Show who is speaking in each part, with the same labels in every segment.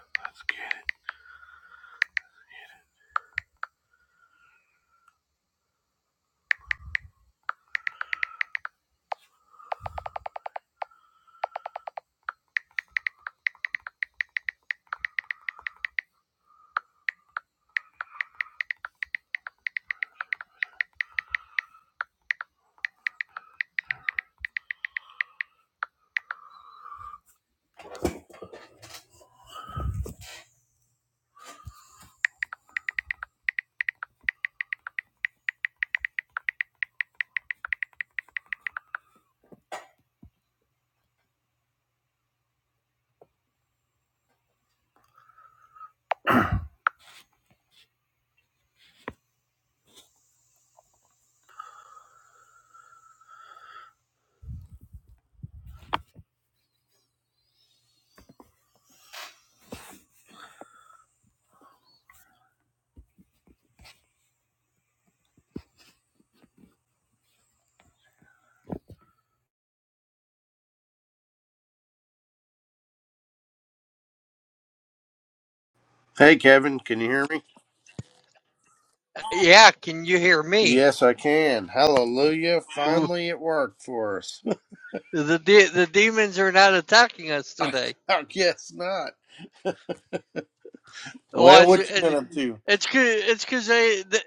Speaker 1: Let's get it. Hey, Kevin, can you hear me?
Speaker 2: Yeah, can you hear me?
Speaker 1: Yes, I can. Hallelujah.
Speaker 2: Ooh,
Speaker 1: Finally, it worked for us.
Speaker 2: the de- the demons are not attacking us
Speaker 1: I
Speaker 2: today.
Speaker 1: guess not.
Speaker 2: Well,
Speaker 1: Well,
Speaker 2: it's
Speaker 1: what you been
Speaker 2: it,
Speaker 1: up to?
Speaker 2: it's cause, it's because they, they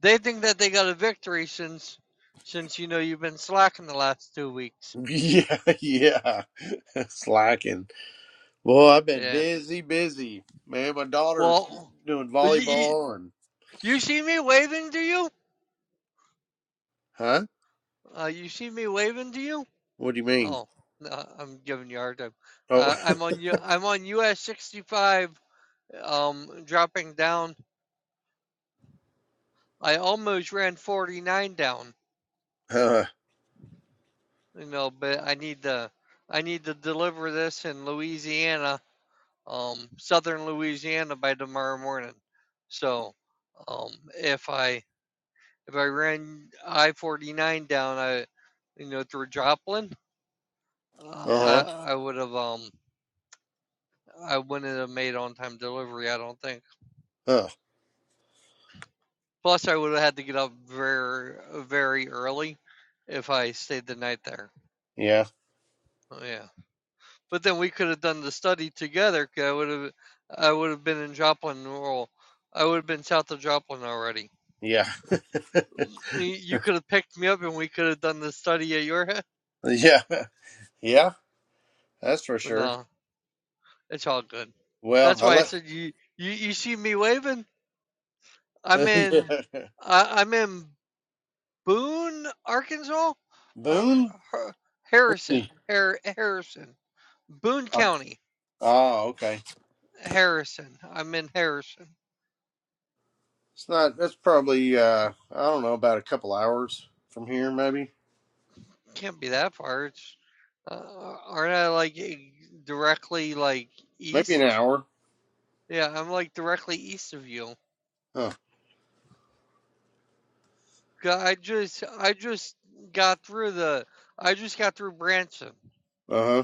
Speaker 2: they think that they got a victory since since you know you've been slacking the last two weeks.
Speaker 1: Yeah, yeah. Slacking. Boy, I've been
Speaker 2: Yeah.
Speaker 1: busy, busy. Man, my daughter's
Speaker 2: Well,
Speaker 1: doing
Speaker 2: you, you,
Speaker 1: volleyball and.
Speaker 2: you see me waving to you?
Speaker 1: Huh?
Speaker 2: Uh, you see me waving to you?
Speaker 1: What do you mean?
Speaker 2: Oh, no, I'm giving you a hard time.
Speaker 1: Oh,
Speaker 2: Uh, I'm on U- I'm on US 65, um, dropping down. I almost ran 49 down.
Speaker 1: uh
Speaker 2: you know, but I need to I need to deliver this in Louisiana, um, southern Louisiana by tomorrow morning. So um, if I if I ran I forty nine down, I you know through Joplin,
Speaker 1: huh.
Speaker 2: uh, I I would have um I wouldn't have made on time delivery. I don't think.
Speaker 1: Uh,
Speaker 2: Plus, I would have had to get up very very early if I stayed the night there.
Speaker 1: yeah,
Speaker 2: Oh, yeah. But then we could have done the study together. 'cause I would have, I would have been in Joplin, or I would have been south of Joplin already.
Speaker 1: yeah.
Speaker 2: You could have picked me up, and we could have done the study at your head.
Speaker 1: yeah, yeah, that's for
Speaker 2: But
Speaker 1: sure.
Speaker 2: no, it's all good.
Speaker 1: Well,
Speaker 2: That's
Speaker 1: I
Speaker 2: why I
Speaker 1: let.
Speaker 2: said you, you, you see me waving. I'm in,
Speaker 1: yeah.
Speaker 2: I, I'm in Boone, Arkansas, Uh,
Speaker 1: Boone?
Speaker 2: Har-
Speaker 1: Let's see.
Speaker 2: Harrison, Har- Harrison, Boone
Speaker 1: Oh,
Speaker 2: County,
Speaker 1: oh, okay.
Speaker 2: Harrison. I'm in Harrison.
Speaker 1: It's not. That's probably uh, I don't know, about a couple hours from here, maybe,
Speaker 2: Can't be that far. It's, uh, aren't I like e- directly like
Speaker 1: maybe an
Speaker 2: east?
Speaker 1: hour.
Speaker 2: Yeah, I'm like directly east of you.
Speaker 1: Huh.
Speaker 2: I just I just got through the I just got through Branson.
Speaker 1: Uh huh.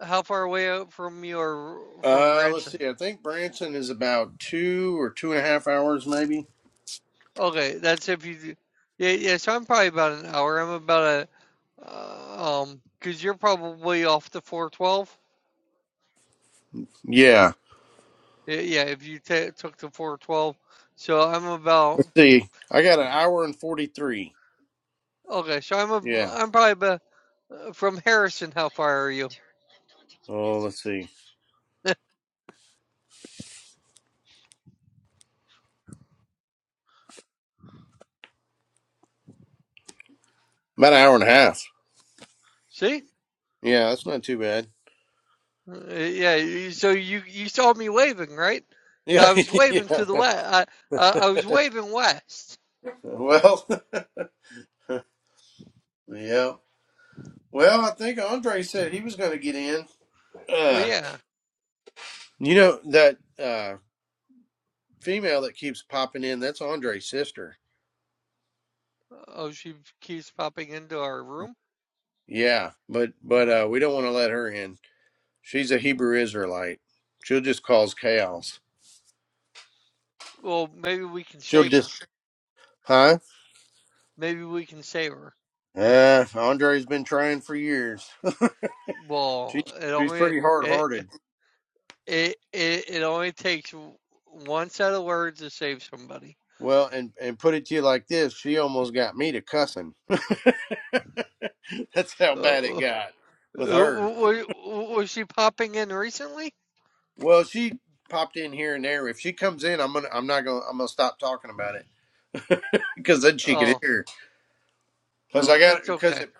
Speaker 2: How far away out from your from
Speaker 1: Uh, let's
Speaker 2: Branson?
Speaker 1: see. I think Branson is about two or two and a half hours, maybe.
Speaker 2: Okay, that's if you. do- Yeah, yeah. So I'm probably about an hour. I'm about a uh, um because you're probably off the 412.
Speaker 1: Yeah.
Speaker 2: Yeah, yeah. If you ta took the 412, so I'm about
Speaker 1: Let's see. I got an hour and forty three.
Speaker 2: okay. So I'm a
Speaker 1: Yeah.
Speaker 2: I'm probably from Harrison, how far are you?
Speaker 1: Oh, let's see. About an hour and a half.
Speaker 2: See?
Speaker 1: Yeah, that's not too bad.
Speaker 2: Uh, Yeah, so you you saw me waving, right?
Speaker 1: Yeah.
Speaker 2: I was waving
Speaker 1: yeah.
Speaker 2: to the west. I, I I was waving west.
Speaker 1: Well. yeah. Well, I think Andre said he was going to get in.
Speaker 2: Well,
Speaker 1: Uh,
Speaker 2: yeah.
Speaker 1: You know that uh female that keeps popping in, that's Andre's sister.
Speaker 2: Oh, she keeps popping into our room.
Speaker 1: Yeah, but but uh we don't want to let her in. She's a Hebrew Israelite. She'll just cause chaos.
Speaker 2: Well, maybe we can
Speaker 1: She'll
Speaker 2: save her.
Speaker 1: just Huh?
Speaker 2: Maybe we can save her.
Speaker 1: Uh Andre's been trying for years. she's
Speaker 2: Well, it
Speaker 1: she's
Speaker 2: only
Speaker 1: pretty hard
Speaker 2: it
Speaker 1: hearted.
Speaker 2: it it, it only takes one set of words to save somebody.
Speaker 1: Well and and put it to you like this, she almost got me to cussing. that's how
Speaker 2: Uh,
Speaker 1: bad it
Speaker 2: uh,
Speaker 1: got
Speaker 2: uh,
Speaker 1: with her.
Speaker 2: was, was she popping in recently?
Speaker 1: Well she popped in here and there. If she comes in I'm gonna I'm not gonna I'm gonna stop talking about it. Because then she could
Speaker 2: Oh,
Speaker 1: hear. Because I
Speaker 2: oh,
Speaker 1: got
Speaker 2: it's
Speaker 1: because
Speaker 2: okay.
Speaker 1: it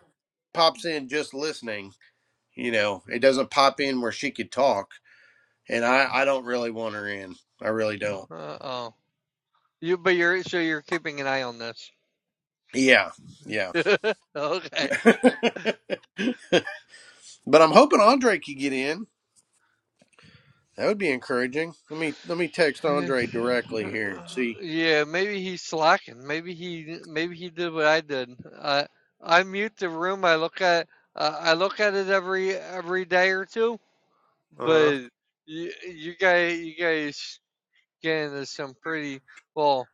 Speaker 1: pops in just listening. You know, it doesn't pop in where she could talk, and I I don't really want her in. I really don't.
Speaker 2: Uh oh. You but you're so you're keeping an eye on this.
Speaker 1: Yeah, yeah.
Speaker 2: okay.
Speaker 1: but I'm hoping Andre could get in. That would be encouraging. Let me let me text Andre directly here and see.
Speaker 2: Yeah, maybe he's slacking. Maybe he maybe he did what I did. I I mute the room. I look at uh, I look at it every every day or two.
Speaker 1: Uh huh.
Speaker 2: But you, you guys you guys get into some pretty well.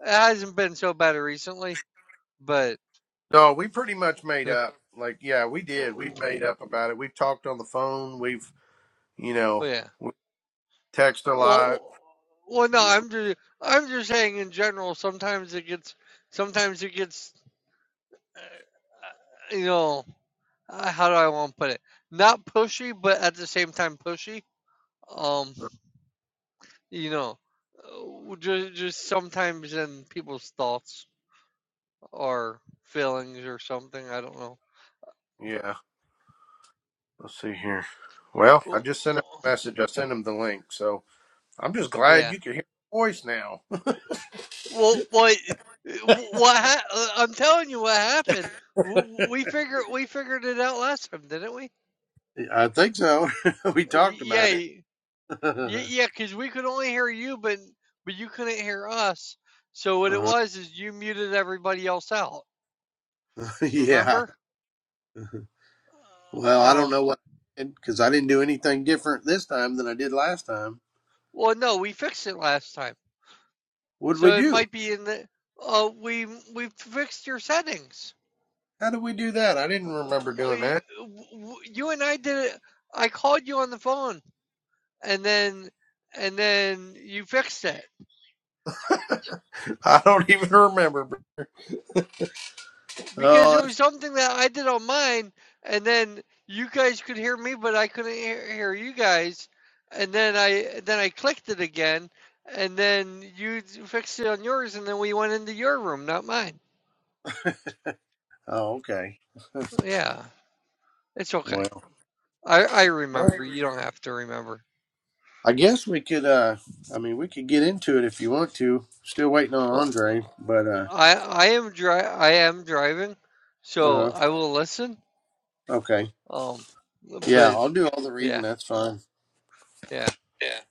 Speaker 2: It hasn't been so bad recently, but
Speaker 1: No, we pretty much made up. Like, yeah, we did. We
Speaker 2: oh,
Speaker 1: made up about it. We've talked on the phone. We've you know
Speaker 2: yeah.
Speaker 1: we text a lot.
Speaker 2: Well, well, no,
Speaker 1: You know.
Speaker 2: I'm just, I'm just saying in general. Sometimes it gets, sometimes it gets, uh, you know, uh, how do I want to put it? Not pushy, but at the same time pushy. Um,
Speaker 1: uh,
Speaker 2: you know, just, just sometimes in people's thoughts or feelings or something. I don't know.
Speaker 1: Yeah. Let's see here. Well, I
Speaker 2: Well,
Speaker 1: just sent him a message. I sent him the link. So I'm just glad
Speaker 2: Yeah.
Speaker 1: you can hear my voice now.
Speaker 2: Well, what, what? Ha- uh, I'm telling you, what happened. W- We figured, we figured it out last time, didn't we?
Speaker 1: I think so. we talked
Speaker 2: yeah,
Speaker 1: about it.
Speaker 2: y- yeah, because we could only hear you, but but you couldn't hear us. So what it
Speaker 1: uh,
Speaker 2: was is you muted everybody else out.
Speaker 1: yeah.
Speaker 2: Remember?
Speaker 1: Well, I don't
Speaker 2: Um.
Speaker 1: know what I did because I didn't do anything different this time than I did last time.
Speaker 2: Well, no, we fixed it last time,
Speaker 1: What did
Speaker 2: so
Speaker 1: we
Speaker 2: it
Speaker 1: do?
Speaker 2: might be in the. Uh, we we fixed your settings.
Speaker 1: How did we do that? I didn't remember
Speaker 2: Uh,
Speaker 1: doing
Speaker 2: y-
Speaker 1: that.
Speaker 2: w- w- You and I did it. I called you on the phone, and then and then you fixed it.
Speaker 1: I don't even remember.
Speaker 2: because
Speaker 1: Oh,
Speaker 2: it
Speaker 1: that's-
Speaker 2: was something that I did on mine, and then you guys could hear me, but I couldn't hear, you guys. And then I then I clicked it again, and then you fixed it on yours, and then we went into your room, not mine.
Speaker 1: oh okay.
Speaker 2: Yeah, it's okay.
Speaker 1: Well,
Speaker 2: I I remember. You don't have to remember.
Speaker 1: I guess we could. uh I mean, we could get into it if you want to. Still waiting on
Speaker 2: Well, uh,
Speaker 1: Andre, but. uh
Speaker 2: I I am dri I am driving,
Speaker 1: Uh
Speaker 2: so
Speaker 1: huh.
Speaker 2: I will listen.
Speaker 1: Okay.
Speaker 2: Um,
Speaker 1: Yeah,
Speaker 2: but
Speaker 1: I'll do all the
Speaker 2: yeah,
Speaker 1: reading. That's fine.
Speaker 2: yeah.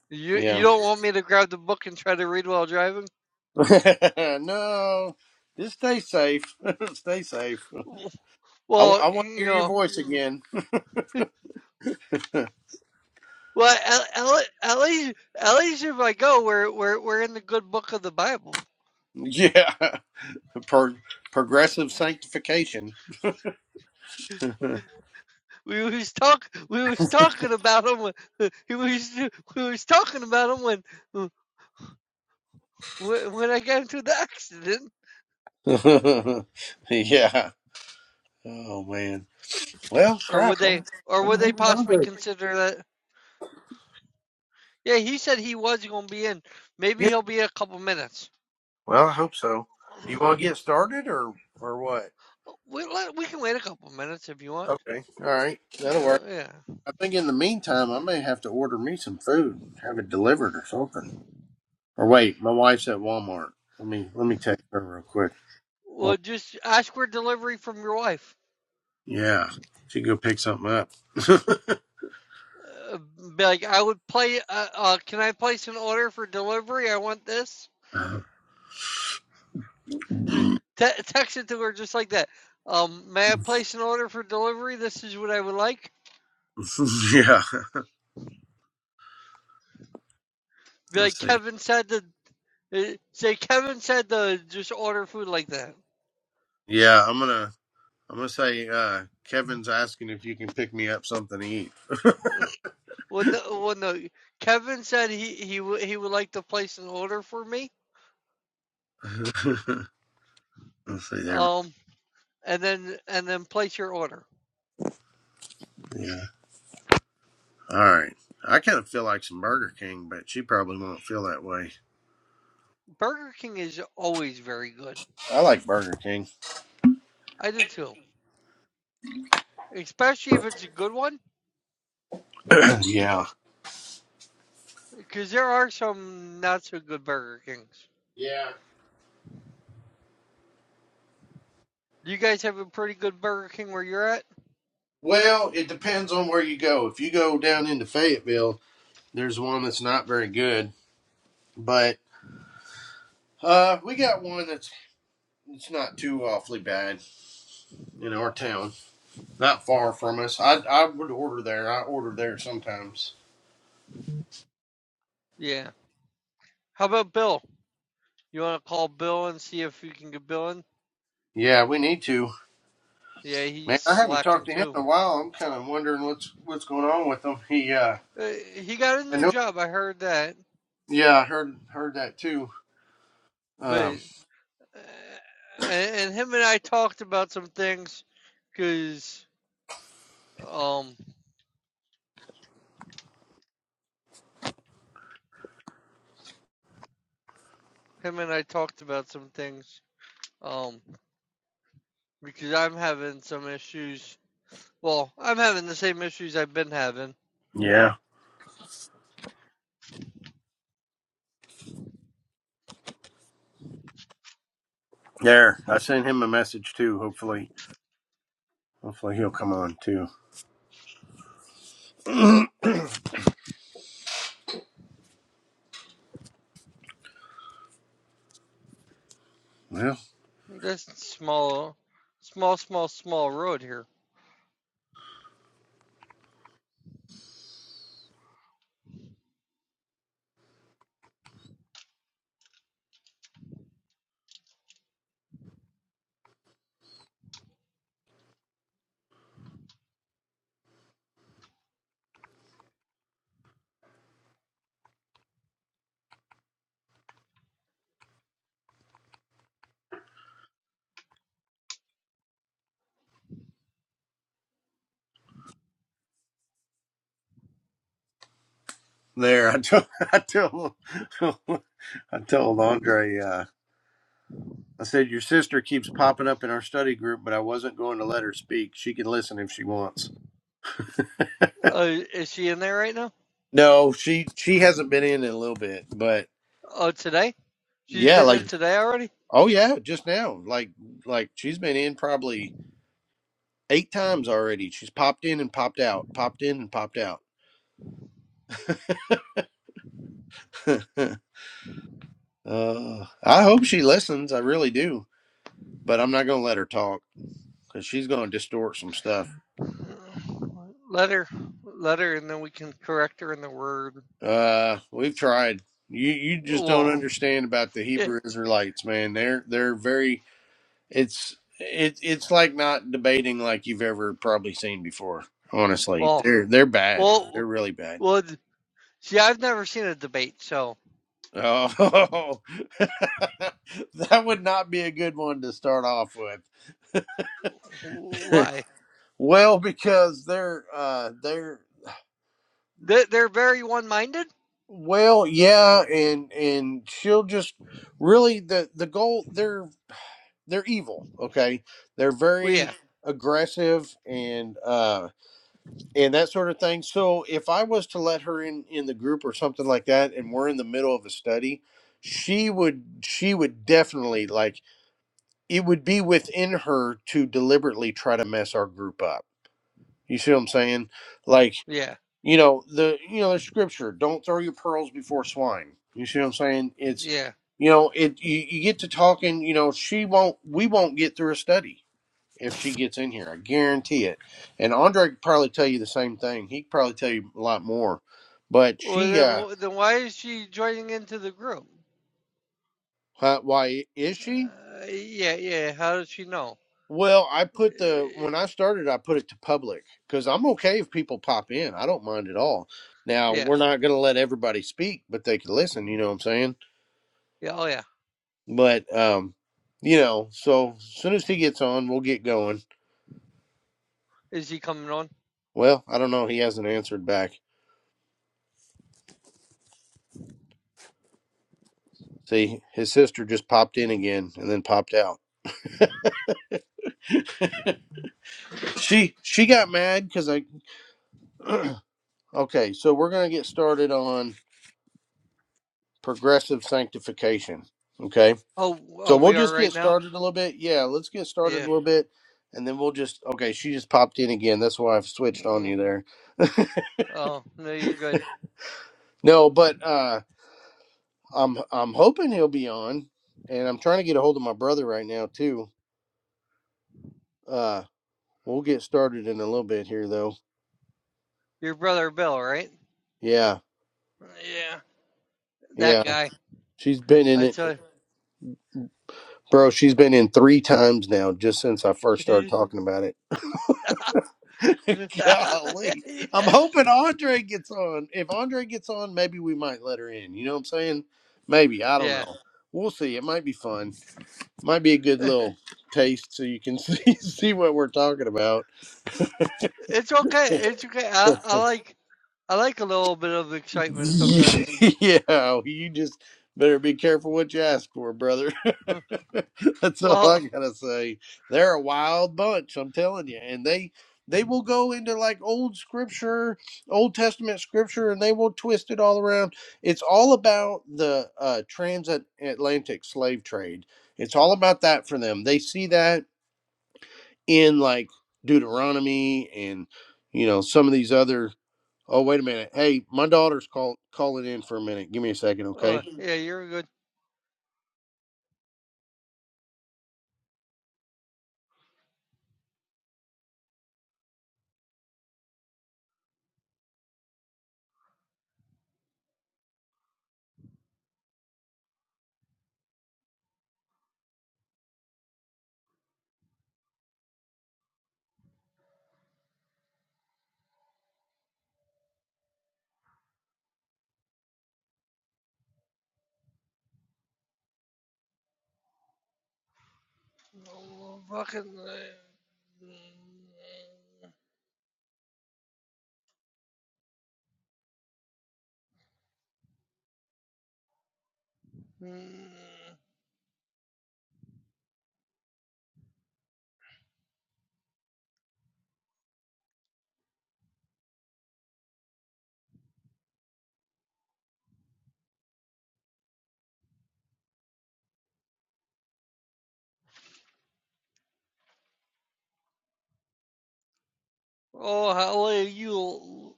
Speaker 2: You
Speaker 1: Yeah.
Speaker 2: you don't want me to grab the book and try to read while driving?
Speaker 1: no, just stay safe. stay safe. I,
Speaker 2: Well,
Speaker 1: want to
Speaker 2: you
Speaker 1: hear your
Speaker 2: know,
Speaker 1: voice again.
Speaker 2: well, at, least at least if I go, we're we're we're in the good book of the Bible.
Speaker 1: yeah. Pro- progressive sanctification. yeah.
Speaker 2: We was talk we was talking about him. When, he was we was talking about him when when I got into the accident,
Speaker 1: Oh man. Well,
Speaker 2: or
Speaker 1: crap.
Speaker 2: would
Speaker 1: I'm
Speaker 2: they or
Speaker 1: I'm
Speaker 2: would they
Speaker 1: moving on
Speaker 2: possibly
Speaker 1: to.
Speaker 2: consider that? Yeah, he said he was going to be in. Maybe
Speaker 1: Yeah.
Speaker 2: he'll be in a couple minutes.
Speaker 1: Well, I hope so. Do you want to get started or or what?
Speaker 2: We we can wait a couple minutes if you want.
Speaker 1: Okay. All right. That'll
Speaker 2: Yeah,
Speaker 1: work.
Speaker 2: yeah.
Speaker 1: I think in the meantime, I may have to order me some food, have it delivered or something. Or wait, my wife's at Walmart. Let me let me text her real quick. Well,
Speaker 2: Well, just ask for delivery from your wife.
Speaker 1: yeah, she can go pick something up.
Speaker 2: uh, be like, I would play. Uh, uh, can I place an order for delivery? I want this.
Speaker 1: yeah,
Speaker 2: te- text it to her just like that. Um, may I place an order for delivery? This is what I would like. Be like
Speaker 1: let's see.
Speaker 2: Kevin said to uh, say. Kevin said to just order food like that.
Speaker 1: Yeah, I'm gonna I'm gonna say uh, Kevin's asking if you can pick me up something to eat.
Speaker 2: Well, no, well, no. Kevin said he he would he would like to place an order for me.
Speaker 1: let's see there.
Speaker 2: Um, and then and then place your order.
Speaker 1: Yeah. All right. I kind of feel like some Burger King, but she probably won't feel that way.
Speaker 2: Burger King is always very good.
Speaker 1: I like Burger King.
Speaker 2: I do too, especially if it's a good one
Speaker 1: yeah.
Speaker 2: Because there are some not so good Burger Kings.
Speaker 1: Yeah.
Speaker 2: Do you guys have a pretty good Burger King where you're at?
Speaker 1: Well, it depends on where you go. If you go down into Fayetteville, there's one that's not very good, but uh, we got one that's it's not too awfully bad in our town, not far from us. I I would order there. I order there sometimes.
Speaker 2: Yeah. How about Bill? You want to call Bill and see if you can get Bill in?
Speaker 1: Yeah, we need to.
Speaker 2: Yeah,
Speaker 1: Man,
Speaker 2: he's
Speaker 1: I haven't
Speaker 2: slacking
Speaker 1: talked to him
Speaker 2: too.
Speaker 1: in a while. I'm kind of wondering what's what's going on with him. He, uh,
Speaker 2: Uh, he got a
Speaker 1: I
Speaker 2: new
Speaker 1: know.
Speaker 2: job. I heard that.
Speaker 1: Yeah, I heard heard that too.
Speaker 2: But
Speaker 1: Um,
Speaker 2: uh, and, and him and I talked about some things because um him and I talked about some things um because I'm having some issues. Well, I'm having the same issues I've been having
Speaker 1: yeah, there. I sent him a message too. Hopefully, hopefully he'll come on too. Well.
Speaker 2: This small, small, small, small road here.
Speaker 1: there. I told I told I told Andre. Uh, I said your sister keeps popping up in our study group, but I wasn't going to let her speak. She can listen if she wants.
Speaker 2: Uh, is she in there right now?
Speaker 1: No, she she hasn't been in in a little bit, but
Speaker 2: Oh, today? She's
Speaker 1: yeah,
Speaker 2: been
Speaker 1: like
Speaker 2: in today already?
Speaker 1: oh yeah, just now, like like she's been in probably eight times already. She's popped in and popped out, popped in and popped out. uh, I hope she listens. I really do, but I'm not gonna let her talk because she's gonna distort some stuff.
Speaker 2: Let her, let her, and then we can correct her in the word.
Speaker 1: Uh, we've tried. You you just don't
Speaker 2: Well,
Speaker 1: understand about the
Speaker 2: yeah,
Speaker 1: Hebrew Israelites, man. They're they're very it's it it's like not debating like you've ever probably seen before. Honestly,
Speaker 2: well,
Speaker 1: they're they're bad. They're
Speaker 2: well,
Speaker 1: really bad.
Speaker 2: well. See, I've never seen a debate, so
Speaker 1: Oh, that would not be a good one to start off with.
Speaker 2: why?
Speaker 1: Well, because they're uh they're
Speaker 2: They- They're very one-minded.
Speaker 1: well, yeah, and and she'll just really the the goal. they're. they're evil okay they're
Speaker 2: Well,
Speaker 1: very
Speaker 2: yeah,
Speaker 1: aggressive and uh and that sort of thing so if i was to let her in in the group or something like that and we're in the middle of a study she would she would definitely like it would be within her to deliberately try to mess our group up you see what i'm saying like
Speaker 2: yeah,
Speaker 1: you know the you know the scripture don't throw your pearls before swine you see what i'm saying it's
Speaker 2: yeah.
Speaker 1: you know it you, you get to talking you know she won't we won't get through a study if she gets in here. I guarantee it. And Andre could probably tell you the same thing. He could probably tell you a lot more. But
Speaker 2: Well,
Speaker 1: she,
Speaker 2: then,
Speaker 1: uh,
Speaker 2: wh- then why is she joining into the group?
Speaker 1: huh, why is she?
Speaker 2: Uh, yeah, yeah. How does she know?
Speaker 1: Well, I put the
Speaker 2: Eh,
Speaker 1: when I started, I put it to public because I'm okay if people pop in. I don't mind at all. Now
Speaker 2: Yeah.
Speaker 1: we're not going to let everybody speak, but they can listen. You know what I'm saying?
Speaker 2: Yeah. Oh, yeah.
Speaker 1: But um, you know, so as soon as he gets on, we'll get going.
Speaker 2: Is he coming on?
Speaker 1: Well, I don't know. He hasn't answered back. See, his sister just popped in again and then popped out. She she got mad because I okay, so we're gonna get started on progressive sanctification. Okay.
Speaker 2: Oh,
Speaker 1: So
Speaker 2: oh,
Speaker 1: we'll
Speaker 2: we are
Speaker 1: just get
Speaker 2: right now.
Speaker 1: started a little bit. Yeah, let's get started a
Speaker 2: Yeah.
Speaker 1: little bit and then we'll just okay, she just popped in again. That's why I've switched on
Speaker 2: Mm,
Speaker 1: you there.
Speaker 2: Oh, no, you're good.
Speaker 1: No, but uh I'm I'm hoping he'll be on and I'm trying to get a hold of my brother right now too. Uh we'll get started in a little bit here though.
Speaker 2: Your brother Bill, right?
Speaker 1: Yeah,
Speaker 2: Yeah. That
Speaker 1: yeah.
Speaker 2: guy.
Speaker 1: She's been in
Speaker 2: I
Speaker 1: it
Speaker 2: tell
Speaker 1: bro, she's been in three times now just since I first started
Speaker 2: you.
Speaker 1: talking about it. Golly. I'm
Speaker 2: yes.
Speaker 1: hoping Andre gets on. If Andre gets on, maybe we might let her in. You know what I'm saying? Maybe. I don't
Speaker 2: Yeah.
Speaker 1: know. We'll see. It might be fun. Might be a good
Speaker 2: Eh,
Speaker 1: little taste so you can see see what we're talking about.
Speaker 2: It's okay. It's okay. I, I like I like a little bit of excitement sometimes.
Speaker 1: Yeah, you just better be careful what you ask for, brother.
Speaker 2: Huh.
Speaker 1: That's all I
Speaker 2: Well,
Speaker 1: gotta say. They're a wild bunch, I'm telling you, and they they will go into like old scripture, Old Testament scripture, and they will twist it all around. It's all about the uh, transatlantic slave trade. It's all about that for them. They see that in like Deuteronomy and you know some of these other Oh, wait a minute. Hey, my daughter's call calling in for a minute. Give me a second,
Speaker 2: oh,
Speaker 1: okay?
Speaker 2: yeah, you're good. Oh, fucking. eh, mm, mm. Oh, how are you?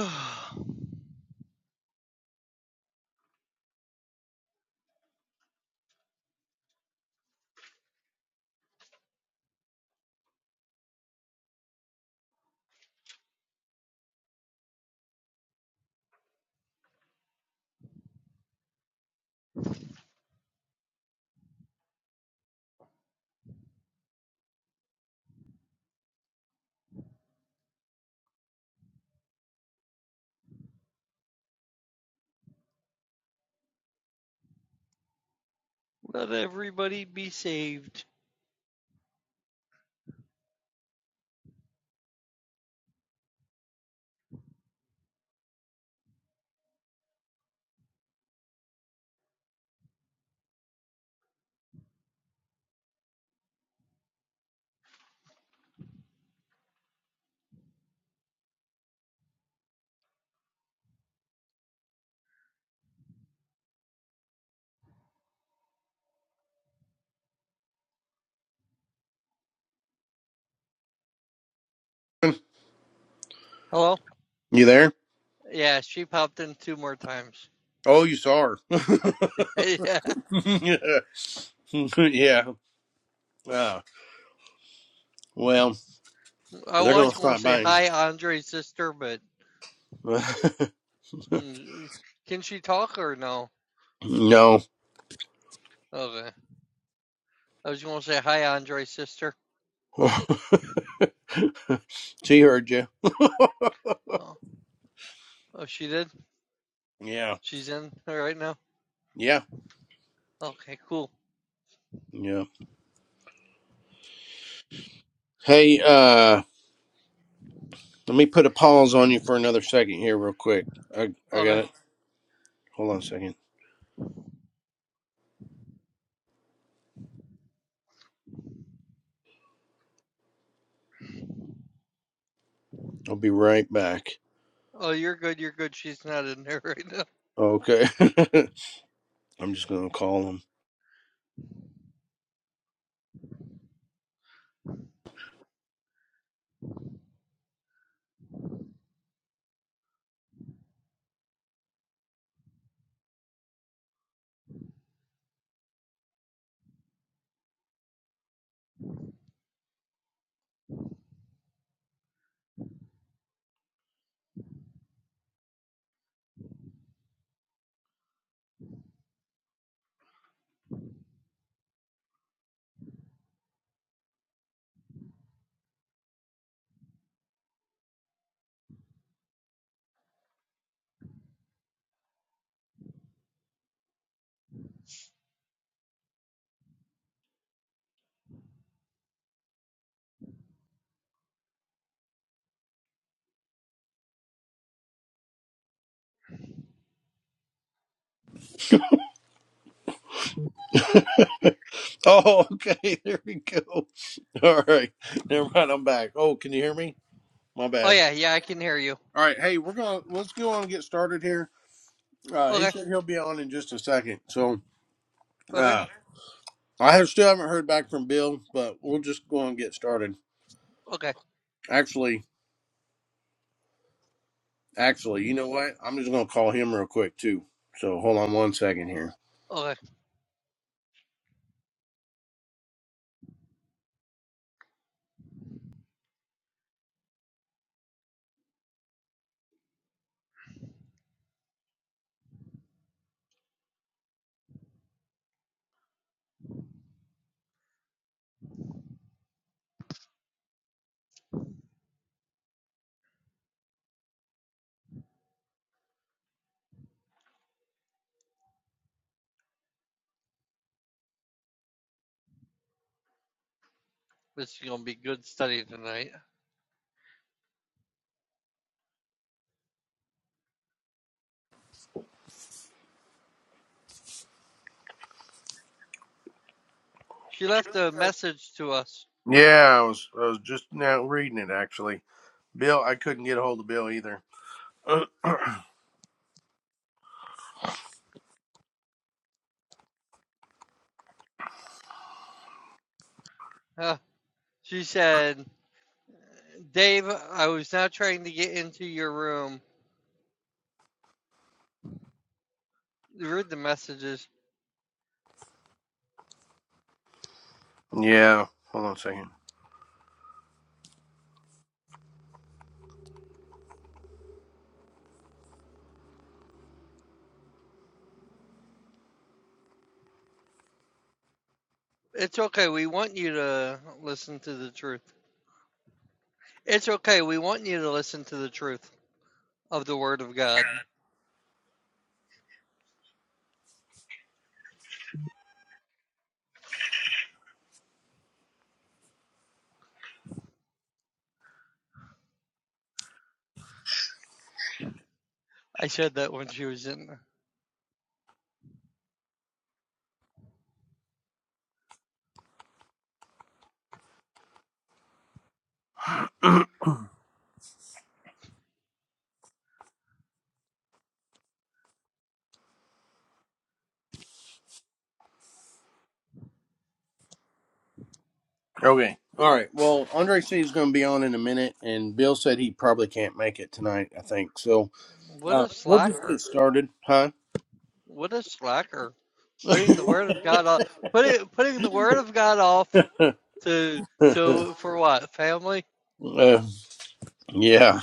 Speaker 2: Let everybody be saved. Hello?
Speaker 1: You there?
Speaker 2: Yeah, she popped in two more times.
Speaker 1: Oh, you saw her.
Speaker 2: Yeah,
Speaker 1: yeah. Yeah. Uh, well,
Speaker 2: I
Speaker 1: they're
Speaker 2: was
Speaker 1: gonna
Speaker 2: going to
Speaker 1: stop
Speaker 2: say
Speaker 1: buying.
Speaker 2: hi, Andre's sister, but mm, can she talk or no?
Speaker 1: no.
Speaker 2: Okay. I was going to say hi, Andre's sister.
Speaker 1: she heard you.
Speaker 2: Oh, oh, she did?
Speaker 1: Yeah.
Speaker 2: She's in there right now?
Speaker 1: Yeah.
Speaker 2: Okay, cool.
Speaker 1: Yeah. Hey, uh, let me put a pause on you for another second here, real quick. I I got
Speaker 2: Okay.
Speaker 1: it. Hold on a second. I'll be right back.
Speaker 2: Oh, you're good. You're good. She's not in there right now.
Speaker 1: Okay. I'm just gonna call him. Oh, okay. There we go. All right. Never mind. I'm back. Oh, can you hear me? My
Speaker 2: Oh,
Speaker 1: bad.
Speaker 2: yeah. Yeah, I can hear you.
Speaker 1: All right. Hey, we're going to let's go on and get started here. Uh, he
Speaker 2: Okay.
Speaker 1: said he'll be on in just a second. So,
Speaker 2: Okay.
Speaker 1: uh, I have still haven't heard back from Bill, but we'll just go on and get started.
Speaker 2: Okay.
Speaker 1: Actually, actually, you know what? I'm just going to call him real quick, too. So, hold on one second here.
Speaker 2: Okay. This is going to be good study tonight. She left a message to us.
Speaker 1: Yeah, I was, I was just now reading it, actually. Bill, I couldn't get a hold of Bill either.
Speaker 2: Uh, she said, Dave, I was not trying to get into your room. Read the messages.
Speaker 1: yeah. Hold on a second.
Speaker 2: It's okay. We want you to listen to the truth. It's okay. We want you to listen to the truth of the Word of God. I said that when she was in.
Speaker 1: Okay. All right. Well, Andre said he's going to be on in a minute, and Bill said he probably can't make it tonight. I think so.
Speaker 2: What
Speaker 1: Uh,
Speaker 2: a
Speaker 1: we'll just get
Speaker 2: slacker.
Speaker 1: started, huh?
Speaker 2: What a slacker. Putting the Word of God off. Putting, putting the Word of God off
Speaker 1: uh,
Speaker 2: to. To for what family?
Speaker 1: yeah.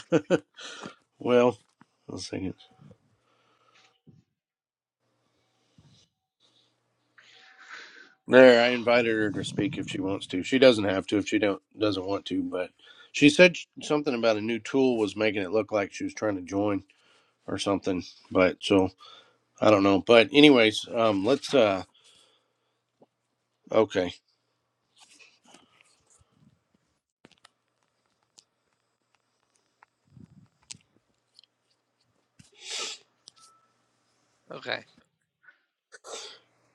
Speaker 1: Well, let's see. There, I invited her to speak if she wants to. She doesn't have to if she don't doesn't want to, but she said sh- something about a new tool was making it look like she was trying to join or something. But so I don't know. But anyways, um, let's. uh Okay.
Speaker 2: Okay,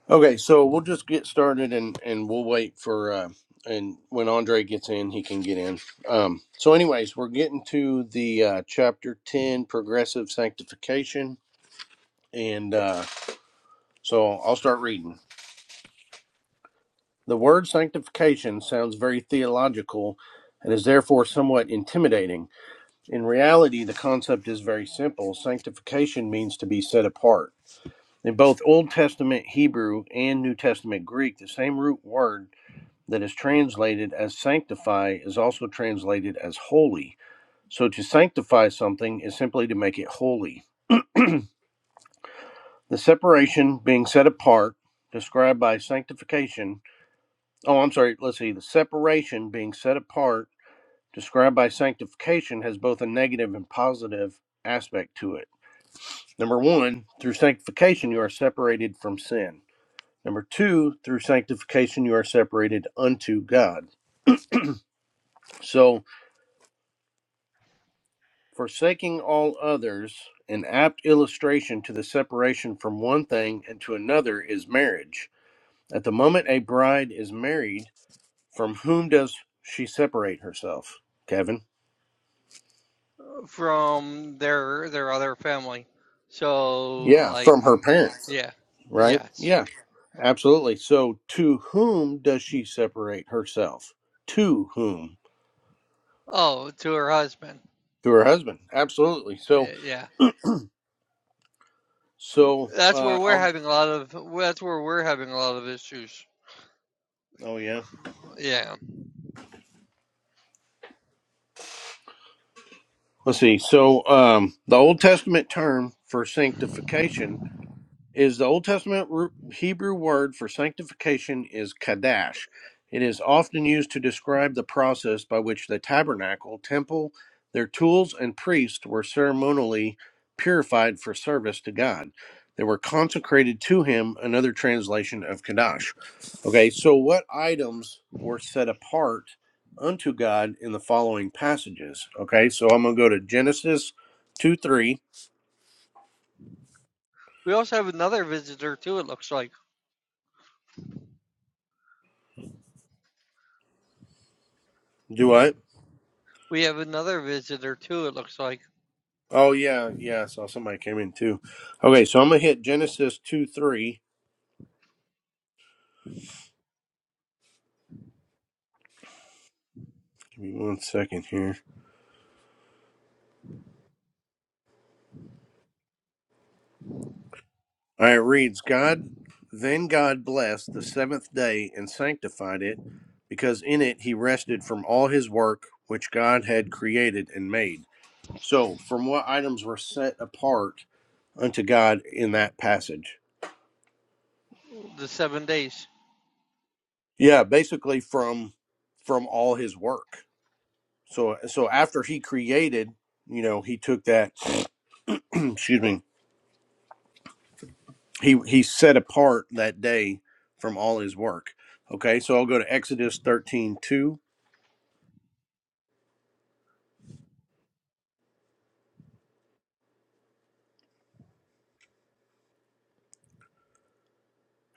Speaker 1: Okay, so we'll just get started and and we'll wait for uh and when Andre gets in, he can get in. Um so anyways, we're getting to the uh chapter 10 progressive sanctification and uh so I'll start reading. The word sanctification sounds very theological and is therefore somewhat intimidating. In reality, the concept is very simple. Sanctification means to be set apart. In both Old Testament Hebrew and New Testament Greek, the same root word that is translated as sanctify is also translated as holy. So to sanctify something is simply to make it holy. The separation being set apart, described by sanctification, oh, I'm sorry, let's see, the separation being set apart, described by sanctification, has both a negative and positive aspect to it. Number one, through sanctification, you are separated from sin. Number two, through sanctification, you are separated unto God. So, Forsaking all others, an apt illustration to the separation from one thing and to another is marriage. At the moment a bride is married, from whom does she separate herself, Kevin?
Speaker 2: from their their other family. So
Speaker 1: Yeah,
Speaker 2: like
Speaker 1: from her parents,
Speaker 2: Yeah.
Speaker 1: right?
Speaker 2: Yes.
Speaker 1: Yeah, absolutely. So to whom does she separate herself? To whom?
Speaker 2: Oh, to her husband.
Speaker 1: To her husband. Absolutely. So,
Speaker 2: Y- Yeah.
Speaker 1: so,
Speaker 2: That's where
Speaker 1: uh,
Speaker 2: we're
Speaker 1: I'll,
Speaker 2: having a lot of that's where we're having a lot of issues.
Speaker 1: oh yeah.
Speaker 2: Yeah.
Speaker 1: Let's see. So, um, the Old Testament term for sanctification is the Old Testament Hebrew word for sanctification is kadash. It is often used to describe the process by which the tabernacle, temple, their tools, and priests were ceremonially purified for service to God. They were consecrated to Him, another translation of kadash. Okay, so what items were set apart unto God in the following passages? Okay, so I'm going to go to Genesis 2 3.
Speaker 2: We also have another visitor too, it looks like.
Speaker 1: Do I?
Speaker 2: We have another visitor too, it looks like.
Speaker 1: Oh yeah, yeah. I saw somebody came in too. Okay, so I'm gonna hit Genesis two three. Give me one second here. All right, it reads God. Then God blessed the seventh day and sanctified it, because in it He rested from all His work which God had created and made. So, from what items were set apart unto God in that passage?
Speaker 2: The seven days.
Speaker 1: Yeah, basically from from all His work. So, so after He created, you know, He took that. excuse me he he's set apart that day from all his work. Okay, so I'll go to Exodus 13:2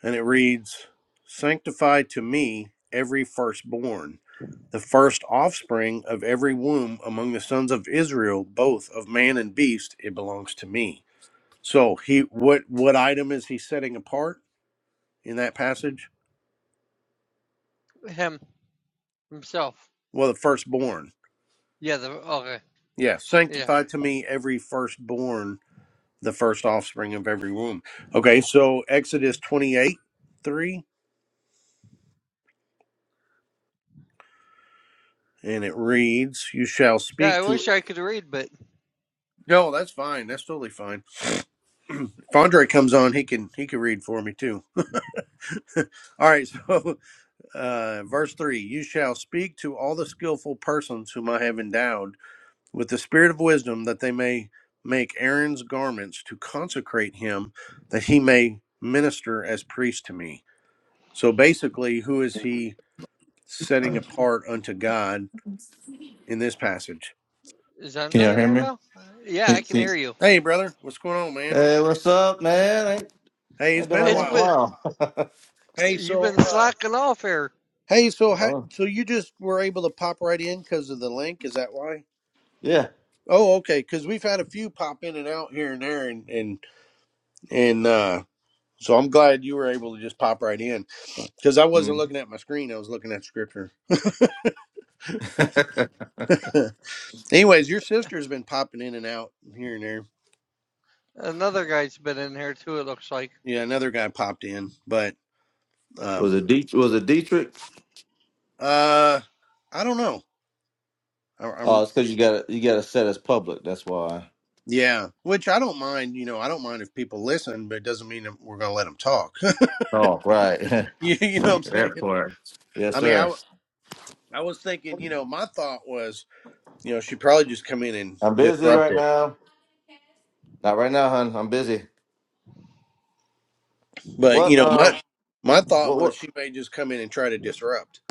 Speaker 1: and it reads, Sanctify to me every firstborn, the first offspring of every womb among the sons of Israel, both of man and beast, it belongs to me. So he what what item is he setting apart in that passage?
Speaker 2: Him himself.
Speaker 1: Well, the firstborn.
Speaker 2: Yeah, the okay.
Speaker 1: Yeah,
Speaker 2: Yeah.
Speaker 1: sanctify to me every firstborn the first offspring of every womb. Okay, so Exodus 28 3, and it reads, You shall
Speaker 2: Yeah,
Speaker 1: speak
Speaker 2: I wish
Speaker 1: to.
Speaker 2: I could read, but
Speaker 1: No, that's fine. That's totally fine. If Andre comes on, he can he can read for me too. all right, so uh, verse three: You shall speak to all the skillful persons whom I have endowed with the spirit of wisdom, that they may make Aaron's garments to consecrate him, that he may minister as priest to me. So basically, who is he? setting apart unto God in this passage.
Speaker 2: is
Speaker 3: Can
Speaker 2: Andre
Speaker 3: y'all
Speaker 2: in
Speaker 3: hear
Speaker 2: here
Speaker 3: me?
Speaker 2: now? Uh, Yeah, I
Speaker 3: Hey,
Speaker 2: can
Speaker 3: hey.
Speaker 2: hear you.
Speaker 1: Hey, brother, what's going on, man?
Speaker 3: Hey, what's up, man? Ain't,
Speaker 1: Hey, it's
Speaker 3: ain't been
Speaker 1: been
Speaker 3: on
Speaker 1: a
Speaker 3: here
Speaker 2: It's
Speaker 3: in a
Speaker 1: while.
Speaker 2: been,
Speaker 3: while.
Speaker 1: Hey,
Speaker 2: you've
Speaker 1: so,
Speaker 2: been
Speaker 1: uh,
Speaker 2: slacking off here.
Speaker 1: hey, so, how,
Speaker 3: oh,
Speaker 1: so you just were able to pop right in because of the link? Is that why?
Speaker 3: yeah.
Speaker 1: Oh, okay. Because we've had a few pop in and out here and there, and and and uh, so I'm glad you were able to just pop right in because I wasn't
Speaker 3: Mhm.
Speaker 1: looking at my screen; I was looking at scripture. Anyways, your sister's been popping in and out here and there.
Speaker 2: Another guy's been in here too, it looks like.
Speaker 1: Yeah, another guy popped in, but
Speaker 3: was
Speaker 1: um,
Speaker 3: it Det- was it Dietrich?
Speaker 1: uh, I don't know. I, I'm
Speaker 3: Oh, it's because you got to you got to set as public. That's why.
Speaker 1: Yeah, which I don't mind. You know, I don't mind if people listen, but it doesn't mean that we're going to let them talk.
Speaker 3: Oh, right.
Speaker 1: you, you know what I'm saying?
Speaker 3: that part. Yes,
Speaker 1: I mean, I,
Speaker 3: sir.
Speaker 1: w- I was thinking, you know, my thought was, you know, she probably just come in and
Speaker 3: I'm busy
Speaker 1: disrupt
Speaker 3: right
Speaker 1: it.
Speaker 3: now. Not right now, hun. I'm busy.
Speaker 1: But
Speaker 3: What?
Speaker 1: you know,
Speaker 3: Um.
Speaker 1: my my thought
Speaker 3: What?
Speaker 1: was
Speaker 3: What?
Speaker 1: she may just come in and try to disrupt.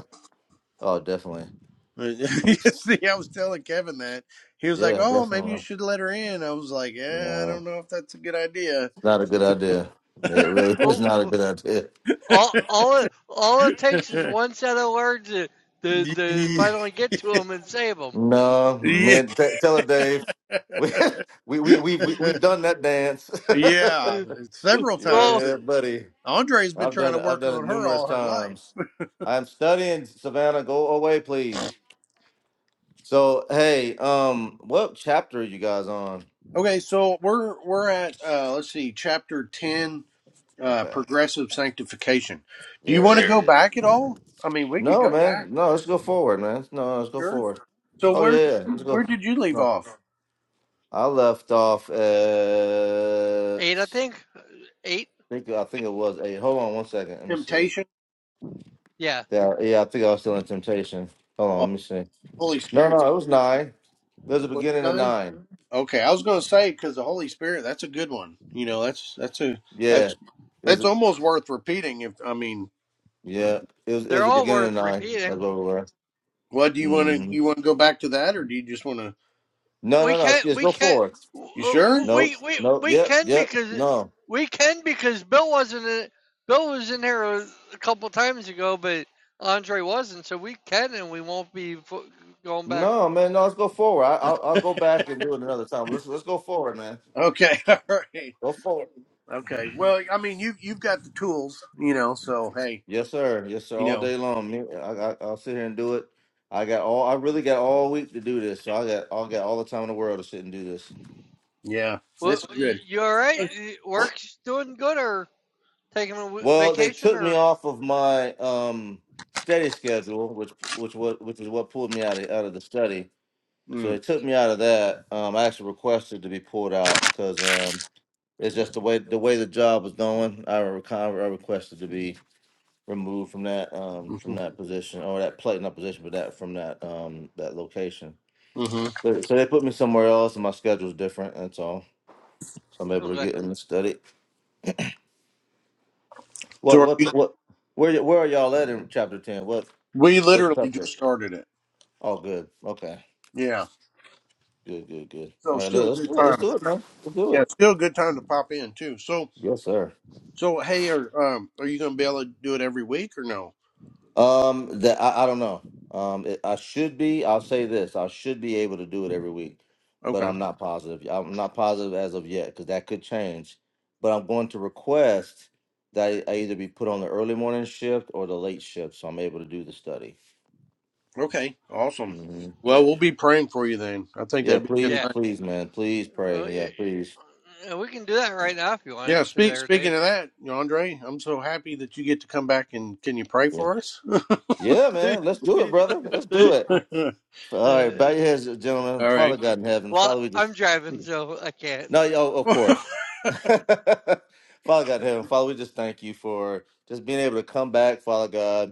Speaker 3: Oh, definitely.
Speaker 1: See, I was telling Kevin that he was like,
Speaker 3: Yeah,
Speaker 1: "Oh, maybe you
Speaker 3: definitely.
Speaker 1: should let her in." I was like, "Yeah, I
Speaker 3: No,
Speaker 1: don't know if that's a good idea."
Speaker 3: it's not a good idea. It really is
Speaker 2: Well,
Speaker 3: not a good idea.
Speaker 2: all all it, all it takes is one set of words to, to, to finally get to them
Speaker 1: yeah.
Speaker 2: and save them.
Speaker 3: No, man. T- tell her, Dave. We we we we we-
Speaker 1: Yeah.
Speaker 3: we've done that dance.
Speaker 1: Yeah, several times.
Speaker 2: Well,
Speaker 3: yeah, buddy.
Speaker 1: Andre's been
Speaker 3: I've
Speaker 1: trying
Speaker 3: done
Speaker 1: to
Speaker 3: it. I've
Speaker 1: work
Speaker 3: done it
Speaker 1: on her
Speaker 3: numerous
Speaker 1: all her life.
Speaker 3: times. I'm studying Savannah. Go away, please. So, hey, um, what chapter are you guys on?
Speaker 1: Okay, so we're we're at uh, let's see, chapter ten, uh,
Speaker 3: Okay,
Speaker 1: progressive sanctification. Do you
Speaker 3: there it
Speaker 1: want to go
Speaker 3: is.
Speaker 1: back at all? I mean, we could
Speaker 3: No,
Speaker 1: go
Speaker 3: man.
Speaker 1: back.
Speaker 3: No, let's go forward, man. No, let's go
Speaker 1: Sure.
Speaker 3: forward.
Speaker 1: So
Speaker 3: Oh yeah,
Speaker 1: where
Speaker 3: yeah. Let's
Speaker 1: where
Speaker 3: go.
Speaker 1: did you leave
Speaker 3: No,
Speaker 1: off?
Speaker 3: I left off at.
Speaker 2: eight, I think eight.
Speaker 3: I think I think it was eight. Hold on one second. Let me see.
Speaker 1: Temptation.
Speaker 2: Yeah,
Speaker 3: Yeah, yeah, I think I was still in temptation. Hold on, let
Speaker 1: Oh,
Speaker 3: me see.
Speaker 1: Holy
Speaker 3: No,
Speaker 1: Spirit.
Speaker 3: no, it was nine. It was the
Speaker 1: Was it
Speaker 3: beginning of
Speaker 1: nine?
Speaker 3: nine.
Speaker 1: Okay, I was going to say because the Holy Spirit. That's a good one. You know, that's that's a
Speaker 3: Yeah.
Speaker 1: that's
Speaker 3: It was
Speaker 1: that's
Speaker 3: a,
Speaker 1: almost worth repeating. If I mean.
Speaker 3: yeah. It was it
Speaker 2: they're
Speaker 3: was the
Speaker 2: all
Speaker 3: beginning of
Speaker 2: worth
Speaker 3: nine. That's
Speaker 2: repeating.
Speaker 3: what we were.
Speaker 1: What do you want to
Speaker 3: Mm-hmm.
Speaker 1: you want to go back to that, or do you just want to?
Speaker 3: No,
Speaker 2: We
Speaker 3: no, no. Let's,
Speaker 2: can't.
Speaker 3: let's
Speaker 2: We
Speaker 3: go
Speaker 2: can't.
Speaker 3: forward.
Speaker 1: You
Speaker 2: uh,
Speaker 1: sure?
Speaker 3: Nope.
Speaker 2: We we
Speaker 3: Nope.
Speaker 2: we
Speaker 3: Yep.
Speaker 2: can
Speaker 3: Yep.
Speaker 2: because
Speaker 3: No.
Speaker 2: we can because Bill wasn't. In, Bill was in here a couple times ago, but Andre wasn't. So we can and we won't be going back.
Speaker 3: No, man. No, let's go forward. I, I'll I'll go back and do it another time. Let's let's go forward, man.
Speaker 1: Okay, all right,
Speaker 3: Go forward.
Speaker 1: okay. Well, I mean, you you've got the tools, you know. So hey,
Speaker 3: Yes, sir. Yes, sir.
Speaker 1: you
Speaker 3: All
Speaker 1: know,
Speaker 3: day long. Me, I, I I'll sit here and do it. I got all. I really got all week to do this. So I got I got all the time in the world to sit and do this.
Speaker 1: yeah, this
Speaker 2: Well,
Speaker 1: is good.
Speaker 2: you all right?
Speaker 1: Hey,
Speaker 2: Work's doing good or? Taking a w-
Speaker 3: Well, they
Speaker 2: vacation
Speaker 3: took me
Speaker 2: or
Speaker 3: off of my um study schedule, which which was which is what pulled me out of out of the study. So they
Speaker 1: Mm,
Speaker 3: took me out of that. Um, I actually requested to be pulled out because um, it's just the way the way the job was going. I, re- I requested to be removed from that um
Speaker 1: hmm
Speaker 3: from that position or that plate not position, but that from that um that location.
Speaker 1: hmm
Speaker 3: But, so they put me somewhere else, and my schedule's different. That's all. So I'm able to
Speaker 2: okay?
Speaker 3: get in the study.
Speaker 1: So
Speaker 3: What
Speaker 1: are you,
Speaker 3: what what? Where y- where are y'all at in chapter ten? What
Speaker 1: we
Speaker 3: what
Speaker 1: literally
Speaker 3: subject?
Speaker 1: just started it.
Speaker 3: Oh, good. Okay.
Speaker 1: Yeah.
Speaker 3: Good, good, good.
Speaker 1: So
Speaker 3: All right,
Speaker 1: still
Speaker 3: let-
Speaker 1: a
Speaker 3: let's
Speaker 1: good
Speaker 3: do it. Let's do
Speaker 1: time.
Speaker 3: it, man. Let's do
Speaker 1: Yeah,
Speaker 3: it.
Speaker 1: still a good time to pop in too. So
Speaker 3: Yes, sir.
Speaker 1: so hey, are um are you gonna be able to do it every week or no?
Speaker 3: Um, that I, I don't know. Um, it, I should be. I'll say this. I should be able to do it every week, but
Speaker 1: Okay.
Speaker 3: I'm not positive. I'm not positive as of yet because that could change. But I'm going to request that I, I either be put on the early morning shift or the late shift, so I'm able to do the study.
Speaker 1: Okay. Awesome.
Speaker 3: hmm
Speaker 1: Well,
Speaker 3: Yeah.
Speaker 1: we'll be praying for you then. I think
Speaker 3: Yeah.
Speaker 1: that'd be
Speaker 3: Please,
Speaker 2: Yeah.
Speaker 1: good.
Speaker 3: please, man. Please pray.
Speaker 2: Uh,
Speaker 3: Yeah.
Speaker 2: yeah,
Speaker 3: Please.
Speaker 2: yeah. we can do that right now if you
Speaker 1: Yeah,
Speaker 2: wanted to,
Speaker 1: speak,
Speaker 2: there, Dave.
Speaker 1: speaking of that, Andre, I'm so happy that you get to come back and can you pray
Speaker 3: Yeah.
Speaker 1: for us?
Speaker 3: Yeah, man. Let's do it, brother. Let's do it.
Speaker 1: All
Speaker 3: All right, bow your heads, gentlemen. Father
Speaker 1: right.
Speaker 3: God in heaven,
Speaker 2: well,
Speaker 3: Father, we just
Speaker 2: I'm driving, so I can't.
Speaker 3: no, yo, of course. Father God in heaven, Father, we just thank you for just being able to come back, Father God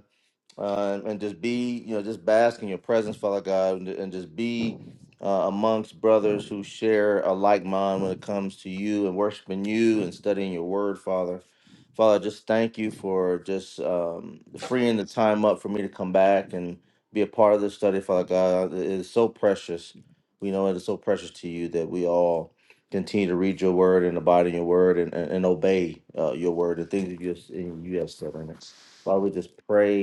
Speaker 3: uh, and just be, you know, just bask in your presence, Father God, and, and just be uh, amongst brothers who share a like mind when it comes to you and worshiping you and studying your word, Father. Father, just thank you for just um, freeing the time up for me to come back and be a part of this study, Father God. Uh, It is so precious. We know it is so precious to you that we all continue to read your word and abide in your word and, and, and obey uh, your word, the things that you, just, you have said in it. Father, we just pray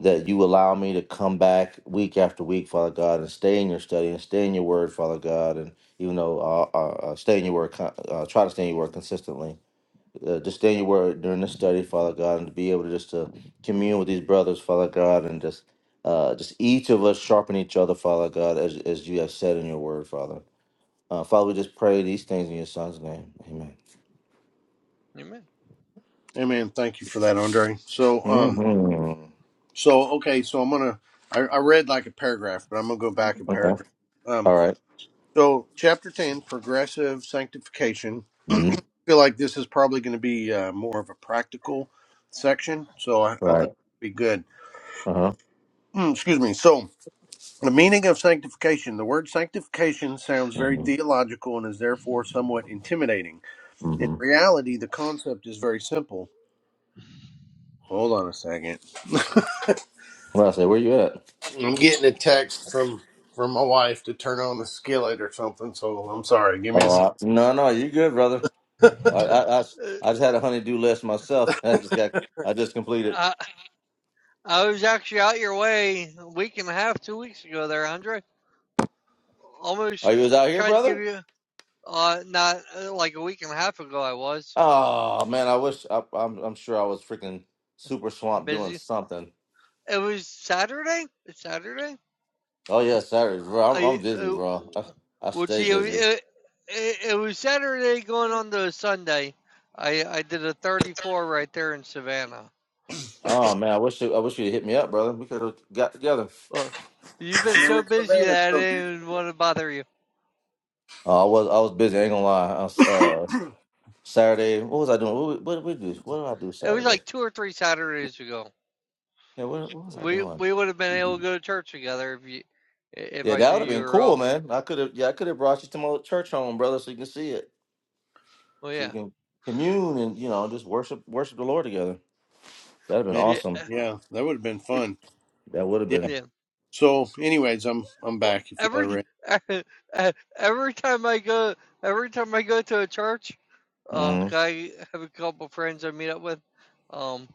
Speaker 3: that you allow me to come back week after week, Father God, and stay in your study and stay in your word, Father God, and even though uh, uh, uh, stay in your word, con- uh, try to stay in your word consistently. Uh, just stay in your word during the study, Father God, and to be able to just to commune with these brothers, Father God, and just uh, just each of us sharpen each other, Father God, as as you have said in your word, Father. Uh, Father, we just pray these things in your Son's name,
Speaker 2: Amen.
Speaker 1: Amen. Thank you for that, Andre. So, um,
Speaker 3: Amen. hmm
Speaker 1: so okay, so I'm gonna I, I read like a paragraph, but I'm gonna go back a
Speaker 3: Okay.
Speaker 1: paragraph. Um,
Speaker 3: All right.
Speaker 1: so chapter ten, progressive sanctification. I
Speaker 3: Mhm.
Speaker 1: feel like this is probably going to be uh, more of a practical section, so I, I think
Speaker 3: Right.
Speaker 1: it'll be good.
Speaker 3: Uh huh.
Speaker 1: excuse me. So. The meaning of sanctification. The word sanctification sounds very
Speaker 3: Mm-hmm.
Speaker 1: theological and is therefore somewhat intimidating. In
Speaker 3: Mm-hmm.
Speaker 1: reality, the concept is very simple. Hold on a second.
Speaker 3: Well, I say, where you at?
Speaker 1: I'm getting a text from from my wife to turn on the skillet or something, so I'm sorry. Give me
Speaker 3: Oh
Speaker 1: a
Speaker 3: I, no, no, you good, brother.
Speaker 1: second.
Speaker 3: I, I, I,
Speaker 2: Uh,
Speaker 3: I just had a honeydew list myself. I just got, I just completed.
Speaker 2: I, I was actually out your way a week and a half, two weeks ago there, Andre. Almost
Speaker 3: Are you was out here,
Speaker 2: tried to give
Speaker 3: brother?
Speaker 2: you, uh, not uh, like a week and a half ago, I was
Speaker 3: Oh man, I wish. I, I'm, I'm sure I was freaking super swamped doing
Speaker 2: busy.
Speaker 3: something.
Speaker 2: It was Saturday? It's Saturday?
Speaker 3: Oh yeah, Saturdays, bro. I'm, I'm
Speaker 2: I
Speaker 3: busy,
Speaker 2: uh,
Speaker 3: bro. I, I
Speaker 2: well,
Speaker 3: stay
Speaker 2: see, it,
Speaker 3: busy.
Speaker 2: it, it it was Saturday going on to Sunday. I I did a 34 right there in Savannah.
Speaker 3: Oh man, I wish, you, I wish you'd hit me up, brother. We could have got together.
Speaker 2: Well, you've been so busy
Speaker 1: Savannah's
Speaker 2: that I
Speaker 1: so beautiful.
Speaker 2: didn't even want to bother you.
Speaker 3: Oh, I was, I was busy. I ain't gonna lie. I was, uh, Saturday, what was I doing? What, what did we do? What did I do
Speaker 2: It was
Speaker 3: Saturday?
Speaker 2: like two or three Saturdays ago.
Speaker 3: Yeah, what, what was I
Speaker 2: We
Speaker 3: doing?
Speaker 2: we would have been able to go to church together if you if
Speaker 3: Yeah,
Speaker 2: I
Speaker 3: that
Speaker 2: knew
Speaker 3: would have
Speaker 2: you
Speaker 3: been
Speaker 2: were
Speaker 3: cool,
Speaker 2: off.
Speaker 3: man. I could have, yeah, I could have brought you to my church home, brother, so you can see it,
Speaker 2: Well,
Speaker 3: so you
Speaker 2: yeah,
Speaker 3: can commune and you know just worship, worship the Lord together. That'd have been
Speaker 1: Man,
Speaker 2: she,
Speaker 3: awesome.
Speaker 2: uh,
Speaker 1: yeah, that would have been fun.
Speaker 3: That would have
Speaker 1: Yeah.
Speaker 3: been.
Speaker 2: yeah.
Speaker 1: So anyways, I'm I'm
Speaker 2: Well,
Speaker 1: back if y'all are
Speaker 2: every
Speaker 1: ready.
Speaker 2: every time I go every time I go to a church. uh,
Speaker 3: Mm-hmm.
Speaker 2: guy, have a couple friends I meet up with, um,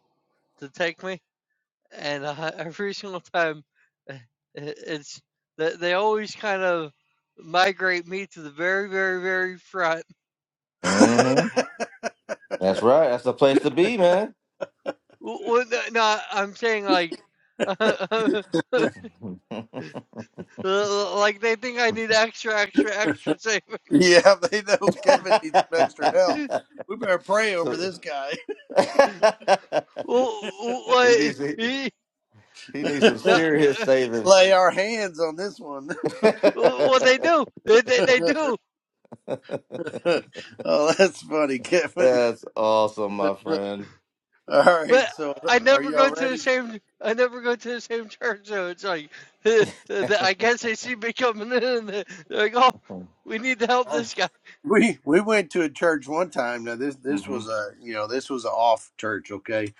Speaker 2: to take me, and uh, every single time, eh, it, it's that they always kind of migrate me to the very, very, very front.
Speaker 3: Mm-hmm. That's right. That's the place to be, man.
Speaker 2: W- Well, no, no, I'm saying like, like they think I need extra, extra, extra saving.
Speaker 1: yeah, they know Kevin needs some extra help. We better pray over
Speaker 3: so
Speaker 1: this guy.
Speaker 2: well,
Speaker 3: he
Speaker 2: what?
Speaker 3: needs he,
Speaker 2: he-
Speaker 3: he needs some
Speaker 2: No,
Speaker 3: serious
Speaker 2: uh,
Speaker 3: saving.
Speaker 1: lay our hands on this one.
Speaker 2: well, what they do. They, they, they do.
Speaker 1: oh, that's funny, Kevin.
Speaker 3: That's awesome, my friend.
Speaker 1: All
Speaker 2: But
Speaker 1: right, so
Speaker 2: I
Speaker 1: are
Speaker 2: never go
Speaker 1: y'all
Speaker 2: to the
Speaker 1: ready?
Speaker 2: same. I never go to the same church, so it's like I guess they see me coming in, and they- are like, "Oh, we need to help this guy."
Speaker 1: We we went to a church one time. Now this this
Speaker 3: hmm
Speaker 1: was a you know this was an off church. Okay,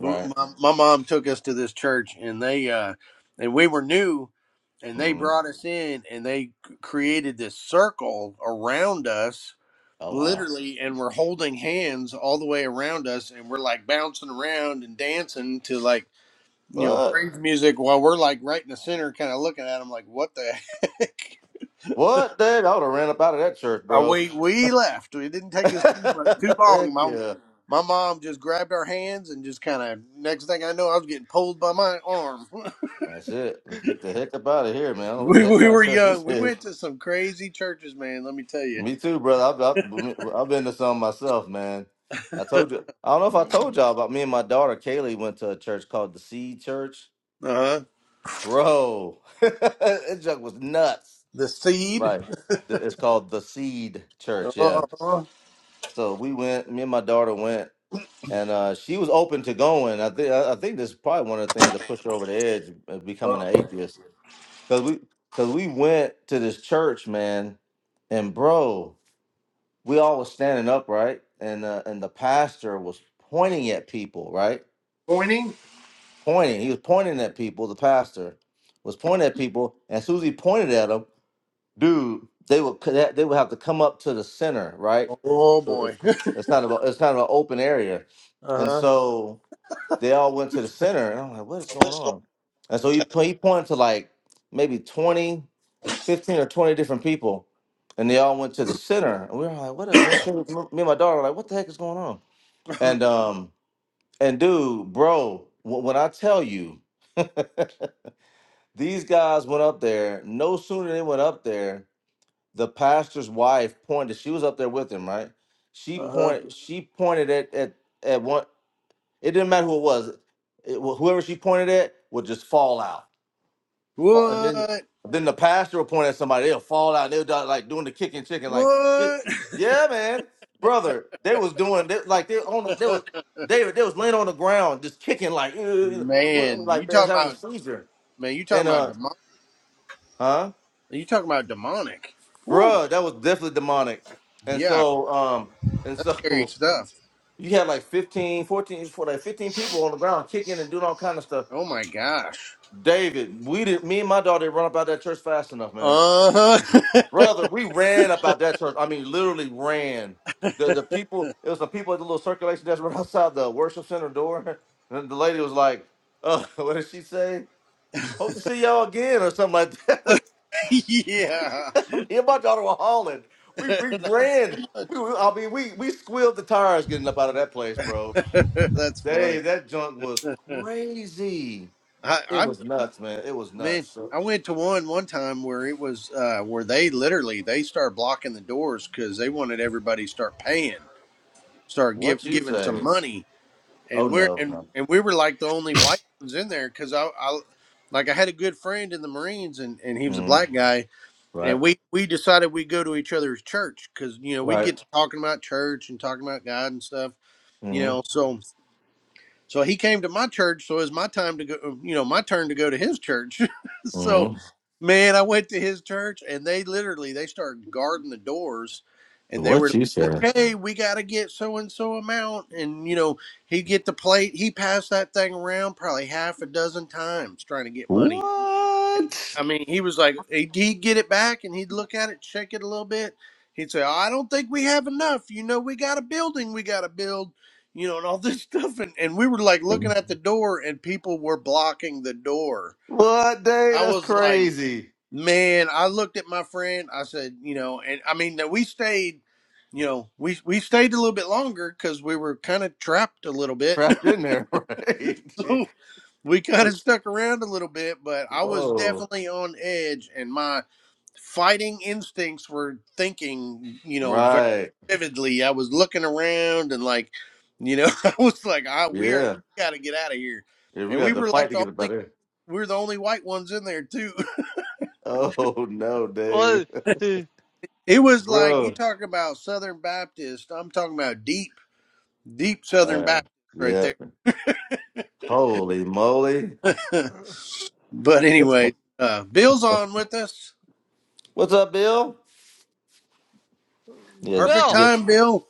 Speaker 1: my, my mom took us to this church, and they uh and we were new, and they
Speaker 3: Mm.
Speaker 1: brought us in, and they created this circle around us
Speaker 3: Oh wow.
Speaker 1: literally and we're holding hands all the way around us and we're like bouncing around and dancing to like you know,
Speaker 3: What?
Speaker 1: praise music while we're like right in the center, kind of looking at him like, what the heck?
Speaker 3: What? Dang, I would have ran up out of that church,
Speaker 1: Uh,
Speaker 3: bro.
Speaker 1: we we left. It didn't take us too but too long.
Speaker 3: heck
Speaker 1: My
Speaker 3: yeah.
Speaker 1: my mom just grabbed our hands and just kind of next thing I know, I was getting pulled by my arm.
Speaker 3: That's it. Let's get the heck up out of here, man. I don't know what the
Speaker 1: we
Speaker 3: heck
Speaker 1: we
Speaker 3: kind of
Speaker 1: were
Speaker 3: church this
Speaker 1: young. We
Speaker 3: is.
Speaker 1: went to some crazy churches, man. Let me tell you.
Speaker 3: Me too, brother. I've, I've, I've been to some myself, man. I told you. I don't know if I
Speaker 2: Mm.
Speaker 3: told y'all about me and my daughter Kaylee went to a church called the Seed Church,
Speaker 1: Uh huh.
Speaker 3: bro. that junk was nuts.
Speaker 1: The seed.
Speaker 3: Right. The- It's called the Seed Church.
Speaker 1: Uh
Speaker 3: Yeah. So we went. Me and my daughter went, and uh, she was open to going. I think I I think this is probably one of the things that pushed her over the edge of becoming
Speaker 1: huh.
Speaker 3: an atheist. Cause we cause we went to this church, man, and bro, we all was standing up, right? And uh, and the pastor was pointing at people, right?
Speaker 1: Pointing.
Speaker 3: Pointing, he was pointing at people. The pastor was pointing at people, and as soon as he pointed at them, dude, they would c- they would have to come up to the center, right?
Speaker 1: Oh
Speaker 3: So, It's
Speaker 1: boy.
Speaker 3: it's kind of a, it's kind of an open area, and so. They all went to the center, and I'm like, what is going on? And so he, po- he pointed to like maybe 20, 15 or 20 different people, and they all went to the center. And we were like, what up, man? Carrie, me and my daughter were like, what the heck is going on?
Speaker 1: Uh huh.
Speaker 3: And um, and dude, bro, wh- when I tell you, these guys went up there. No sooner they went up there, the pastor's wife pointed. She was up there with him, right?
Speaker 1: Uh huh.
Speaker 3: She pointed. She pointed at at at one. It didn't matter who it was. It, wh- whoever she pointed at would just fall out. Fa- and then,
Speaker 1: What?
Speaker 3: then the pastor will point at somebody. They'll fall out. They'll do- like doing the kicking chicken. Like,
Speaker 1: What?
Speaker 3: yeah, man, brother. They was doing they, like they on. The, they was they they was laying on the ground just kicking like "Ugh,"
Speaker 1: Man, you
Speaker 3: like they was
Speaker 1: talking
Speaker 3: having a
Speaker 1: about
Speaker 3: seizure.
Speaker 1: man, you
Speaker 3: And
Speaker 1: talking about
Speaker 3: uh,
Speaker 1: demon
Speaker 3: huh,
Speaker 1: you talking about demonic. Woo.
Speaker 3: bruh, that was definitely demonic. And
Speaker 1: Yeah,
Speaker 3: so um, and
Speaker 1: that's scary
Speaker 3: so
Speaker 1: stuff.
Speaker 3: you had like 15, 14, for like 15 people on the ground kicking and doing all kind of stuff
Speaker 1: Oh my gosh.
Speaker 3: David, we did. Me and my daughter didn't run about that church fast enough, man.
Speaker 1: Uh-huh.
Speaker 3: Brother, we ran about that church. I mean, literally ran. The the people. It was the people at the little circulation desk right outside the worship center door. And the lady was like, uh, "What did she say? Hope to see y'all again or something like that." We,
Speaker 1: yeah.
Speaker 3: me and my daughter were hauling. We we
Speaker 1: Not
Speaker 3: ran.
Speaker 1: so
Speaker 3: We,
Speaker 1: much.
Speaker 3: we I mean, we we squealed the tires getting up out of that place, bro.
Speaker 1: that's funny.
Speaker 3: Dave, that junk was crazy.
Speaker 1: I
Speaker 3: It
Speaker 1: I
Speaker 3: was nuts, man. It was nuts.
Speaker 1: man,
Speaker 3: So,
Speaker 1: I went to one one time where it was uh where they literally they started blocking the doors cuz they wanted everybody to start paying, start
Speaker 3: what
Speaker 1: give,
Speaker 3: you
Speaker 1: giving some
Speaker 3: say?
Speaker 1: money
Speaker 3: Oh
Speaker 1: and we're
Speaker 3: no,
Speaker 1: and
Speaker 3: no.
Speaker 1: and we were like the only white ones in there because I, I like I had a good friend in the Marines and and he was a
Speaker 3: Mm,
Speaker 1: black guy and
Speaker 3: right,
Speaker 1: we we decided we'd go to each other's church because you know we'd
Speaker 3: right.
Speaker 1: get to talking about church and talking about God and stuff you know
Speaker 3: Mm-hmm.
Speaker 1: so so he came to my church. So it's my time to go, uh, you know, my turn to go to his church. so,
Speaker 3: Mm-hmm.
Speaker 1: man, I went to his church and they literally, they started guarding the doors and they were
Speaker 3: What
Speaker 1: like,
Speaker 3: you said?
Speaker 1: okay, we got to get so and so amount. And, you know, he'd get the plate. He passed that thing around probably half a dozen times trying to get money
Speaker 3: What?
Speaker 1: I mean, he was like, he'd he'd get it back and he'd look at it, check it a little bit. He'd say, I don't think we have enough. You know, we got a building we got to build, you know, and all this stuff. And, and we were like looking at the door and people were blocking the door.
Speaker 3: What day?
Speaker 1: I
Speaker 3: That's
Speaker 1: was like,
Speaker 3: crazy.
Speaker 1: man, I looked at my friend. I said, you know, and I mean, that we stayed, you know, we, we stayed a little bit longer because we were kind of trapped a little bit.
Speaker 3: Trapped in there, right? Yeah.
Speaker 1: so we kind of
Speaker 3: That's-
Speaker 1: stuck around a little bit, but I was
Speaker 3: Whoa.
Speaker 1: definitely on edge and my, fighting instincts were thinking, you know, very
Speaker 3: Right.
Speaker 1: vividly. I was looking around and like, you know, I was like, I, we are
Speaker 3: Yeah.
Speaker 1: got to get out of here.
Speaker 3: Yeah, we
Speaker 1: And
Speaker 3: have
Speaker 1: we
Speaker 3: to
Speaker 1: were
Speaker 3: fight
Speaker 1: like
Speaker 3: to
Speaker 1: the
Speaker 3: get it
Speaker 1: only,
Speaker 3: better.
Speaker 1: we were the only white ones in there too.
Speaker 3: Oh no,
Speaker 2: Well,
Speaker 3: Dave,
Speaker 2: uh,
Speaker 1: It was like, you
Speaker 3: bro.
Speaker 1: talk about Southern Baptist. I'm talking about deep, deep Southern
Speaker 3: Uh,
Speaker 1: Baptist right
Speaker 3: yeah.
Speaker 1: there.
Speaker 3: Holy moly.
Speaker 1: but anyway, uh, Bill's on with us.
Speaker 3: What's up, Bill? Yeah.
Speaker 1: Perfect
Speaker 2: Bill,
Speaker 3: Get
Speaker 1: time, Bill.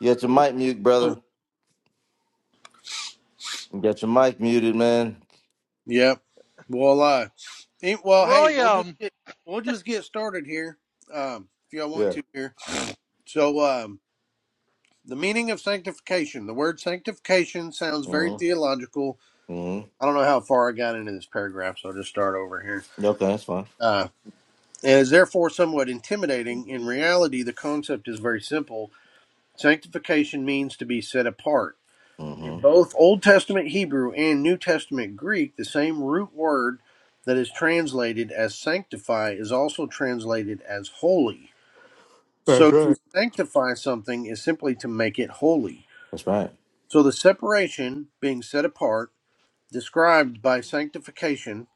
Speaker 3: get your mic mute, brother. Get your mic muted, man.
Speaker 1: Yep. Well, uh, eh, well, hey, we'll just
Speaker 2: William,
Speaker 1: get we'll just get started here, um, if y'all want
Speaker 3: Yeah.
Speaker 1: to here. So, um, the meaning of sanctification. The word sanctification sounds very theological.
Speaker 3: Mm-hmm.
Speaker 1: I don't know how far I got into this paragraph, so I'll just start over here.
Speaker 3: Yeah, Okay, that's fine.
Speaker 1: Uh, it is therefore somewhat intimidating. In reality, the concept is very simple. Sanctification means to be set apart. In
Speaker 3: Mm-hmm.
Speaker 1: both Old Testament Hebrew and New Testament Greek, the same root word that is translated as sanctify is also translated as holy.
Speaker 3: That's
Speaker 1: So to
Speaker 3: right.
Speaker 1: sanctify something is simply to make it holy.
Speaker 3: That's right.
Speaker 1: So the separation, being set apart, described by sanctification,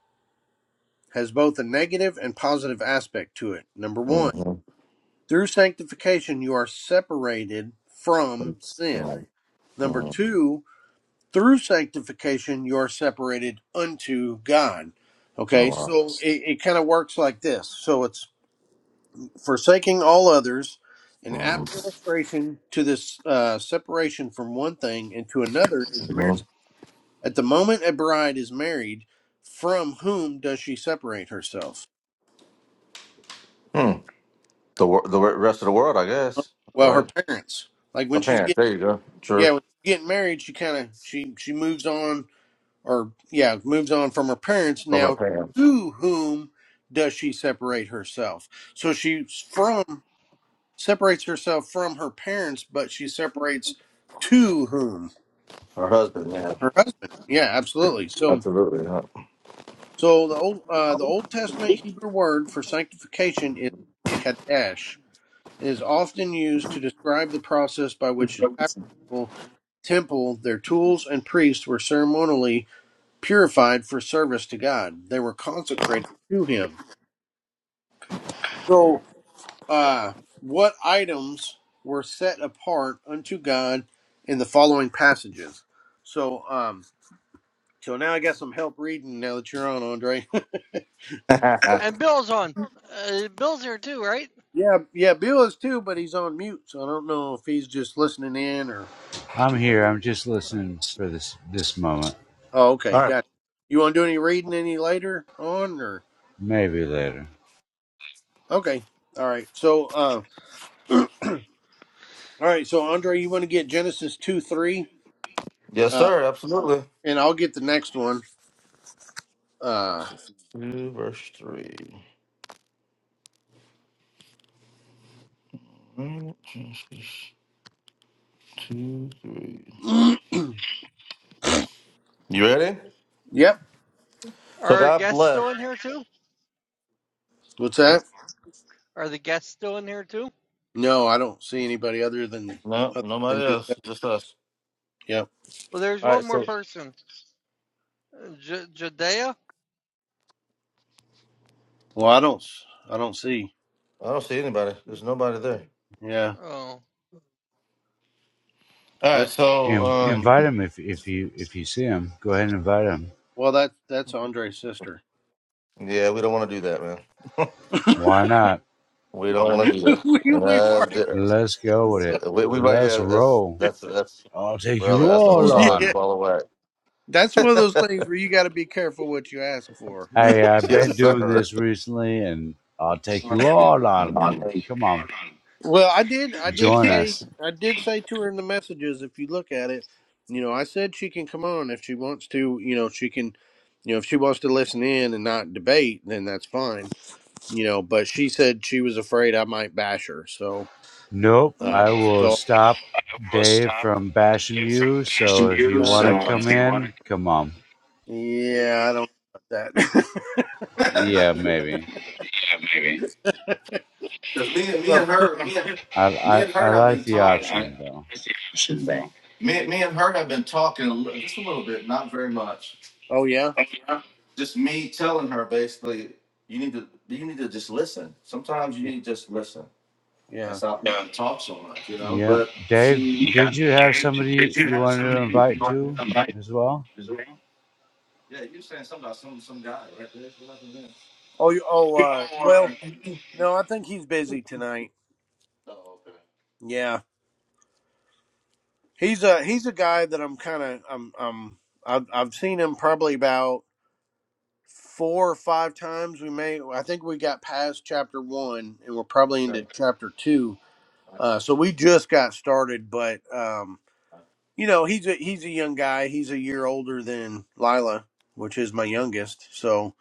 Speaker 1: has both a negative and positive aspect to it. Number one,
Speaker 3: Mm-hmm.
Speaker 1: through sanctification, you are separated from
Speaker 3: That's
Speaker 1: sin.
Speaker 3: Right.
Speaker 1: Number
Speaker 3: hmm
Speaker 1: two, through sanctification you're separated unto God.
Speaker 3: Oh
Speaker 1: Okay,
Speaker 3: wow.
Speaker 1: so it, it kind of works like this. So it's forsaking all others, an apt
Speaker 3: Mm-hmm.
Speaker 1: illustration to this uh, separation from one thing and to another is marriage. At the moment a bride is married, from whom does she separate herself?
Speaker 3: Hmm. The wor- the re- rest of the world, I
Speaker 1: Uh,
Speaker 3: guess.
Speaker 1: Well, her
Speaker 3: Right.
Speaker 1: parents. Like
Speaker 3: A
Speaker 1: when she's
Speaker 3: parent.
Speaker 1: getting
Speaker 3: There you go.
Speaker 1: yeah,
Speaker 3: True.
Speaker 1: when she's getting married, she kind of she she moves on or yeah, moves on from her parents.
Speaker 3: From her
Speaker 1: Now,
Speaker 3: parents.
Speaker 1: to whom does she separate herself? So she's from separates herself from her parents, but she separates to whom?
Speaker 3: Her husband. Yeah.
Speaker 1: Her husband. Yeah, absolutely. So,
Speaker 3: Absolutely. Huh?
Speaker 1: so the old uh, the Old Testament Hebrew word for sanctification is kadesh. It is often used to describe the process by which the tabernacle, temple, their tools, and priests were ceremonially purified for service to God. They were consecrated to Him. So, uh, what items were set apart unto God in the following passages? So, um, so now I got some help reading now that you're on, Andre.
Speaker 2: and Bill's on. Uh, Bill's here too, right?
Speaker 1: yeah, yeah, Bill is too, but he's on mute, so I don't know if he's just listening in or.
Speaker 4: I'm
Speaker 1: or what.
Speaker 4: here. I'm just
Speaker 2: Uh,
Speaker 4: listening for this this moment.
Speaker 1: Oh, okay,
Speaker 3: All right.
Speaker 1: gotcha. You want to do any reading any later on, or
Speaker 4: Maybe later.
Speaker 1: okay, all right. So, uh, all right. So, Andre, you want to get Genesis two three?
Speaker 3: Yes,
Speaker 1: Uh,
Speaker 3: sir. Absolutely.
Speaker 1: And I'll get the next one. Uh,
Speaker 3: This is Two verse three. Mm, this is Two three. You ready?
Speaker 1: yep.
Speaker 2: Are
Speaker 3: So
Speaker 2: our
Speaker 3: God
Speaker 2: guests
Speaker 3: bless.
Speaker 2: still in here too?
Speaker 1: What's
Speaker 3: Hmm?
Speaker 1: that?
Speaker 2: Are the guests still in here too?
Speaker 1: No, I don't see anybody other than
Speaker 3: No,
Speaker 1: other than
Speaker 3: nobody
Speaker 1: just
Speaker 3: else.
Speaker 1: that.
Speaker 3: Just us.
Speaker 1: Yep.
Speaker 2: Well, there's
Speaker 3: All
Speaker 2: one
Speaker 3: right.
Speaker 2: more
Speaker 3: So
Speaker 2: person, Uh, J- Judea.
Speaker 1: Well, I don't. I I don't see.
Speaker 3: I don't see anybody. There's nobody there.
Speaker 1: Yeah.
Speaker 2: Oh,
Speaker 3: All
Speaker 1: That.
Speaker 3: right, so
Speaker 4: In,
Speaker 3: um,
Speaker 4: invite him if if you if you see him. Go ahead and invite him.
Speaker 1: Well, that that's Andre's sister.
Speaker 3: Yeah, we don't want to do that, man.
Speaker 4: Why not?
Speaker 3: we don't want to do that.
Speaker 1: we we've
Speaker 3: uh,
Speaker 1: already.
Speaker 3: there-
Speaker 4: Let's go with it.
Speaker 3: we, we right
Speaker 4: Let's
Speaker 3: yeah, that's
Speaker 4: roll.
Speaker 3: that's that's
Speaker 4: I'll take
Speaker 3: brother.
Speaker 4: you
Speaker 3: That's a whole
Speaker 4: all
Speaker 3: nother
Speaker 1: yeah.
Speaker 4: on.
Speaker 3: ball of
Speaker 1: That's one of those
Speaker 3: wax.
Speaker 1: things where you got to be careful what you ask for.
Speaker 4: Hey, I've been
Speaker 3: yes,
Speaker 4: doing
Speaker 3: sir.
Speaker 4: this recently, and I'll take you all
Speaker 3: Mm.
Speaker 4: on. Come on,
Speaker 1: Well, I did. I did
Speaker 4: join
Speaker 1: say.
Speaker 4: us.
Speaker 1: I did say to her in the messages. If you look at it, you know, I said she can come on if she wants to. You know, she can. You know, if she wants to listen in and not debate, then that's fine. You know, but she said she was afraid I might bash her. So,
Speaker 4: Nope,
Speaker 1: um,
Speaker 4: I will
Speaker 1: so
Speaker 4: stop
Speaker 3: I will
Speaker 4: Dave
Speaker 3: stop
Speaker 4: from bashing
Speaker 3: Dave from
Speaker 4: you. So
Speaker 3: bashing
Speaker 4: if
Speaker 3: you.
Speaker 4: you want
Speaker 1: uh,
Speaker 4: to
Speaker 3: So
Speaker 4: come
Speaker 3: if you want to,
Speaker 4: in, come on.
Speaker 1: yeah, I don't know about that.
Speaker 4: Yeah, maybe.
Speaker 3: yeah, maybe. Because me and me and
Speaker 1: So-
Speaker 3: her, me and,
Speaker 4: I,
Speaker 3: me
Speaker 4: I
Speaker 3: and
Speaker 4: I
Speaker 3: her have been
Speaker 4: like the
Speaker 3: talking. I, I,
Speaker 4: option though.
Speaker 3: I see how shit wrong. Me, me and her have been talking a li- just a little bit, not very much.
Speaker 1: oh yeah,
Speaker 3: Uh-huh. Just me telling her basically, you need to you need to just listen. Sometimes you
Speaker 1: yeah,
Speaker 3: need to just listen and
Speaker 1: yeah.
Speaker 3: stop yeah. talk so much, you know.
Speaker 4: Yeah,
Speaker 3: But
Speaker 4: Dave, d-
Speaker 3: she yeah,
Speaker 4: did you have
Speaker 3: Dave, did,
Speaker 4: somebody you,
Speaker 3: did you
Speaker 4: you
Speaker 3: have
Speaker 4: wanted to
Speaker 3: somebody you
Speaker 4: invite
Speaker 3: wanted
Speaker 4: to
Speaker 3: to invite
Speaker 4: as well?
Speaker 3: as well? Yeah, you were saying something about some some guy right there. What happened there?
Speaker 1: Oh, you- oh. Uh,
Speaker 3: Oh,
Speaker 1: well,
Speaker 3: uh,
Speaker 1: no, I think he's busy tonight.
Speaker 3: oh okay.
Speaker 1: Yeah, He's a he's a guy that I'm kind of I'm I'm I've I've seen him probably about four or five times. We may I think we got past chapter one and we're probably into
Speaker 3: okay,
Speaker 1: chapter two.
Speaker 3: I
Speaker 1: Uh,
Speaker 3: got
Speaker 1: so we
Speaker 3: you.
Speaker 1: just got started, but um, you know he's a he's a young guy. He's a year older than Lila, which is my youngest. So.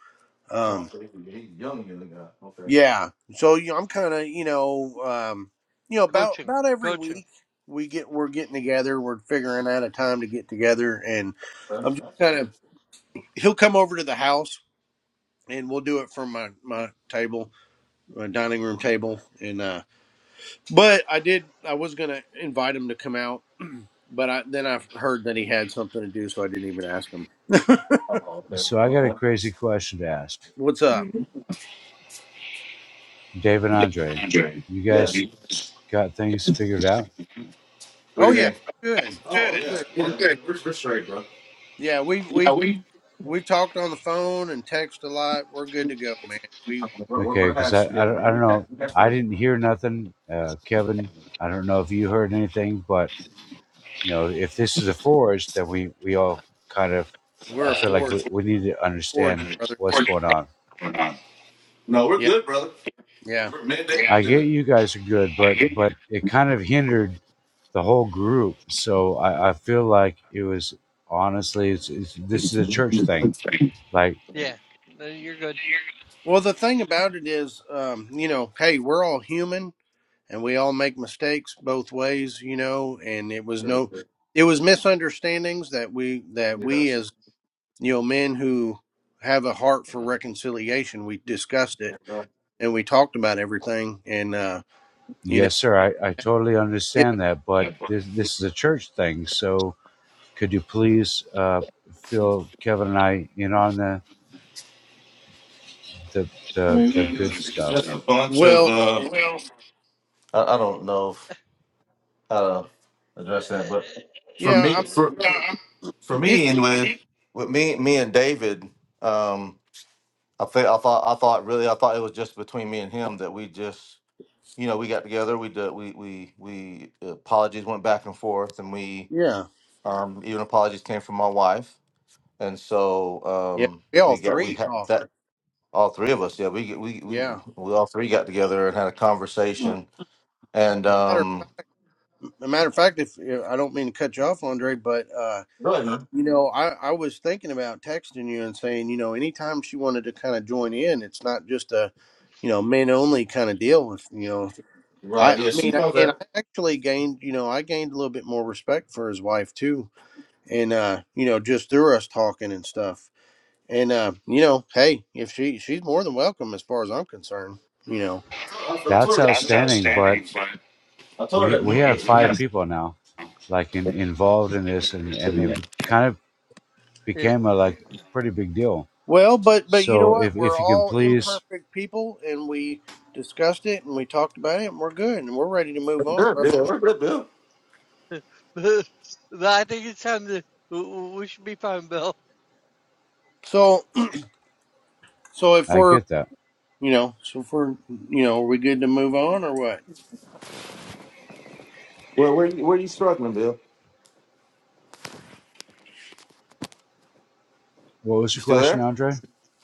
Speaker 3: Oh,
Speaker 1: Um,
Speaker 3: so he's young, young guy. Okay,
Speaker 1: Yeah. So you know, I'm kind of you know, um, you know, about
Speaker 2: coaching,
Speaker 1: about every
Speaker 2: coaching.
Speaker 1: week we get we're getting together. We're figuring out a time to get together, and
Speaker 3: that's,
Speaker 1: I'm just
Speaker 3: that's
Speaker 1: kind
Speaker 3: cool.
Speaker 1: of he'll come over to the house and we'll do it from my my table, my dining room table, and uh, but I did I was gonna invite him to come out, but I then I heard that he had something to do, so I didn't even ask him.
Speaker 4: So I got a crazy question to ask.
Speaker 1: What's up?
Speaker 4: Dave and Andre,
Speaker 3: Andre.
Speaker 4: you
Speaker 3: Yeah.
Speaker 4: guys
Speaker 3: You-
Speaker 4: got things figured out?
Speaker 1: Oh yeah,
Speaker 3: Yeah.
Speaker 1: good.
Speaker 3: Oh
Speaker 1: We're
Speaker 3: Good. yeah,
Speaker 1: good.
Speaker 3: We're yeah. good. We're, we're straight, bro.
Speaker 1: Yeah, we
Speaker 3: Yeah,
Speaker 1: we
Speaker 3: we
Speaker 1: we've talked on the phone and text a lot. We're good to go, man. We
Speaker 3: We're we're,
Speaker 4: Okay,
Speaker 3: we're
Speaker 4: because I,
Speaker 3: half.
Speaker 4: I
Speaker 3: Yeah,
Speaker 4: don't
Speaker 3: we're,
Speaker 4: I don't
Speaker 3: we have
Speaker 4: know.
Speaker 3: we have
Speaker 4: I
Speaker 3: to.
Speaker 4: didn't hear nothing. Uh, Kevin, I don't know if you heard anything, but you know, if this is a forest, then we we
Speaker 2: Uh,
Speaker 4: all kind of,
Speaker 1: we're
Speaker 4: I
Speaker 1: a
Speaker 4: feel like
Speaker 1: forge,
Speaker 4: we, we need to
Speaker 1: forge
Speaker 4: understand
Speaker 1: brother.
Speaker 4: what's
Speaker 3: we're
Speaker 4: going on.
Speaker 3: not. No, we're
Speaker 1: Yeah,
Speaker 3: good, brother.
Speaker 1: yeah.
Speaker 3: We're, we're mandate. Yeah.
Speaker 4: I
Speaker 3: We're
Speaker 4: get
Speaker 3: good.
Speaker 4: you guys are good,
Speaker 3: I
Speaker 4: but
Speaker 3: hear you.
Speaker 4: but it kind of hindered the whole group. So I, I feel like it was honestly, it's, it's this
Speaker 3: It's
Speaker 4: is
Speaker 3: a
Speaker 4: a church thing.
Speaker 3: good thing.
Speaker 4: Like,
Speaker 2: yeah, no, you're good.
Speaker 1: Well, the thing about it is, um, you know, hey, we're all human and we all make mistakes both ways, you know. And it was no, it was misunderstandings that we that we
Speaker 3: Yes.
Speaker 1: as you know men who have a heart
Speaker 2: Uh,
Speaker 1: for reconciliation, we discussed it
Speaker 3: Yeah.
Speaker 1: and we talked about everything and uh, you know,
Speaker 4: yes, sir, I, I totally
Speaker 1: given,
Speaker 4: understand that, but
Speaker 3: Yeah, but
Speaker 4: this this is a church thing. So could you please uh, fill Kevin and I in on the the
Speaker 3: I
Speaker 4: the,
Speaker 3: mean, yeah,
Speaker 4: the
Speaker 3: it was,
Speaker 4: good
Speaker 3: it's it's just
Speaker 4: stuff?
Speaker 3: just a uh, bunch of.
Speaker 1: well,
Speaker 3: Uh, well I, I don't know. uh, address that. But for
Speaker 1: yeah,
Speaker 3: me, for for
Speaker 1: I'm, it,
Speaker 3: me,
Speaker 1: it,
Speaker 3: anyway, with with me, me and David, um, I think I thought I thought really I thought it was just between me and him that we just you know we got together. We did, we we we uh, apologies went back and forth, and we
Speaker 1: yeah,
Speaker 3: um, even apologies came from my wife, and so
Speaker 1: yeah.
Speaker 3: um,
Speaker 1: We all
Speaker 3: we got we
Speaker 1: three
Speaker 3: had
Speaker 1: talked.
Speaker 3: that all three of us. Yeah, we get- we we
Speaker 1: Yeah.
Speaker 3: we all three got together and had a conversation, and
Speaker 1: Matter
Speaker 3: um,
Speaker 1: matter of fact, if if- I don't mean to cut you off, Andre, but uh,
Speaker 3: really,
Speaker 1: you know, I I was thinking about texting you and saying, you know, anytime she wanted to kind of join in, it's not just a, you know, men only kind of deal with, you know.
Speaker 3: right?
Speaker 1: I I
Speaker 3: Yeah, she
Speaker 1: mean,
Speaker 3: knows
Speaker 1: and I
Speaker 3: that.
Speaker 1: actually gained, you know, I gained a little bit more respect for his wife too, and uh, you know, just through us talking and stuff. And uh, you know, hey, if she she's more than welcome as far as I'm concerned, you know.
Speaker 4: That's
Speaker 3: That's
Speaker 4: outstanding. But
Speaker 3: outstanding, but I told her
Speaker 4: we
Speaker 3: that. we
Speaker 4: we have
Speaker 3: we
Speaker 4: five
Speaker 3: got
Speaker 4: people now, like in, involved in this, and
Speaker 3: standards
Speaker 4: and it
Speaker 3: and
Speaker 4: kind of
Speaker 2: Yeah.
Speaker 4: became a like pretty big deal.
Speaker 1: Well, but but you know
Speaker 4: So
Speaker 1: what?
Speaker 4: if
Speaker 1: We're
Speaker 4: if you can
Speaker 1: all
Speaker 4: please,
Speaker 1: imperfect people, and we discussed it, and we talked about it, and we're good, and we're ready to move on,
Speaker 3: Good,
Speaker 1: bro.
Speaker 3: Bill. Where, where, Bill?
Speaker 2: But I think it's time to we should be fine, Bill.
Speaker 1: So so if
Speaker 4: I
Speaker 1: we're
Speaker 4: get that.
Speaker 1: you know so if we're you know are we good to move on or what?
Speaker 3: Where, where, where are you struggling, Bill?
Speaker 4: What was
Speaker 3: You
Speaker 4: your
Speaker 3: still
Speaker 4: question,
Speaker 3: there?
Speaker 4: Andre?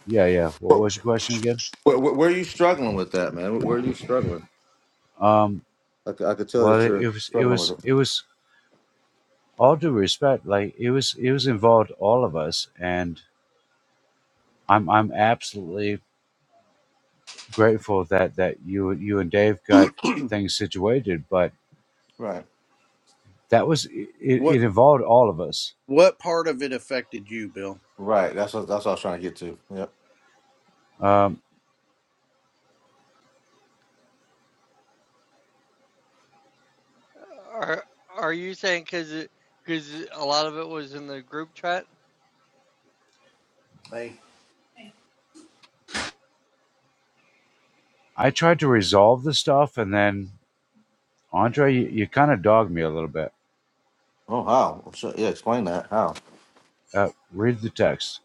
Speaker 4: Yeah, yeah. What
Speaker 3: Where,
Speaker 4: was your question again?
Speaker 3: where, where are you struggling with that, man? Where are you struggling?
Speaker 4: Um,
Speaker 3: I, c- I could tell
Speaker 4: well,
Speaker 3: that
Speaker 4: it
Speaker 3: you're
Speaker 4: was, it
Speaker 3: struggling
Speaker 4: was,
Speaker 3: with it.
Speaker 4: it was all due respect. Like it was, it was involved all of us, and I'm, I'm absolutely grateful that that you, you and Dave got things situated. But
Speaker 3: Right,
Speaker 4: that was, it,
Speaker 1: what
Speaker 4: it involved all of us.
Speaker 1: what part of it affected you, Bill?
Speaker 3: right. That's what that's what I was trying to get to. Yep.
Speaker 4: Um,
Speaker 2: Are are you saying because because a lot of it was in the group chat?
Speaker 1: Hey,
Speaker 4: I tried to resolve the stuff, and then Andre, you, you kind of dogged me a little bit.
Speaker 3: Oh, how? Sure, Yeah, explain that. How?
Speaker 4: Uh, read the text.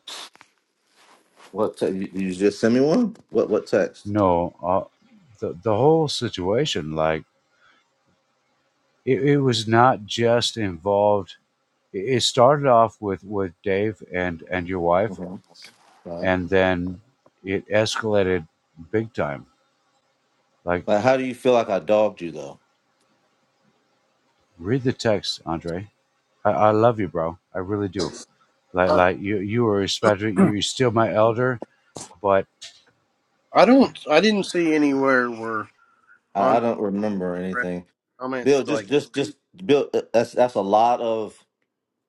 Speaker 3: What? Te- you, you just sent me one. What? What text?
Speaker 4: No, uh, the the whole situation, like it, it was not just involved it it started off with with dave and and your wife
Speaker 3: Mhm. Right.
Speaker 4: and then it escalated big time like
Speaker 3: Like, how do you feel like I dogged you though?
Speaker 4: read the text andre i, I love you bro i really do like
Speaker 1: I,
Speaker 4: like you you are respected you're still my elder but
Speaker 1: I don't I didn't see anywhere where
Speaker 3: I, I
Speaker 1: on
Speaker 3: don't remember anything.
Speaker 1: comments
Speaker 3: Bill,
Speaker 1: like.
Speaker 3: just, just, just, Bill. uh, That's that's a lot of.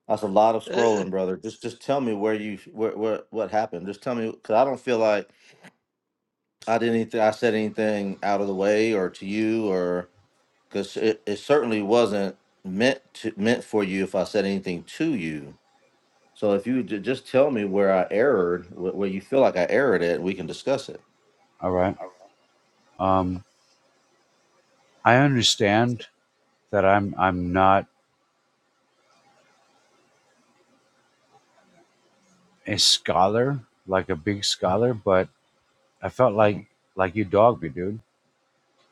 Speaker 3: That's a lot of scrolling,
Speaker 2: yeah,
Speaker 3: brother. Just just tell me where you where, where what happened. Just tell me because I don't feel like I did anything. I said anything out of the way or to you or because it, it certainly wasn't meant to meant for you if I said anything to you. So if you ju- just tell me where I erred, wh- where you feel like I erred at, we can discuss it.
Speaker 4: all right um i understand that i'm i'm not a scholar like a big scholar but i felt
Speaker 3: Mhm.
Speaker 4: like like you dogged me dude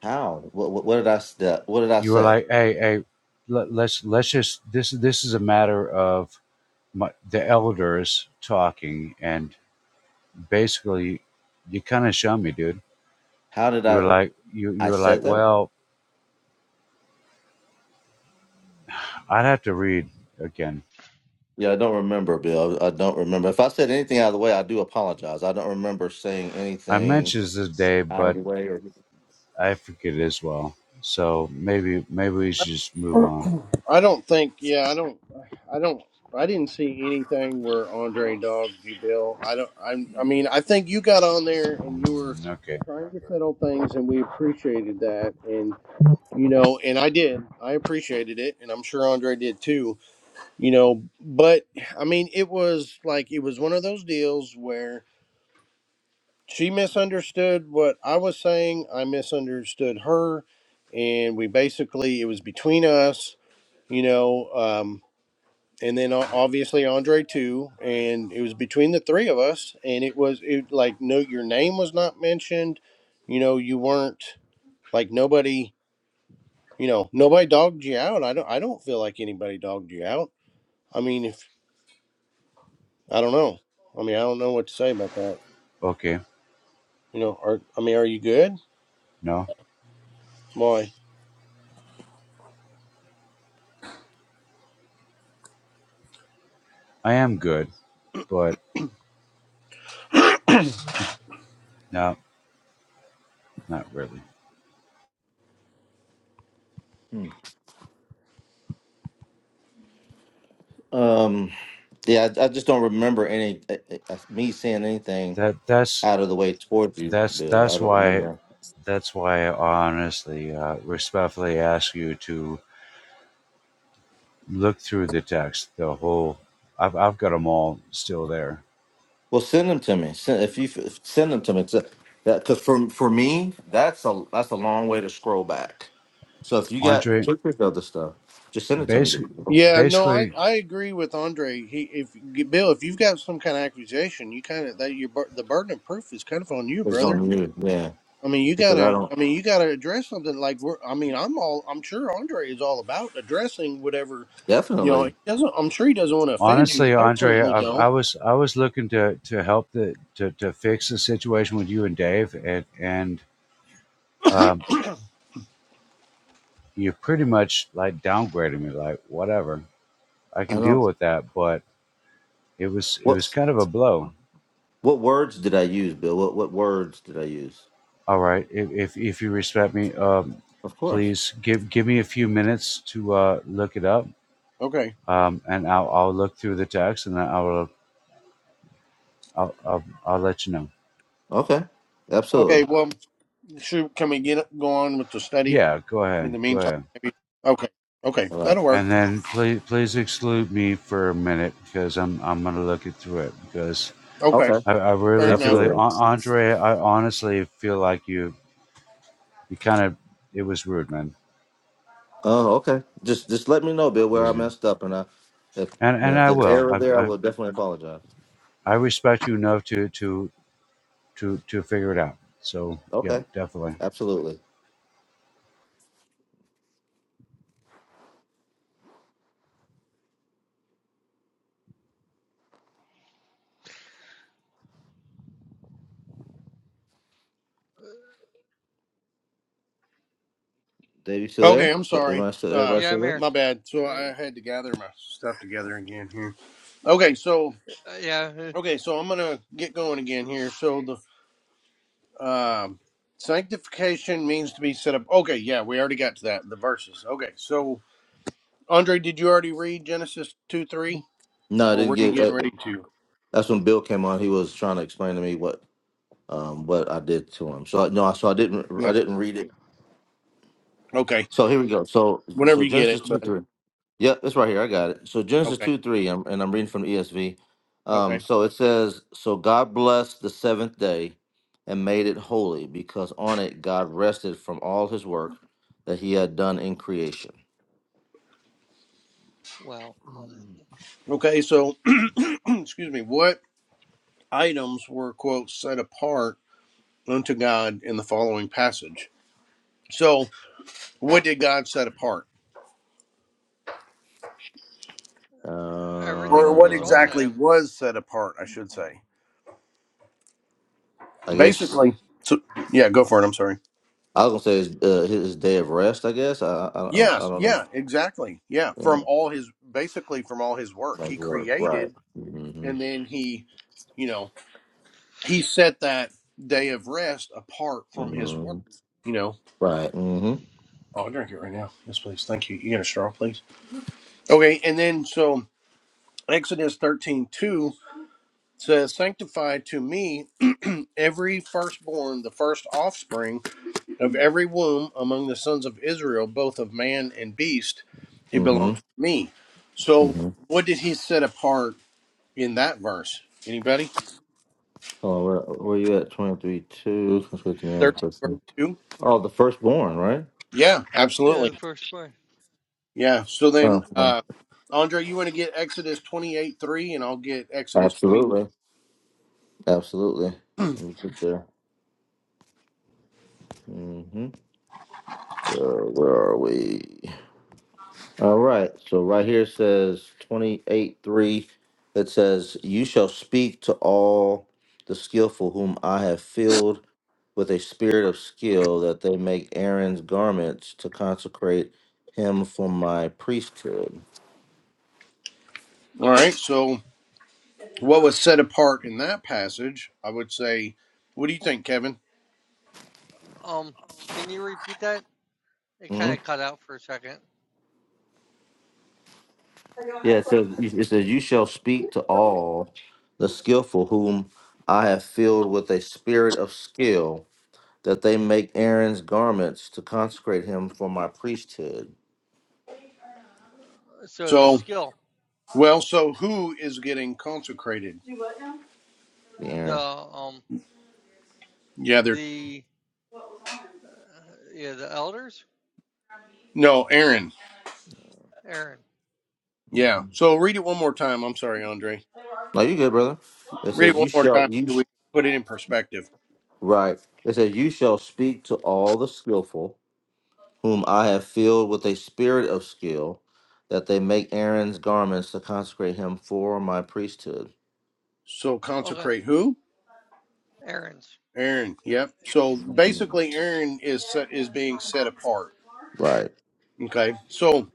Speaker 3: How? What, what, what did I s- that- What did I
Speaker 4: you were
Speaker 3: say?
Speaker 4: like, "Hey, hey, let, let's let's just this this is a matter of my, the elders talking," and basically, you kind of showed me, dude.
Speaker 3: How did
Speaker 4: You
Speaker 3: I?
Speaker 4: were like, you you
Speaker 3: I
Speaker 4: were
Speaker 3: said
Speaker 4: like,
Speaker 3: that.
Speaker 4: "Well, I'd have to read again."
Speaker 3: Yeah, I don't remember, Bill. I don't remember. If I said anything out of the way, I do apologize. I don't remember saying
Speaker 4: I
Speaker 3: anything.
Speaker 4: mentioned this the day, but I forget it as well. So maybe maybe we should just move on.
Speaker 1: I don't think. Yeah, I don't. I don't. I didn't see anything where Andre dogged you, Bill. I don't. I'm. I mean, I think you got on there and you were
Speaker 4: Okay,
Speaker 1: trying to settle things, and we appreciated that. And you know, and I did. I appreciated it, and I'm sure Andre did too. You know, but I mean, it was like it was one of those deals where she misunderstood what I was saying. I misunderstood her, and we basically it was between us. You know. Um, and then o- obviously Andre too, and it was between the three of us, and it was it like no, your name was not mentioned, you know, you weren't like nobody, you know, nobody dogged you out. I don't, I don't feel like anybody dogged you out. I mean, if I don't know, I mean, I don't know what to say about that.
Speaker 4: okay,
Speaker 1: You know, are I mean, are you good?
Speaker 4: no,
Speaker 1: Why?
Speaker 4: I am good, but no, not really.
Speaker 3: Hmm. Um, yeah, I, I just don't remember any uh, uh, me saying anything
Speaker 4: That that's
Speaker 3: out of the way towards you,
Speaker 4: that's
Speaker 3: Bill. I
Speaker 4: that's
Speaker 3: don't
Speaker 4: why
Speaker 3: remember.
Speaker 4: That's why I honestly, uh, respectfully ask you to look through the text, the whole. I've, I've got them all still there.
Speaker 3: Well, send them to me. Send, if you f- send them to me, because for for me, that's a that's a long way to scroll back. So if you got
Speaker 4: Andre,
Speaker 3: pictures of the stuff, just send it to me.
Speaker 4: basically,
Speaker 3: Bill.
Speaker 1: Yeah, no, I,
Speaker 4: basically,
Speaker 1: I agree with Andre. He if Bill, if you've got some kind of accusation, you kind of that your bur- the burden of proof is kind of on you,
Speaker 3: It's
Speaker 1: brother
Speaker 3: on you. Yeah,
Speaker 1: I mean, you
Speaker 3: because I
Speaker 1: gotta.
Speaker 3: don't
Speaker 1: I mean, you gotta address something like we're. I mean, I'm all. I'm sure Andre is all about addressing whatever. You know,
Speaker 3: definitely.
Speaker 1: he doesn't. I'm sure he doesn't want to offend you.
Speaker 4: honestly,
Speaker 1: I
Speaker 4: Andre,
Speaker 1: certainly
Speaker 4: I, I
Speaker 1: don't.
Speaker 4: was I was looking to to help the to, to fix the situation with you and Dave, and and um, you pretty much like downgraded me, like whatever. I
Speaker 3: I
Speaker 4: can deal
Speaker 3: don't.
Speaker 4: with that, but it was it
Speaker 3: What?
Speaker 4: was kind of a blow.
Speaker 3: What words did I use, Bill? What what words did I use?
Speaker 4: All right. If if, if you respect me, um,
Speaker 3: Of course.
Speaker 4: please give give me a few minutes to uh, look it up,
Speaker 1: Okay.
Speaker 4: um, and I'll, I'll look through the text, and then I'll I'll, I'll I'll let you know.
Speaker 3: Okay.
Speaker 1: Okay.
Speaker 3: Absolutely.
Speaker 1: Well, should can we get go on with the study
Speaker 4: Yeah, go
Speaker 1: in
Speaker 4: ahead,
Speaker 1: the
Speaker 4: go
Speaker 1: meantime?
Speaker 4: ahead,
Speaker 1: Maybe. Okay. Okay.
Speaker 3: All right.
Speaker 1: That'll work.
Speaker 4: and then please please exclude me for a minute because I'm I'm gonna look it through it because
Speaker 1: Okay.
Speaker 3: Okay.
Speaker 4: I, I
Speaker 1: Fair
Speaker 4: really feel
Speaker 3: Absolutely.
Speaker 1: enough.
Speaker 4: like An- Andre. I honestly feel like you you kind of it was rude, man.
Speaker 3: Oh, okay. Just just let me know, Bill, where I
Speaker 4: Yeah,
Speaker 3: messed up, and I, if
Speaker 4: and
Speaker 3: you
Speaker 4: and
Speaker 3: know, if
Speaker 4: I
Speaker 3: there's
Speaker 4: will.
Speaker 3: error there, I
Speaker 4: I I,
Speaker 3: will definitely apologize.
Speaker 4: I respect you enough to to to to figure it out. So yeah,
Speaker 3: Okay.
Speaker 4: definitely
Speaker 3: Absolutely. Dave, you still
Speaker 1: Okay.
Speaker 3: there?
Speaker 1: I'm
Speaker 3: D- Am
Speaker 1: sorry.
Speaker 3: I still?
Speaker 1: Uh,
Speaker 3: Everybody still
Speaker 2: I'm
Speaker 3: there?
Speaker 2: here.
Speaker 1: my bad. So I
Speaker 2: Uh,
Speaker 1: had to gather my stuff together again here. Okay. So
Speaker 2: yeah. uh,
Speaker 1: okay. So I'm gonna get going again here. So the Um, sanctification means to be set up. Okay, yeah, we already got to that. in The verses. Okay, so Andre, did you already read Genesis two three,
Speaker 3: No, I
Speaker 1: or
Speaker 3: didn't
Speaker 1: were you
Speaker 3: get. uh,
Speaker 1: getting ready to?
Speaker 3: That's when Bill came on. He was trying to explain to me what um what I did to him. So I no, so I didn't I
Speaker 1: Yeah.
Speaker 3: didn't read it.
Speaker 1: Okay.
Speaker 3: So here we go. So
Speaker 1: Whenever
Speaker 3: so
Speaker 1: you get it,
Speaker 3: Genesis two
Speaker 1: bud.
Speaker 3: three. Yep, it's right here. I got it. So Genesis
Speaker 1: Okay.
Speaker 3: 2 3, I'm, and I'm reading from the ESV. Um,
Speaker 1: Okay.
Speaker 3: so it says, So God blessed the seventh day and made it holy, because on it God rested from all his work that he had done in creation.
Speaker 2: Well,
Speaker 1: Okay. So, excuse me. What items were quote set apart unto God in the following passage? So, what did God set apart, or
Speaker 2: everything
Speaker 1: what
Speaker 2: was on
Speaker 3: Uh,
Speaker 2: to
Speaker 1: exactly
Speaker 2: him.
Speaker 1: was set apart? I should say.
Speaker 3: I guess
Speaker 1: Basically. So, yeah, go for it. I'm sorry.
Speaker 3: I was going to say his, uh, his day of rest, I guess. I, I, I, don't, I
Speaker 1: Yes,
Speaker 3: don't know.
Speaker 1: yeah, exactly. Yeah, from
Speaker 3: Yeah,
Speaker 1: all his basically from all his work
Speaker 3: like
Speaker 1: he
Speaker 3: work. Right.
Speaker 1: created
Speaker 3: Mm-hmm.
Speaker 1: and then he, you know, he set that day of rest apart from his work,
Speaker 3: Mm-hmm.
Speaker 1: you know.
Speaker 3: Right. Mm-hmm.
Speaker 1: Oh, I'll drink it right now. Yes, please. Thank you. You got a straw, please. Okay, and then so Exodus thirteen two says, Sanctify to me every firstborn, the first offspring Of every womb among the sons of Israel, both of man and beast, it belongs
Speaker 3: Mm-hmm.
Speaker 1: to me. So,
Speaker 3: Mm-hmm.
Speaker 1: what did he set apart in that verse? Anybody?
Speaker 3: Oh, where, where you at? 23
Speaker 1: 13, verse
Speaker 3: 2.
Speaker 1: 2?
Speaker 3: Oh, the firstborn, right?
Speaker 1: Yeah,
Speaker 2: Yeah, the
Speaker 1: absolutely.
Speaker 2: first one.
Speaker 1: Yeah. So then,
Speaker 3: Oh, okay.
Speaker 1: uh, Andre, you want to get Exodus 28 3, and I'll get Exodus 20.
Speaker 3: absolutely, absolutely.
Speaker 1: All
Speaker 3: Let me get there. hmm Where, where are we? All right. So right here it says twenty-eight three. It says, "You shall speak to all the skillful whom I have filled with a spirit of skill, that they make Aaron's garments to consecrate him for my priesthood."
Speaker 1: right. So, what was set apart in that passage? I would say, what do you think, Kevin?
Speaker 2: Um, can you repeat that? It
Speaker 3: Mm-hmm.
Speaker 2: kind of cut out for a second.
Speaker 3: Yeah, it says, it says, You shall speak to all the skillful whom I have filled with a spirit of skill, that they make Aaron's garments to consecrate him for my priesthood.
Speaker 2: So the
Speaker 1: So,
Speaker 2: skill,
Speaker 1: well, so who is getting consecrated?
Speaker 3: The
Speaker 2: the
Speaker 3: Aaron.
Speaker 2: um,
Speaker 1: Yeah, they're,
Speaker 2: the uh, yeah, the elders,
Speaker 1: no, Aaron.
Speaker 2: Aaron.
Speaker 1: Yeah.
Speaker 3: Mm-hmm.
Speaker 1: So read it one more time. I'm sorry, Andre.
Speaker 3: No, you good, brother. It
Speaker 1: Read it
Speaker 3: says,
Speaker 1: one
Speaker 3: You
Speaker 1: more
Speaker 3: shall,
Speaker 1: time
Speaker 3: you,
Speaker 1: so
Speaker 3: sh-
Speaker 1: we can put it in perspective.
Speaker 3: right. It says, You shall speak to all the skillful whom I have filled with a spirit of skill, that they make Aaron's garments to consecrate him for my priesthood.
Speaker 1: So
Speaker 2: Okay,
Speaker 1: consecrate who?
Speaker 2: Aaron's.
Speaker 1: Aaron. Yep. So basically, Aaron is set, is being set apart.
Speaker 3: Right.
Speaker 1: Okay. So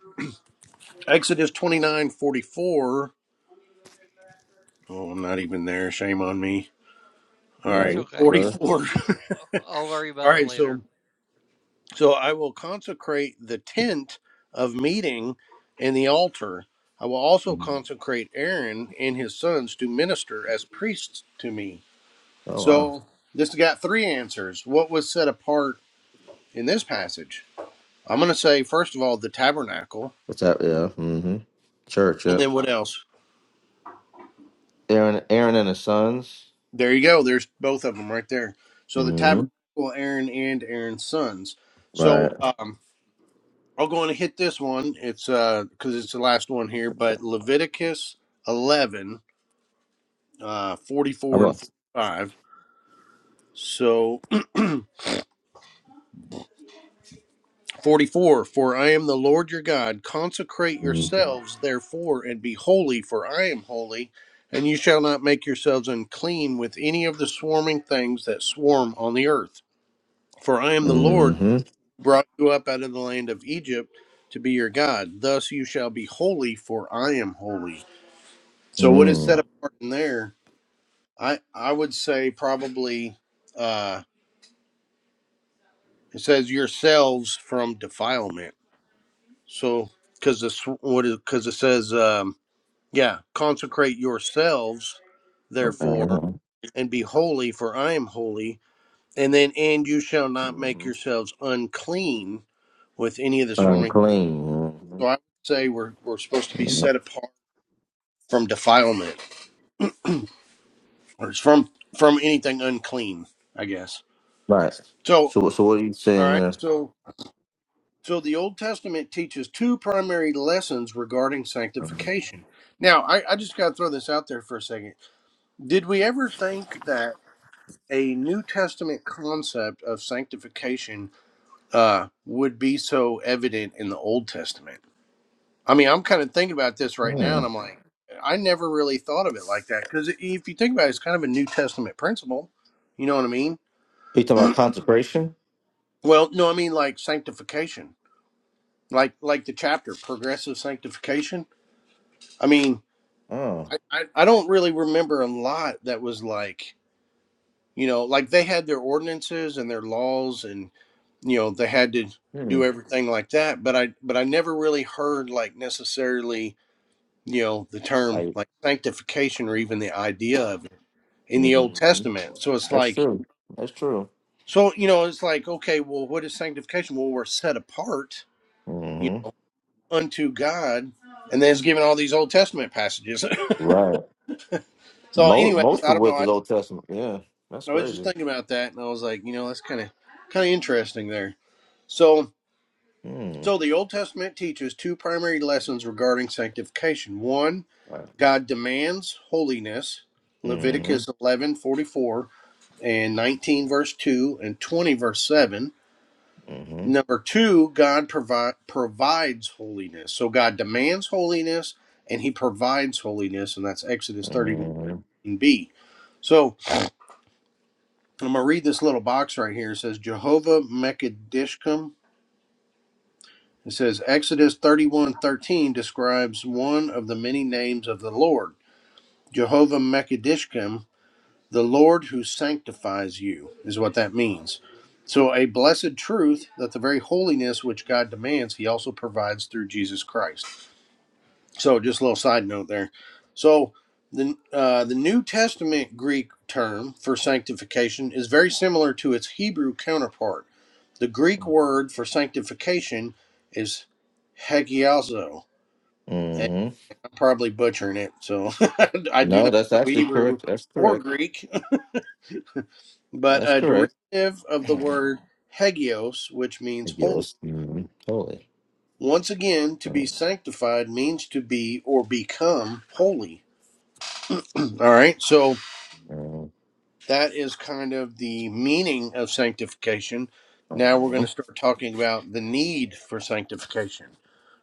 Speaker 1: Exodus 29:44. Oh, I'm not even there. Shame on me. All
Speaker 3: No, you
Speaker 2: It's
Speaker 1: right.
Speaker 2: okay.
Speaker 3: good, brother.
Speaker 2: We'll.
Speaker 1: 44.
Speaker 2: g- I'll worry
Speaker 1: All
Speaker 2: about it
Speaker 1: right.
Speaker 2: later.
Speaker 1: So so I will consecrate the tent of meeting and the altar. I will also
Speaker 3: Mhm.
Speaker 1: consecrate Aaron and his sons to minister as priests to me.
Speaker 3: Oh, wow.
Speaker 1: So this got three answers. What was set apart in this passage? I'm going to say, first of all, the tabernacle.
Speaker 3: What's that? Yeah. Mm-hmm. Church.
Speaker 1: And
Speaker 3: Yep.
Speaker 1: then what else?
Speaker 3: Aaron. Aaron and his sons.
Speaker 1: There you go. There's both of them right there. So the
Speaker 3: Mm-hmm.
Speaker 1: tabernacle, Aaron and Aaron's sons. So
Speaker 3: Right.
Speaker 1: um, I'll go and hit this one. It's because uh, it's the last one here, but Leviticus 11, uh,
Speaker 3: How
Speaker 1: 44 and
Speaker 3: about?
Speaker 1: 45. So 44 For I am the Lord your God. Consecrate
Speaker 3: Mm-hmm.
Speaker 1: yourselves, therefore, and be holy, for I am holy. And you shall not make yourselves unclean with any of the swarming things that swarm on the earth. For I am the Lord
Speaker 3: Mm-hmm.
Speaker 1: who brought you up out of the land of Egypt to be your God. Thus you shall be holy, for I am holy. So, what is set apart in there? I, I would say probably uh, it says yourselves from defilement So, because this what it because it says, um, yeah, consecrate yourselves, therefore,
Speaker 3: Mm-hmm.
Speaker 1: and be holy, for I am holy. And then, and you shall not make yourselves unclean with any of this forming.
Speaker 3: Unclean.
Speaker 1: So I would say we're we're supposed to be
Speaker 3: Mm-hmm.
Speaker 1: set apart from defilement or it's from from anything unclean, I guess.
Speaker 3: Right.
Speaker 1: So,
Speaker 3: So, so what are you saying
Speaker 1: all right,
Speaker 3: there?
Speaker 1: so. So the Old Testament teaches two primary lessons regarding
Speaker 3: Mhm.
Speaker 1: sanctification. Now, I, I just got to throw this out there for a second Did we ever think that a New Testament concept of sanctification uh, would be so evident in the Old Testament? I mean, I'm kind of thinking about this right now, and I'm like, I never really thought of it like that because if you think about it, it's kind of a New Testament principle. You know what I mean?
Speaker 3: you talking about consecration?
Speaker 1: Well, no, I mean like sanctification, like like the chapter progressive sanctification. I mean,
Speaker 3: Oh.
Speaker 1: I I, I don't really remember a lot that was like you know like they had their ordinances and their laws and you know they had to
Speaker 3: Hmm.
Speaker 1: do everything like that but i but i never really heard like necessarily you know the term
Speaker 3: Like.
Speaker 1: like sanctification or even the idea of it in the old
Speaker 3: Mm-hmm.
Speaker 1: testament so it's
Speaker 3: That's
Speaker 1: like
Speaker 3: true. That's true.
Speaker 1: so you know it's like okay well what is sanctification well we're set apart you
Speaker 3: hmm
Speaker 1: know unto god and then it's given all these old testament passages
Speaker 3: Right.
Speaker 1: so
Speaker 3: Most
Speaker 1: anyways
Speaker 3: most
Speaker 1: i
Speaker 3: of
Speaker 1: don't know
Speaker 3: which
Speaker 1: I,
Speaker 3: is Old Testament. Yeah. That's
Speaker 1: I was just
Speaker 3: crazy.
Speaker 1: thinking about that and i was like you know that's kind of kind of interesting there so
Speaker 3: Hmm.
Speaker 1: so the old testament teaches two primary lessons regarding sanctification one
Speaker 3: Right.
Speaker 1: God demands holiness. Leviticus 11 44 and 19 verse 2 and 20 verse 7.
Speaker 3: Mm-hmm.
Speaker 1: Number two, God provi- provides holiness. So God demands holiness and he provides holiness, and that's Exodus
Speaker 3: Mm-hmm.
Speaker 1: 31b. So I'm going to read this little box right here. It says, Jehovah Mekadishkum. It says, Exodus 31 13 describes one of the many names of the Lord. Jehovah Mekadishkim the Lord who sanctifies you, is what that means. So, a blessed truth that the very holiness which God demands, He also provides through Jesus Christ. So, just a little side note there. So, the, uh, the New Testament Greek term for sanctification is very similar to its Hebrew counterpart. The Greek word for sanctification is hagiazo.
Speaker 3: hmm
Speaker 1: I'm probably butchering it, so I do
Speaker 3: No,
Speaker 1: not
Speaker 3: that's
Speaker 1: know
Speaker 3: actually
Speaker 1: Hebrew
Speaker 3: correct. That's
Speaker 1: or
Speaker 3: correct.
Speaker 1: Greek. but
Speaker 3: That's
Speaker 1: a
Speaker 3: correct.
Speaker 1: derivative of the word hagios, which means holy.
Speaker 3: Yes. Mm-hmm. Totally.
Speaker 1: Once again, to be sanctified means to be or become holy. All right, so
Speaker 3: Mm-hmm.
Speaker 1: that is kind of the meaning of sanctification. Now we're going to start talking about the need for sanctification.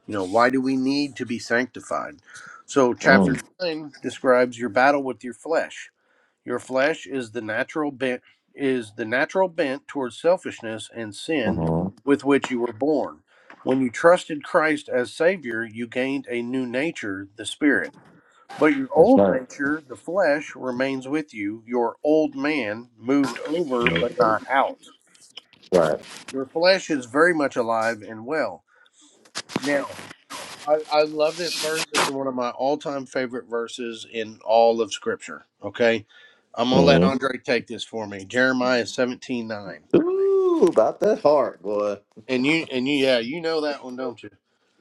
Speaker 1: You know, why do we need to be sanctified? So, chapter 9 describes your battle with your flesh Your flesh is the natural bent is the natural bent towards selfishness and sin
Speaker 3: Mm-hmm.
Speaker 1: with which you were born. When you trusted Christ as savior, you gained a new nature, the spirit. But your
Speaker 3: That's
Speaker 1: old
Speaker 3: right.
Speaker 1: nature, the flesh, remains with you. Your old man moved over
Speaker 3: Yep.
Speaker 1: but not out.
Speaker 3: Right.
Speaker 1: Your flesh is very much alive and well. now. I, I love this verse. It's one of my all time favorite verses in all of Scripture. Okay. I'm gonna let
Speaker 3: Mm-hmm.
Speaker 1: Andre take this for me. Jeremiah seventeen nine.
Speaker 3: Ooh, about that heart, boy.
Speaker 1: And you and you yeah, you know that one, don't you?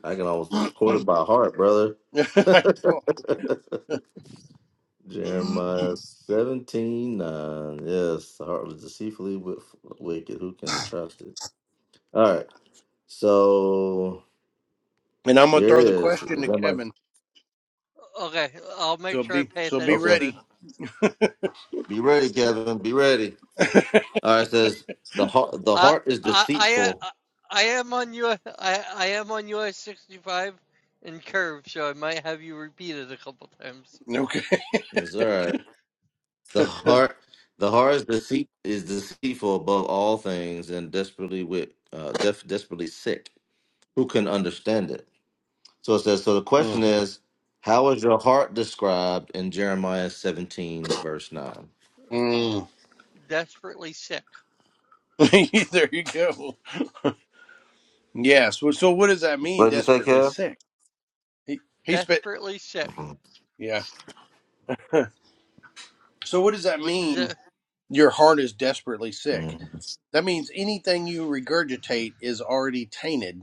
Speaker 3: I can almost quote it by heart, brother.
Speaker 1: I know.
Speaker 3: Jeremiah seventeen nine. Yes, the heart was deceitfully wi- wicked. Who can trust it? All right. So
Speaker 1: and I'm gonna
Speaker 3: Here it
Speaker 1: throw the
Speaker 3: is.
Speaker 1: question
Speaker 3: Is
Speaker 1: to
Speaker 3: that my
Speaker 1: Kevin.
Speaker 2: Okay, I'll make
Speaker 1: So
Speaker 2: sure I
Speaker 1: be
Speaker 2: pay
Speaker 1: so be
Speaker 2: attention
Speaker 3: okay?
Speaker 1: ready.
Speaker 2: then.
Speaker 3: Be ready, Kevin. Be ready. All right. It says the heart. The
Speaker 2: I
Speaker 3: heart is
Speaker 2: I I
Speaker 3: deceitful.
Speaker 2: uh, I am on U I I am on US sixty five and curve, so I might have you repeat it a couple times.
Speaker 1: okay.
Speaker 3: It's all right. The heart. The heart is deceit is deceitful above all things and desperately with uh, def, desperately sick. Who can understand it? So it says. So the question
Speaker 1: Mm.
Speaker 3: is, how is your heart described in Jeremiah seventeen verse nine?
Speaker 1: Mm.
Speaker 2: Desperately sick.
Speaker 1: there you go. Yes. So so what does that
Speaker 3: What
Speaker 1: mean?
Speaker 3: did you say,
Speaker 1: Desperately
Speaker 3: Kev?
Speaker 1: sick. He he spit.
Speaker 2: Desperately sick.
Speaker 3: hmm
Speaker 1: Yeah. so what does that
Speaker 2: What does
Speaker 1: mean?
Speaker 2: it?
Speaker 1: Your heart is desperately sick.
Speaker 3: hmm
Speaker 1: That means anything you regurgitate is already tainted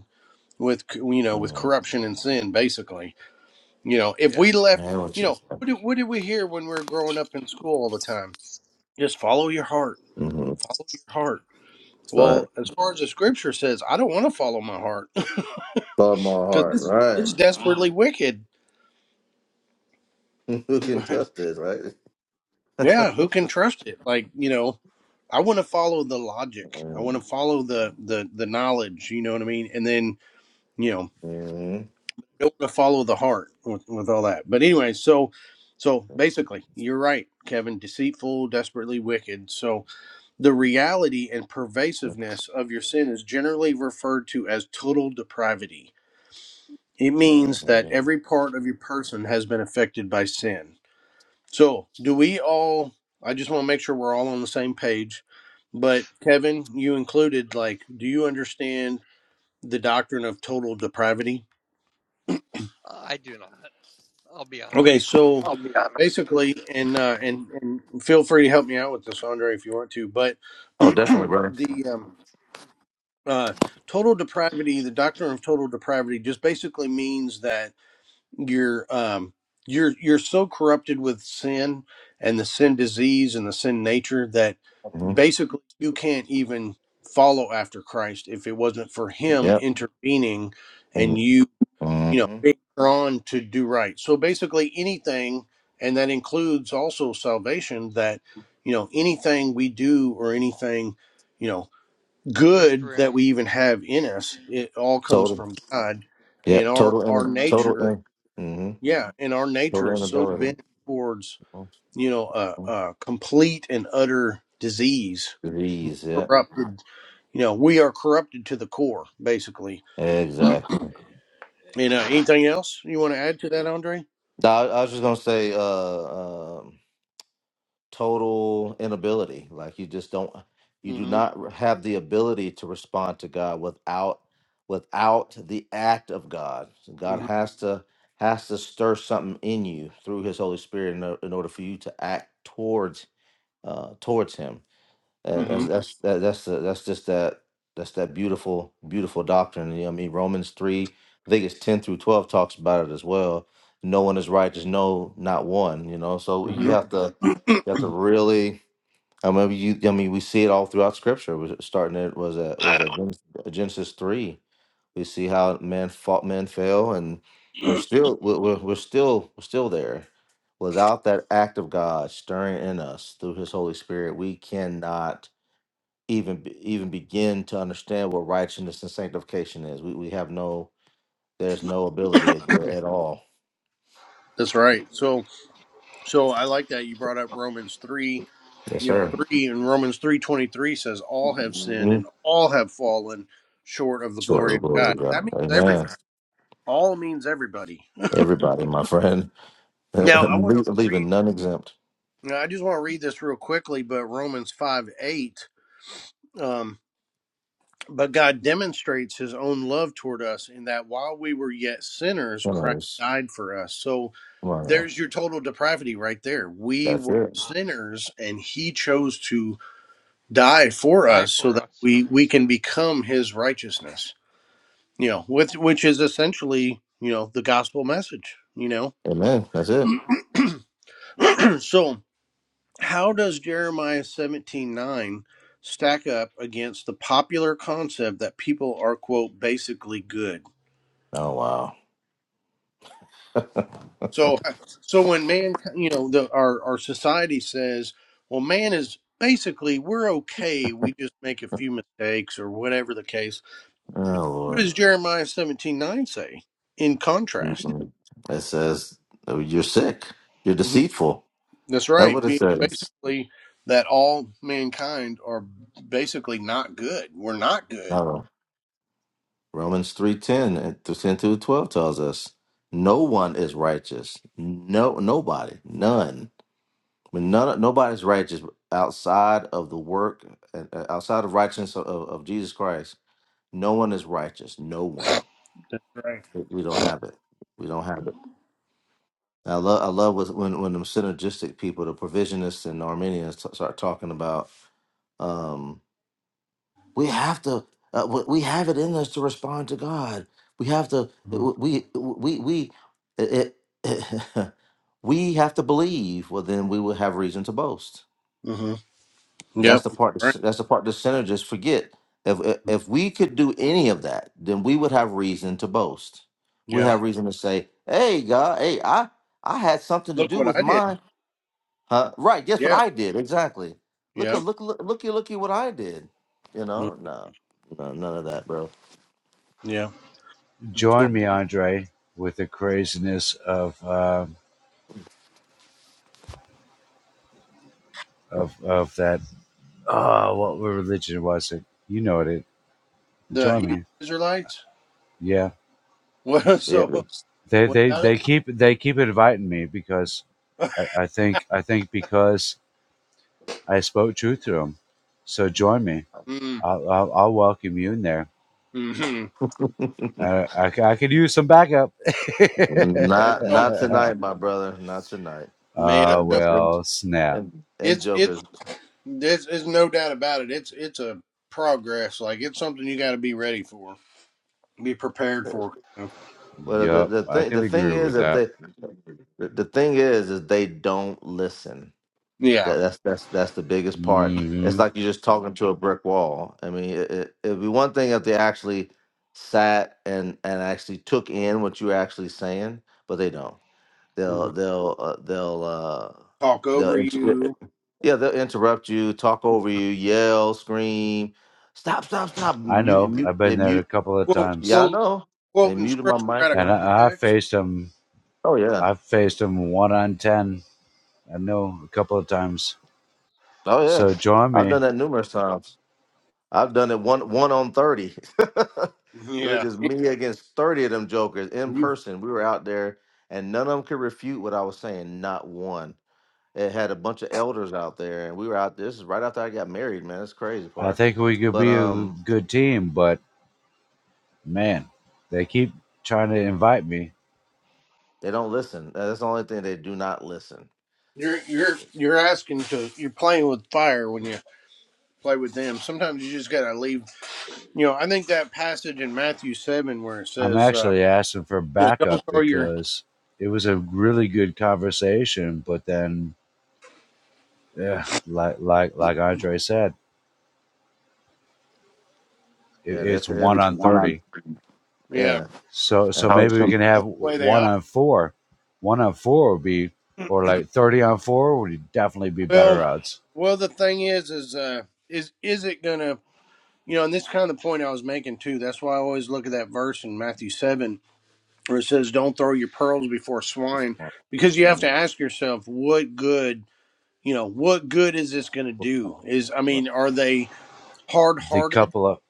Speaker 1: with you know with corruption and sin. Basically, you know, if
Speaker 2: Yes,
Speaker 1: we left,
Speaker 3: Man, what
Speaker 1: you
Speaker 3: you
Speaker 1: know,
Speaker 3: say?
Speaker 1: what did, what did we hear when we were growing up in school all the time? Just follow your heart,
Speaker 3: Mm-hmm.
Speaker 1: follow your heart.
Speaker 3: Right.
Speaker 1: Well, as far as the scripture says, I don't want to follow my heart
Speaker 3: Above my
Speaker 1: because
Speaker 3: heart.
Speaker 1: it's
Speaker 3: Right.
Speaker 1: it's desperately wicked.
Speaker 3: Who can
Speaker 1: But
Speaker 3: trust this, right?
Speaker 1: yeah, who can trust it? Like you know, I want to follow the logic. I want
Speaker 3: mm-hmm.
Speaker 1: to follow the the the knowledge. You know what I mean? And then you know
Speaker 3: hmm
Speaker 1: don't want to follow the heart with, with all that. But anyway, so so basically, you're right, Kevin. Deceitful, desperately wicked. So the reality and pervasiveness of your sin is generally referred to as total depravity. It means that every part of your person has been affected by sin. So do we all? I just want to make sure we're all on the same page. But Kevin, you included, like, do you understand the doctrine of total depravity?
Speaker 2: I do not. I'll be
Speaker 1: Okay,
Speaker 2: honest.
Speaker 1: so
Speaker 3: I'll be honest.
Speaker 1: basically, and uh, and and feel free to help me out with this, Andre, if you want to. But
Speaker 3: Oh, definitely, brother.
Speaker 1: the um, uh, total depravity, the doctrine of total depravity, just basically means that you're um, you're you're so corrupted with sin and the sin disease and the sin nature that
Speaker 3: hmm
Speaker 1: basically you can't even follow after Christ if it wasn't for Him
Speaker 3: Yep.
Speaker 1: intervening and
Speaker 3: Mm-hmm.
Speaker 1: you you know
Speaker 3: Mm-hmm.
Speaker 1: being drawn to do right so basically anything and that includes also salvation that you know anything we do or anything you know
Speaker 2: Ghost
Speaker 1: good that
Speaker 2: Ram,
Speaker 1: we even have in us it all comes
Speaker 3: Total.
Speaker 1: from god
Speaker 3: Yeah.
Speaker 1: and our
Speaker 3: Total.
Speaker 1: our
Speaker 3: In, total.
Speaker 1: nature
Speaker 3: In, mm-hmm.
Speaker 1: yeah and our nature
Speaker 3: Total
Speaker 1: is so
Speaker 3: inability.
Speaker 1: bent towards
Speaker 3: Mhm.
Speaker 1: you know a, a complete and utter disease
Speaker 3: Disease. Yeah.
Speaker 1: corrupted you know we are corrupted to the core basically
Speaker 3: Exactly.
Speaker 1: and uh, anything else you want to add to that andre
Speaker 3: No, I, I was just gonna say. Uh, um, total inability. Like you just don't, you do
Speaker 1: mm-hmm.
Speaker 3: not have the ability to respond to God without without the act of God. So God
Speaker 1: Mm-hmm.
Speaker 3: has to has to stir something in you through His Holy Spirit in, o- in order for you to act towards uh, towards Him. And
Speaker 1: Mm-hmm.
Speaker 3: that's that's that, that's the, that's just that that's that beautiful beautiful doctrine. You know, what I mean Romans three, I think it's ten through twelve talks about it as well. No one is righteous, no, not one. You know, so you
Speaker 1: Mhm.
Speaker 3: have to you have to really. I mean, you. I mean, we see it all throughout Scripture. Was starting it was at what is that Genesis, Genesis three. We see how man fought, man fell, and we're still we're, we're we're still we're still there. Without that act of God stirring in us through His Holy Spirit, we cannot even be- even begin to understand what righteousness and sanctification is. We we have no there's no ability there at all.
Speaker 1: That's right. So so I like that you brought up Romans three,
Speaker 3: Yes,
Speaker 1: you know,
Speaker 3: sir.
Speaker 1: three and Romans three twenty three says all have sinned
Speaker 3: Mhm.
Speaker 1: and all have fallen short of the
Speaker 3: Short of
Speaker 1: glory of
Speaker 3: the glory
Speaker 1: God.
Speaker 3: of
Speaker 1: That
Speaker 3: God.
Speaker 1: means
Speaker 3: Amen.
Speaker 1: everybody. All means everybody.
Speaker 3: Everybody, my friend, Le-
Speaker 1: Now I want to
Speaker 3: leaving
Speaker 1: read
Speaker 3: none exempt.
Speaker 1: now I just want to read this real quickly, but Romans five eight. um, But God demonstrates his own love toward us in that while we were yet sinners, Christ
Speaker 3: Sinners.
Speaker 1: died for us. So
Speaker 3: Come on now.
Speaker 1: there's your total depravity right there. We
Speaker 3: That's
Speaker 1: were
Speaker 3: it.
Speaker 1: sinners and he chose to die for
Speaker 2: die
Speaker 1: us so
Speaker 2: for
Speaker 1: that
Speaker 2: us. Yep.
Speaker 1: we, we can become his righteousness. You know, with which is essentially, you know, the gospel message, you know.
Speaker 3: Amen. That's it.
Speaker 1: so how does Jeremiah 17:9 stack up against the popular concept that people are quote basically good?
Speaker 3: Oh wow.
Speaker 1: So so when man, you know, the our our society says, well man is basically we're okay, we just make a few mistakes or whatever the case.
Speaker 3: Oh
Speaker 1: What
Speaker 3: Lord.
Speaker 1: does Jeremiah 17:9 say in contrast?
Speaker 3: Mm-mm. It says oh, you're sick. You're deceitful.
Speaker 1: That's
Speaker 3: That's
Speaker 1: right.
Speaker 3: what it
Speaker 1: Be-
Speaker 3: says.
Speaker 1: Basically that all mankind are basically not good. We're not good.
Speaker 3: No. Romans 3:10 and through 10 through 12 tells us no one is righteous. No nobody, none. When none nobody's righteous outside of the work and uh, outside of righteousness of, of of Jesus Christ, no one is righteous. No one.
Speaker 1: That's right.
Speaker 3: We we don't have it. We don't have it. I love I love with- when when them synergistic people, the provisionists and Armenians t- start talking about um, We have to. Uh, we we have it in us to respond to God. We have to. We we we. It, it, we have to believe. Well, then we will have reason to boast.
Speaker 1: hmm
Speaker 3: That's
Speaker 1: Yep.
Speaker 3: the part.
Speaker 1: Right.
Speaker 3: That's the part the synergists forget. If if we could do any of that, then we would have reason to boast. We
Speaker 1: Yeah.
Speaker 3: have reason to say, "Hey, God, hey, I I had something to
Speaker 1: Look
Speaker 3: do
Speaker 1: what
Speaker 3: with
Speaker 1: I did.
Speaker 3: mine." Huh? Right? Guess what
Speaker 1: Yeah.
Speaker 3: I did? Exactly. Look at
Speaker 1: Yeah.
Speaker 3: look look looky looky what I did. You
Speaker 1: Mm.
Speaker 3: know? No, no, none of that, bro.
Speaker 1: Yeah.
Speaker 4: join
Speaker 1: So
Speaker 4: me, Andre, with the craziness of uh, of of that. Oh, what religion was it? You know it. it-
Speaker 1: the
Speaker 4: Join
Speaker 1: Hebrew
Speaker 4: me.
Speaker 1: Israelites.
Speaker 4: Yeah,
Speaker 1: What?
Speaker 3: Yeah.
Speaker 1: So
Speaker 4: they
Speaker 1: what
Speaker 4: they
Speaker 1: about
Speaker 4: they keep they keep inviting me because
Speaker 1: it?
Speaker 4: I, I think I think because I spoke truth to them. So join me.
Speaker 1: mm.
Speaker 4: I'll I'll, I'll welcome you in there.
Speaker 1: Hmm.
Speaker 4: Uh, I, c- I could use some backup.
Speaker 3: Not
Speaker 1: Oh
Speaker 3: not tonight, my brother. Not tonight.
Speaker 1: man,
Speaker 4: uh,
Speaker 3: Them, them, them,
Speaker 4: well, snap.
Speaker 3: them them
Speaker 1: it's it's
Speaker 3: jokers.
Speaker 1: there's, there's no doubt about it. It's it's a progress. Like it's something you got to be ready for, be prepared for.
Speaker 3: Well, the,
Speaker 4: Yup,
Speaker 3: the
Speaker 4: I
Speaker 3: thing the
Speaker 4: can
Speaker 3: thing
Speaker 4: agree
Speaker 3: is,
Speaker 4: with
Speaker 3: if
Speaker 4: that.
Speaker 3: they the, the thing is, is they don't listen.
Speaker 1: Yeah.
Speaker 3: That that's that's that's the biggest part. It's
Speaker 4: hmm
Speaker 3: like you're just talking to a brick wall. I mean, it, it, it'd be one thing if they actually sat and and actually took in what you're actually saying, but they don't.
Speaker 1: hmm
Speaker 3: They'll they'll uh, they'll uh,
Speaker 1: Talk over
Speaker 3: they'll.
Speaker 1: you.
Speaker 3: Yeah, they'll interrupt you, talk over you, yell, scream, stop, stop, stop,
Speaker 4: I
Speaker 3: mute,
Speaker 4: know.
Speaker 3: mute,
Speaker 4: I've been
Speaker 3: and
Speaker 4: there a
Speaker 3: mute.
Speaker 4: couple of
Speaker 1: Quote
Speaker 4: times,
Speaker 3: Yeah, I
Speaker 1: quote
Speaker 3: know. they
Speaker 1: quoting
Speaker 3: muted my
Speaker 1: scripture out
Speaker 3: mic.
Speaker 1: of
Speaker 3: and
Speaker 4: and I, I
Speaker 1: context.
Speaker 4: faced him.
Speaker 3: Oh yeah,
Speaker 4: I've faced him one on ten. I know a couple of times.
Speaker 3: oh yeah.
Speaker 4: So join
Speaker 3: I've
Speaker 4: me.
Speaker 3: done that numerous times. I've done it one one on thirty. it was
Speaker 1: Yeah.
Speaker 3: just me against thirty of them jokers in person. We were out there, and none of them could refute what I was saying. Not one. It had a bunch of elders out there, and we were out. This is right after I got married, man. That's the crazy
Speaker 4: I
Speaker 3: part.
Speaker 4: think we could
Speaker 3: But
Speaker 4: be a
Speaker 3: um,
Speaker 4: good team, but man, they keep trying to invite me.
Speaker 3: they don't listen. Uh, That's the only thing they do not listen.
Speaker 1: You're you're you're asking to you're playing with fire when you play with them. Sometimes you just gotta leave. You know, I think that passage in Matthew seven where it
Speaker 4: I'm
Speaker 1: says, um,
Speaker 4: actually asking for
Speaker 1: you know, "Don't
Speaker 4: backup
Speaker 1: throw your
Speaker 4: because it was a really good conversation, but then, yeah, like like like Andre said, it,
Speaker 3: Yeah, that's
Speaker 4: it's
Speaker 3: If
Speaker 4: one
Speaker 3: it's
Speaker 4: on
Speaker 3: one on
Speaker 4: thirty.
Speaker 3: three,
Speaker 1: yeah."
Speaker 3: yeah.
Speaker 4: So
Speaker 3: yeah.
Speaker 4: so
Speaker 3: how
Speaker 4: maybe we
Speaker 3: some
Speaker 4: can have
Speaker 1: That's the way they
Speaker 4: one
Speaker 1: operate.
Speaker 4: on four. One on four would be, or like thirty on four would definitely be better
Speaker 1: Well,
Speaker 4: odds.
Speaker 1: well, the thing is, is uh, is is it gonna you know? And this is kind of the point I was making too. That's why I always look at that verse in Matthew seven where it says, "Don't throw your pearls before
Speaker 3: It's
Speaker 1: swine,"
Speaker 3: one.
Speaker 1: because you have
Speaker 3: Mhm.
Speaker 1: to ask yourself, what good you know, what good is this gonna do? Is I
Speaker 3: Right.
Speaker 1: mean, are they hard
Speaker 4: The
Speaker 1: hearted,
Speaker 4: couple of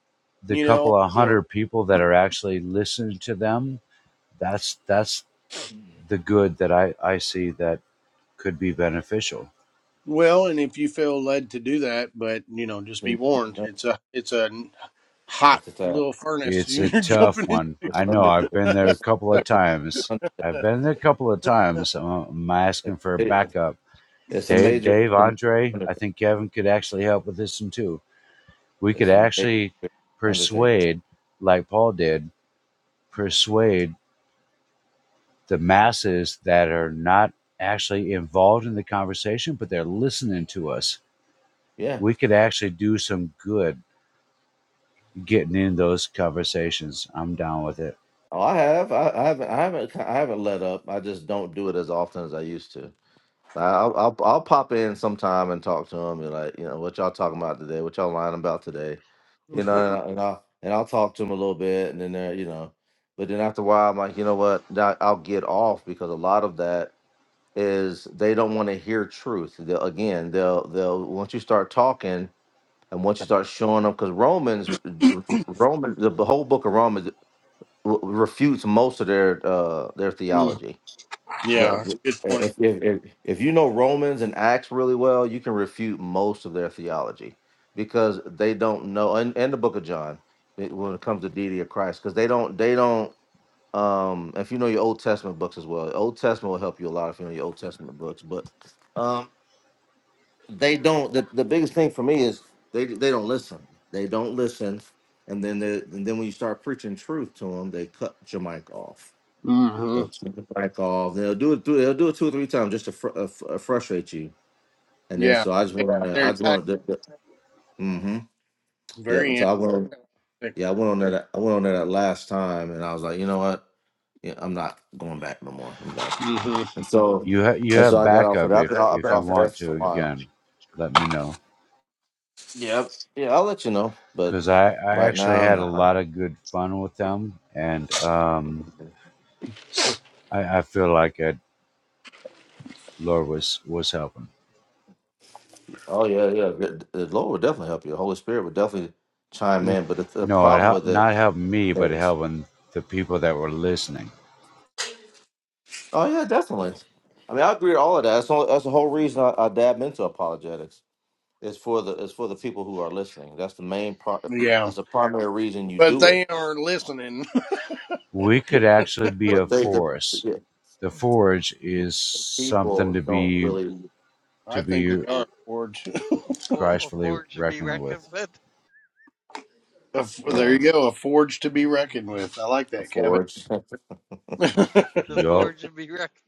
Speaker 4: the
Speaker 1: you know,
Speaker 4: couple of
Speaker 1: or
Speaker 4: hundred people that are actually listening to them. That's that's the good that I I see that could be beneficial.
Speaker 1: well, and if you feel led to do that, but you know, just
Speaker 3: Then
Speaker 1: be
Speaker 3: you look
Speaker 1: warned,
Speaker 3: it up.
Speaker 1: it's a it's a hot
Speaker 3: That's a tie.
Speaker 1: little furnace
Speaker 4: It's a
Speaker 1: you're
Speaker 4: tough
Speaker 1: jumping in.
Speaker 4: one.
Speaker 3: It's
Speaker 4: I know.
Speaker 3: under.
Speaker 4: I've been there a
Speaker 3: That's
Speaker 4: couple of
Speaker 3: it's
Speaker 4: times.
Speaker 3: under.
Speaker 4: I've been there a couple of times. I'm
Speaker 3: It's
Speaker 4: asking for a
Speaker 3: it-
Speaker 4: backup.
Speaker 3: it's a
Speaker 4: Dave,
Speaker 3: major. It's
Speaker 4: Dave,
Speaker 3: a major
Speaker 4: Andre. I
Speaker 3: undertaking.
Speaker 4: think Kevin could actually help with this one too. we could
Speaker 3: It's a
Speaker 4: actually
Speaker 3: major undertaking.
Speaker 4: persuade, like Paul did, persuade the masses that are not actually involved in the conversation, but they're listening to us.
Speaker 3: Yeah.
Speaker 4: We could actually do some good getting in those conversations. I'm down with it.
Speaker 3: Oh, I have. I, I haven't. I haven't. I haven't let up. I just don't do it as often as I used to. Like, I'll, I'll I'll pop in sometime and talk to him and like you know what y'all talking about today, what y'all lying about today, you know, and, I, and I'll and I'll talk to him a little bit and then uh, you know, but then after a while I'm like you know what Nah, I'll get off because a lot of that is they don't want to hear truth. They'll, again, they'll they'll once you start talking and once you start showing them because Romans, r- r- r- Roman the whole book of Romans r- refutes most of their uh their
Speaker 1: Mm,
Speaker 3: theology
Speaker 1: yeah, that's a
Speaker 3: the-
Speaker 1: good point.
Speaker 3: if, if, if, if you know Romans and Acts really well, you can refute most of their theology because they don't know, and, and the book of John it- when it comes to deity of Christ, because they don't, they don't, um, if you know your Old Testament books as well, Old Testament will help you a lot if you know your Old Testament books, but um, they don't, the, the biggest thing for me is they, they don't listen. They don't listen. And then, they, and then when you start preaching truth to them, they cut your mic off
Speaker 1: hmm
Speaker 3: so swing it back off. They'll do it. Through, they'll do it two or three times just to fr- uh, fr- uh, frustrate you. And then
Speaker 1: Yeah,
Speaker 3: so I just
Speaker 1: they,
Speaker 3: went on.
Speaker 1: they're
Speaker 3: that- I just
Speaker 1: antagonistic,
Speaker 3: went. The, the, mm-hmm. Yeah. So
Speaker 1: very
Speaker 3: I went. On,
Speaker 1: antagonistic.
Speaker 3: yeah, I went on there. That, I went on there that last time, and I was like, you know what? Yeah, I'm not going back no more. I'm done.
Speaker 1: hmm
Speaker 3: And so,
Speaker 4: You ha- you
Speaker 3: and so
Speaker 4: have
Speaker 3: I got off of
Speaker 4: backup
Speaker 3: that. I've
Speaker 4: if
Speaker 3: been, I've been
Speaker 4: if you
Speaker 3: off of
Speaker 4: want
Speaker 3: that for a
Speaker 4: to.
Speaker 3: while.
Speaker 4: Again, let me know
Speaker 3: Yep. Yeah, I'll let you know. But
Speaker 4: because I I
Speaker 3: right
Speaker 4: actually
Speaker 3: now,
Speaker 4: had
Speaker 3: no.
Speaker 4: a
Speaker 3: I'm-
Speaker 4: lot of good fun with them, and um, I, I feel like I, Lord was was helping.
Speaker 3: Oh yeah, yeah. The the Lord will definitely help you. The Holy Spirit will definitely chime in. But the, the
Speaker 4: No, it
Speaker 3: problem
Speaker 4: hel-
Speaker 3: with it
Speaker 4: not helping me, but
Speaker 3: is
Speaker 4: helping the people that were listening.
Speaker 3: Oh yeah, definitely. I mean, I agree with all of that. That's, all, that's the whole reason I, I dab into apologetics. It's for the it's for the people who are listening. That's the main part.
Speaker 1: Yeah,
Speaker 3: That's the primary reason you
Speaker 1: but
Speaker 3: do it.
Speaker 1: they are listening.
Speaker 4: We could actually be a
Speaker 3: But they the
Speaker 4: force.
Speaker 3: yeah,
Speaker 4: The forge is something to
Speaker 3: people don't
Speaker 4: be
Speaker 3: really
Speaker 1: I
Speaker 4: to
Speaker 1: think we
Speaker 4: be
Speaker 1: are forged.
Speaker 2: For,
Speaker 4: Christfully
Speaker 2: for should be
Speaker 4: reckoned
Speaker 2: reckoned
Speaker 4: with.
Speaker 2: with.
Speaker 1: A f-
Speaker 3: yeah
Speaker 1: There you go, a forge to be reckoned with. I like that, Kevin.
Speaker 3: afford
Speaker 2: The
Speaker 4: Yup.
Speaker 2: forge should be reckoned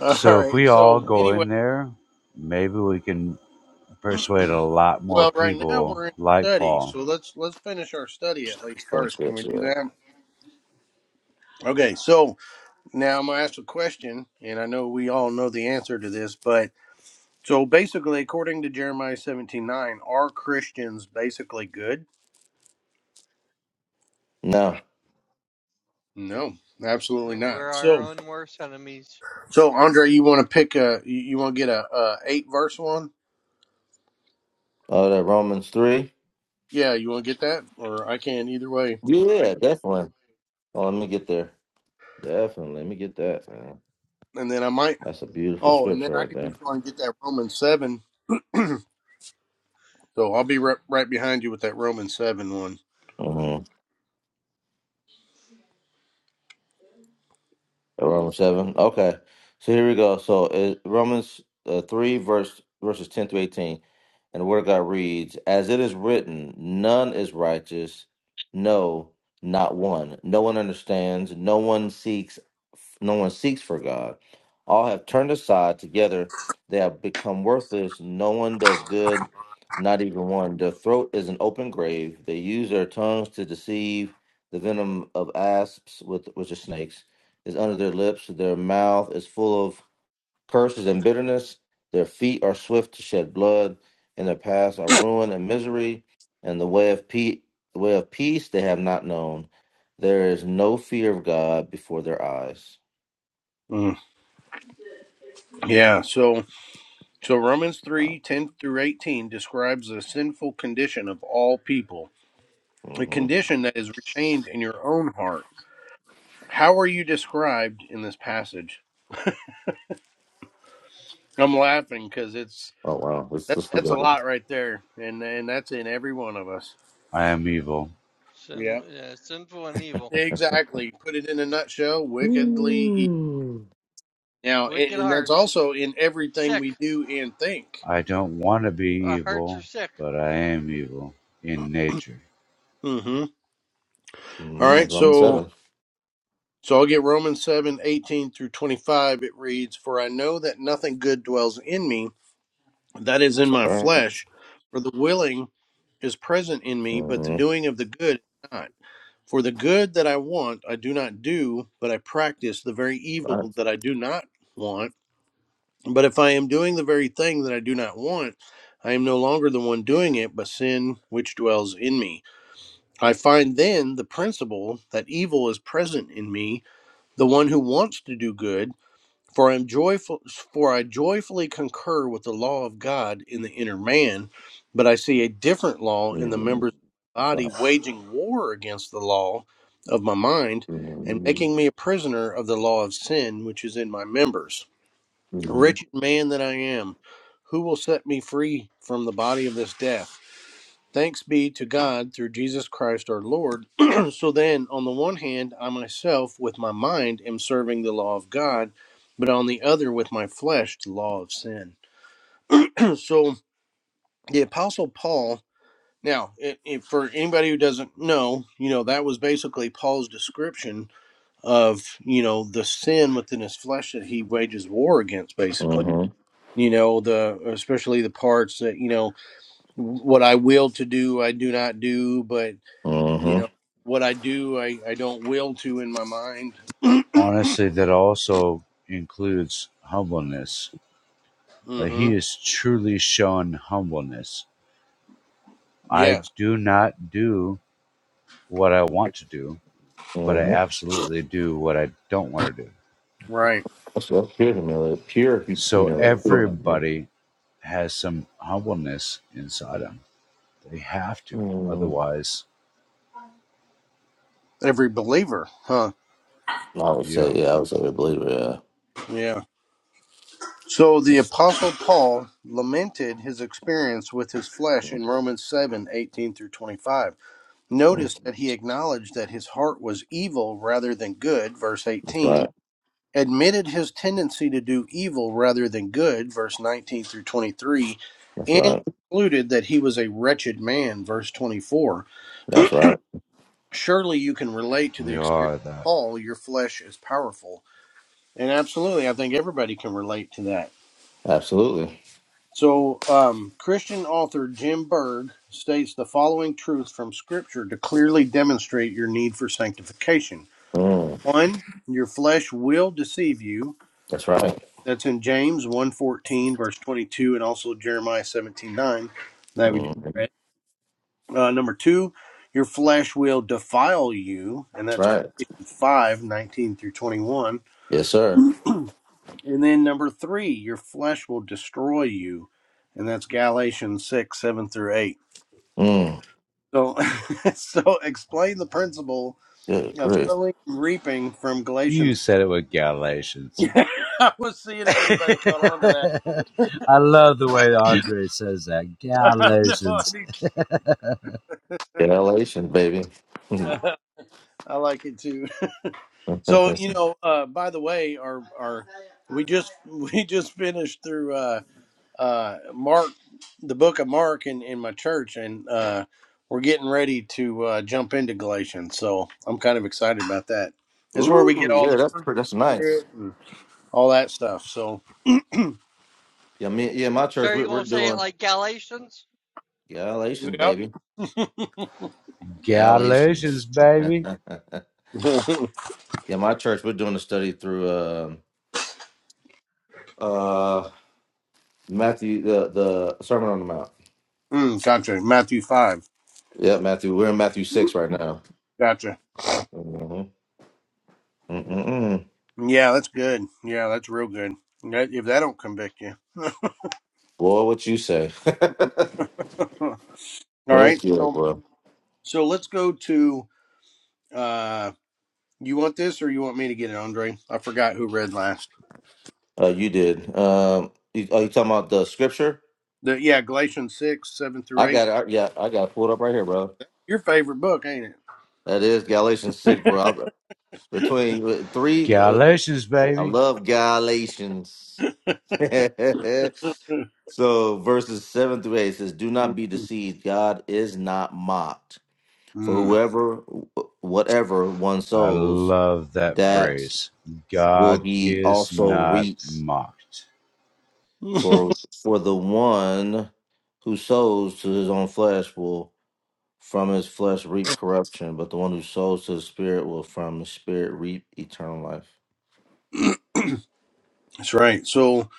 Speaker 1: All
Speaker 4: So if
Speaker 1: right.
Speaker 4: we all
Speaker 1: So
Speaker 4: go
Speaker 1: anyway,
Speaker 4: in there, maybe we can persuade a lot more
Speaker 1: Well, right now
Speaker 4: people.
Speaker 1: we're in
Speaker 4: Like
Speaker 1: study,
Speaker 4: Paul,
Speaker 1: so let's let's finish our study at least
Speaker 3: those
Speaker 1: first. Can
Speaker 3: bits.
Speaker 1: we do
Speaker 3: Yeah.
Speaker 1: that? Okay, so now I'm gonna ask a question, and I know we all know the answer to this, but so basically, according to Jeremiah 17:9, are Christians basically good?
Speaker 3: No.
Speaker 1: No, absolutely
Speaker 2: We're
Speaker 1: not.
Speaker 2: our
Speaker 1: So,
Speaker 2: own worst enemies,
Speaker 1: so Andre, you want to pick a, you, you want to get a, a eight verse one?
Speaker 3: Oh, that Romans three.
Speaker 1: Yeah, you want to get that, or I can either way,
Speaker 3: Yeah, definitely. Oh, let me get there. Definitely. Let me get that. Man.
Speaker 1: and then I might.
Speaker 3: That's a beautiful
Speaker 1: Oh, and then
Speaker 3: scripture
Speaker 1: I
Speaker 3: right
Speaker 1: could
Speaker 3: there.
Speaker 1: just go and get that Romans seven So I'll be right, right behind you with that Romans 7 one.
Speaker 3: Mm-hmm. Romans seven. Okay, so here we go. So uh, Romans uh, three verse verses ten through eighteen, and the word of God reads, "As it is written, none is righteous, no, not one. No one understands. No one seeks. No one seeks for God. All have turned aside. Together they have become worthless. No one does good, not even one. Their throat is an open grave. They use their tongues to deceive. The venom of asps with which are snakes." is under their lips, their mouth is full of curses and bitterness, their feet are swift to shed blood, and their paths are ruin and misery, and the way of peace, the way of peace they have not known. There is no fear of God before their eyes.
Speaker 1: Mm, Yeah, so so Romans
Speaker 3: Wow.
Speaker 1: three 10 through 18 describes the sinful condition of all people, a
Speaker 3: hmm
Speaker 1: condition that is retained in your own heart. How are you described in this passage? I'm laughing because it's
Speaker 3: Oh wow, let's
Speaker 1: that,
Speaker 3: let's look
Speaker 1: that's a
Speaker 3: at it.
Speaker 1: lot right there, and and that's in every one of us.
Speaker 4: I am evil.
Speaker 2: sin,
Speaker 1: Yeah,
Speaker 2: uh, sinful and evil,
Speaker 1: exactly. Put it in a nutshell: wickedly evil. Now, and,
Speaker 2: wicked
Speaker 1: and that's
Speaker 2: hearts,
Speaker 1: also in everything
Speaker 2: sick.
Speaker 1: we do and think.
Speaker 4: I don't want to
Speaker 2: Our
Speaker 4: be
Speaker 2: hearts are
Speaker 4: evil,
Speaker 2: sick.
Speaker 4: but I am evil in nature.
Speaker 1: Mm-hmm. All
Speaker 3: Mm-hmm.
Speaker 1: right,
Speaker 3: Romans
Speaker 1: so
Speaker 3: seven.
Speaker 1: So I'll get Romans 7 18 through 25. It reads, For I know that nothing good dwells in me, that is in my
Speaker 3: That's right.
Speaker 1: flesh, for the willing is present in me, but the
Speaker 3: Mm-hmm.
Speaker 1: doing of the good is not. For the good that I want, I do not do, but I practice the very
Speaker 3: Right.
Speaker 1: evil that I do not want. But if I am doing the very thing that I do not want, I am no longer the one doing it, but sin which dwells in me. I find then the principle that evil is present in me, the one who wants to do good for I am joyful, for I joyfully concur with the law of God in the inner man, but I see a different law in the
Speaker 3: Mm-hmm.
Speaker 1: members of my body,
Speaker 3: Right.
Speaker 1: waging war against the law of my mind, and
Speaker 3: Mm-hmm.
Speaker 1: making me a prisoner of the law of sin which is in my members.
Speaker 3: Mm-hmm.
Speaker 1: Wretched man that I am, who will set me free from the body of this death? Thanks be to God through Jesus Christ our Lord. so then, on the one hand, I myself with my mind am serving the law of God, but on the other, with my flesh, the law of sin. so the Apostle Paul, now, i if for anybody who doesn't know, you know, that was basically Paul's description of, you know, the sin within his flesh that he wages war against, basically.
Speaker 3: Mm-hmm.
Speaker 1: You know, the especially the parts that, you know, what I will to do, I do not do, but you know
Speaker 3: Mm-hmm.
Speaker 1: what i do i i don't will to in my mind
Speaker 4: Honestly, that also includes humbleness
Speaker 1: mm
Speaker 4: that he
Speaker 1: mhm
Speaker 4: is truly shown humbleness. I
Speaker 1: yes
Speaker 4: do not do what I want to do, but I
Speaker 3: Mm-hmm.
Speaker 4: absolutely do what I don't want to do.
Speaker 1: right
Speaker 3: That's what pure humility. Pure hu-
Speaker 4: So
Speaker 3: humility.
Speaker 4: everybody has some humbleness inside them. They have to.
Speaker 3: Mm,
Speaker 4: Otherwise,
Speaker 1: every believer huh
Speaker 3: I would say,
Speaker 4: yeah,
Speaker 3: yeah, I would say we believe it.
Speaker 1: yeah so the apostle paul lamented his experience with his
Speaker 3: Yeah.
Speaker 1: flesh in romans 7 18 through 25
Speaker 3: Mm,
Speaker 1: notice that he acknowledged that his heart was evil rather than good verse
Speaker 3: That's
Speaker 1: 18
Speaker 3: right.
Speaker 1: admitted his tendency to do evil rather than good verse 19 through 23
Speaker 3: That's
Speaker 1: and
Speaker 3: right.
Speaker 1: concluded that he was a wretched man verse 24
Speaker 3: That's right.
Speaker 1: surely you can relate to the
Speaker 4: we
Speaker 1: experience
Speaker 4: are
Speaker 1: of
Speaker 4: that.
Speaker 1: Paul, your flesh is powerful. And absolutely, I think everybody can relate to that.
Speaker 3: Absolutely.
Speaker 1: So, um, Christian author Jim Berg states the following truth from Scripture to clearly demonstrate your need for sanctification.
Speaker 3: Mm,
Speaker 1: One, your flesh will deceive you.
Speaker 3: that's right.
Speaker 1: That's in James one fourteen verse 22, and also Jeremiah 17.9. That we do.
Speaker 3: Mm, that's
Speaker 1: Uh, number two, your flesh will defile you, and that's
Speaker 3: right.
Speaker 1: Galatians 5 19 through 21.
Speaker 3: Yes, sir.
Speaker 1: And then number three, your flesh will destroy you. And that's Galatians 6, 7 through 8.
Speaker 3: Mm,
Speaker 1: So, so explain the principle
Speaker 3: good,
Speaker 1: of
Speaker 3: Chris.
Speaker 1: sowing and reaping from
Speaker 4: You
Speaker 1: Galatians.
Speaker 4: said it with Galatians.
Speaker 1: Yeah, I was seeing if anybody caught on to
Speaker 4: I love the way Andre says that.
Speaker 1: that. no, I,
Speaker 4: Galatians.
Speaker 1: need
Speaker 3: Elation, baby.
Speaker 1: to. I like it too. So, you know, uh, by the way, our, our, we just, we just finished through, Uh, uh, Mark, the book of Mark in, in my church, and uh, we're getting ready to uh, jump into Galatians. So I'm kind of excited about that. It's where we get
Speaker 3: Ooh,
Speaker 1: all
Speaker 3: yeah,
Speaker 1: the
Speaker 3: that's
Speaker 1: fruit
Speaker 3: pretty,
Speaker 1: of the
Speaker 3: that's nice.
Speaker 1: Spirit and all that stuff. So,
Speaker 3: Yeah, me, yeah, my
Speaker 2: So
Speaker 3: church,
Speaker 2: are
Speaker 3: we,
Speaker 2: you
Speaker 3: we're
Speaker 2: gonna say it
Speaker 3: doing
Speaker 2: like Galatians?
Speaker 3: Galatians,
Speaker 1: yep.
Speaker 3: baby. Galatians.
Speaker 4: Galatians, baby.
Speaker 3: yeah,
Speaker 1: mm,
Speaker 3: my church, we're doing a study through. um uh, Matthew, the the Sermon on the Mount.
Speaker 1: gotcha. Matthew 5.
Speaker 3: Yeah, Matthew. We're in Matthew six right now.
Speaker 1: Gotcha.
Speaker 3: hmm Mm-mm-mm.
Speaker 1: Yeah, that's good. Yeah, that's real good. That- If that don't convict you.
Speaker 3: Boy, what you say?
Speaker 1: all right.
Speaker 3: Heck yeah,
Speaker 1: So,
Speaker 3: boy.
Speaker 1: so let's go to. Uh, you want this or you want me to get it, Andre? I forgot who read last.
Speaker 3: Uh, you did. Um, you, are you talking about the scripture?
Speaker 1: The, yeah, Galatians 6, 7
Speaker 3: I
Speaker 1: through 8.
Speaker 3: got it. I, yeah, I got it pulled up right here, bro.
Speaker 1: Your favorite book, ain't
Speaker 3: That is Galatians six, bro. I- between uh, three, uh,
Speaker 4: Galatians,
Speaker 3: I
Speaker 4: baby.
Speaker 3: love Galatians.
Speaker 1: it?
Speaker 3: so verses seven through eight says, "Do not be deceived. God is not mocked." For
Speaker 1: Mm.
Speaker 3: whoever, whatever one
Speaker 4: I
Speaker 3: sows,
Speaker 4: love that
Speaker 3: that
Speaker 4: phrase.
Speaker 3: will
Speaker 4: God
Speaker 3: he
Speaker 4: is
Speaker 3: also
Speaker 4: not
Speaker 3: reap.
Speaker 4: mocked.
Speaker 1: Mm.
Speaker 3: For for the one who sows to his own flesh will from his flesh reap corruption, but the one who sows to the Spirit will from the Spirit reap eternal life.
Speaker 1: That's right. So,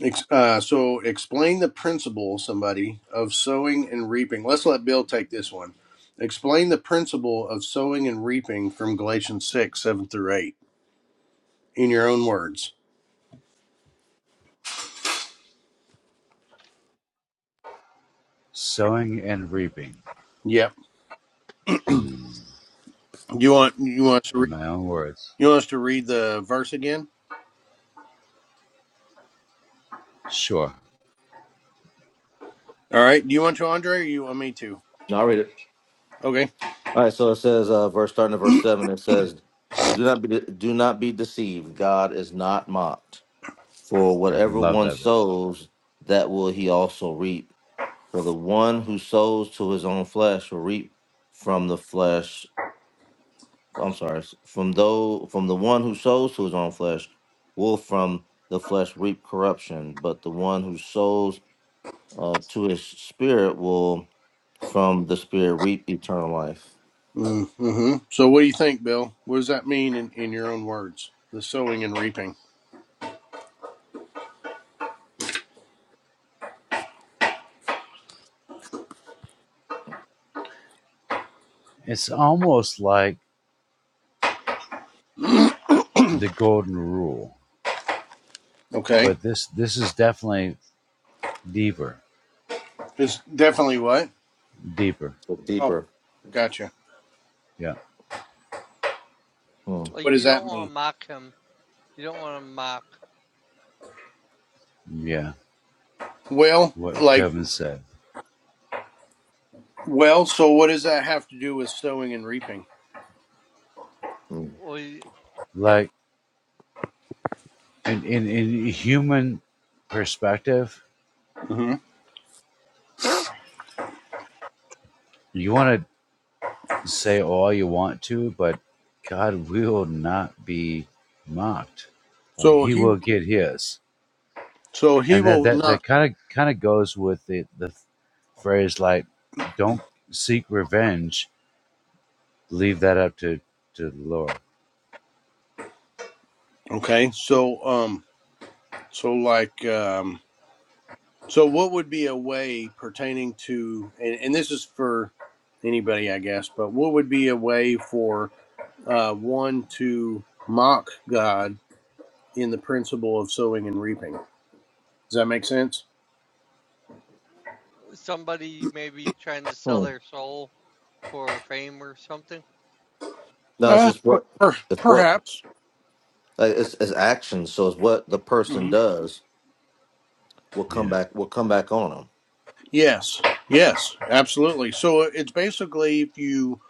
Speaker 1: ex- uh, so explain the principle, somebody, of sowing and reaping. Let's let Bill take this one. Explain the principle of sowing and reaping from Galatians six seven through eight in your own words.
Speaker 4: Sowing and reaping.
Speaker 1: Yep.
Speaker 4: Hmm.
Speaker 1: You want you want us to
Speaker 4: In
Speaker 1: read
Speaker 4: my own words.
Speaker 1: you want us to read the verse again?
Speaker 4: Sure.
Speaker 1: All right. Do you want to, Andre, or you want me to?
Speaker 3: Now I'll read it.
Speaker 1: Okay.
Speaker 3: All right, so it says, uh, verse starting at verse seven. It says, "Do not be do not be deceived. God is not mocked. For
Speaker 4: I
Speaker 3: whatever
Speaker 4: love
Speaker 3: one
Speaker 4: that bit.
Speaker 3: sows, that will he also reap." For the one who sows to his own flesh will reap from the flesh. I'm sorry, from though from the one who sows to his own flesh will from the flesh reap corruption, but the one who sows uh, to his spirit will from the spirit reap eternal life.
Speaker 1: Mm-hmm. So, what do you think, Bill? What does that mean in in your own words? The sowing and reaping.
Speaker 4: It's almost like the golden rule,
Speaker 1: Okay.
Speaker 4: but this this is definitely deeper.
Speaker 1: It's definitely what?
Speaker 4: Deeper.
Speaker 3: So
Speaker 1: Oh,
Speaker 3: deeper.
Speaker 1: gotcha.
Speaker 4: Yeah.
Speaker 3: Hmm.
Speaker 1: What
Speaker 2: Like
Speaker 1: does
Speaker 2: you
Speaker 1: that
Speaker 2: don't want
Speaker 1: mean?
Speaker 2: to mock him. You don't want to mock.
Speaker 4: Yeah.
Speaker 1: Well,
Speaker 4: What
Speaker 1: like,
Speaker 4: Kevin said.
Speaker 1: well, so what does that have to do with sowing and reaping?
Speaker 3: Mm.
Speaker 2: Well, you-
Speaker 4: Like in in, in human perspective,
Speaker 1: hmm
Speaker 4: you wanna Say all you want to, but God will not be mocked. Like
Speaker 1: So
Speaker 4: he
Speaker 1: he,
Speaker 4: will get his.
Speaker 1: so he
Speaker 4: And that
Speaker 1: will
Speaker 4: that,
Speaker 1: not.
Speaker 4: that kind of kind of goes with the, the phrase like don't seek revenge, leave that up to, to the Lord.
Speaker 1: Okay. So, um, so like, um, so what would be a way pertaining to, and, and this is for anybody, I guess, but what would be a way for, uh, one to mock God in the principle of sowing and reaping? Does that make sense?
Speaker 2: somebody maybe trying to sell
Speaker 3: Hmm.
Speaker 2: their soul for fame or something.
Speaker 3: No, it's
Speaker 1: Uh,
Speaker 3: just what
Speaker 1: per-
Speaker 3: it's what
Speaker 1: perhaps.
Speaker 3: like, it's it's action. So it's what the
Speaker 1: Mm-hmm.
Speaker 3: person does will come
Speaker 4: Yeah.
Speaker 3: back will come back on them.
Speaker 1: Yes, yes, absolutely. So uh, it's basically if you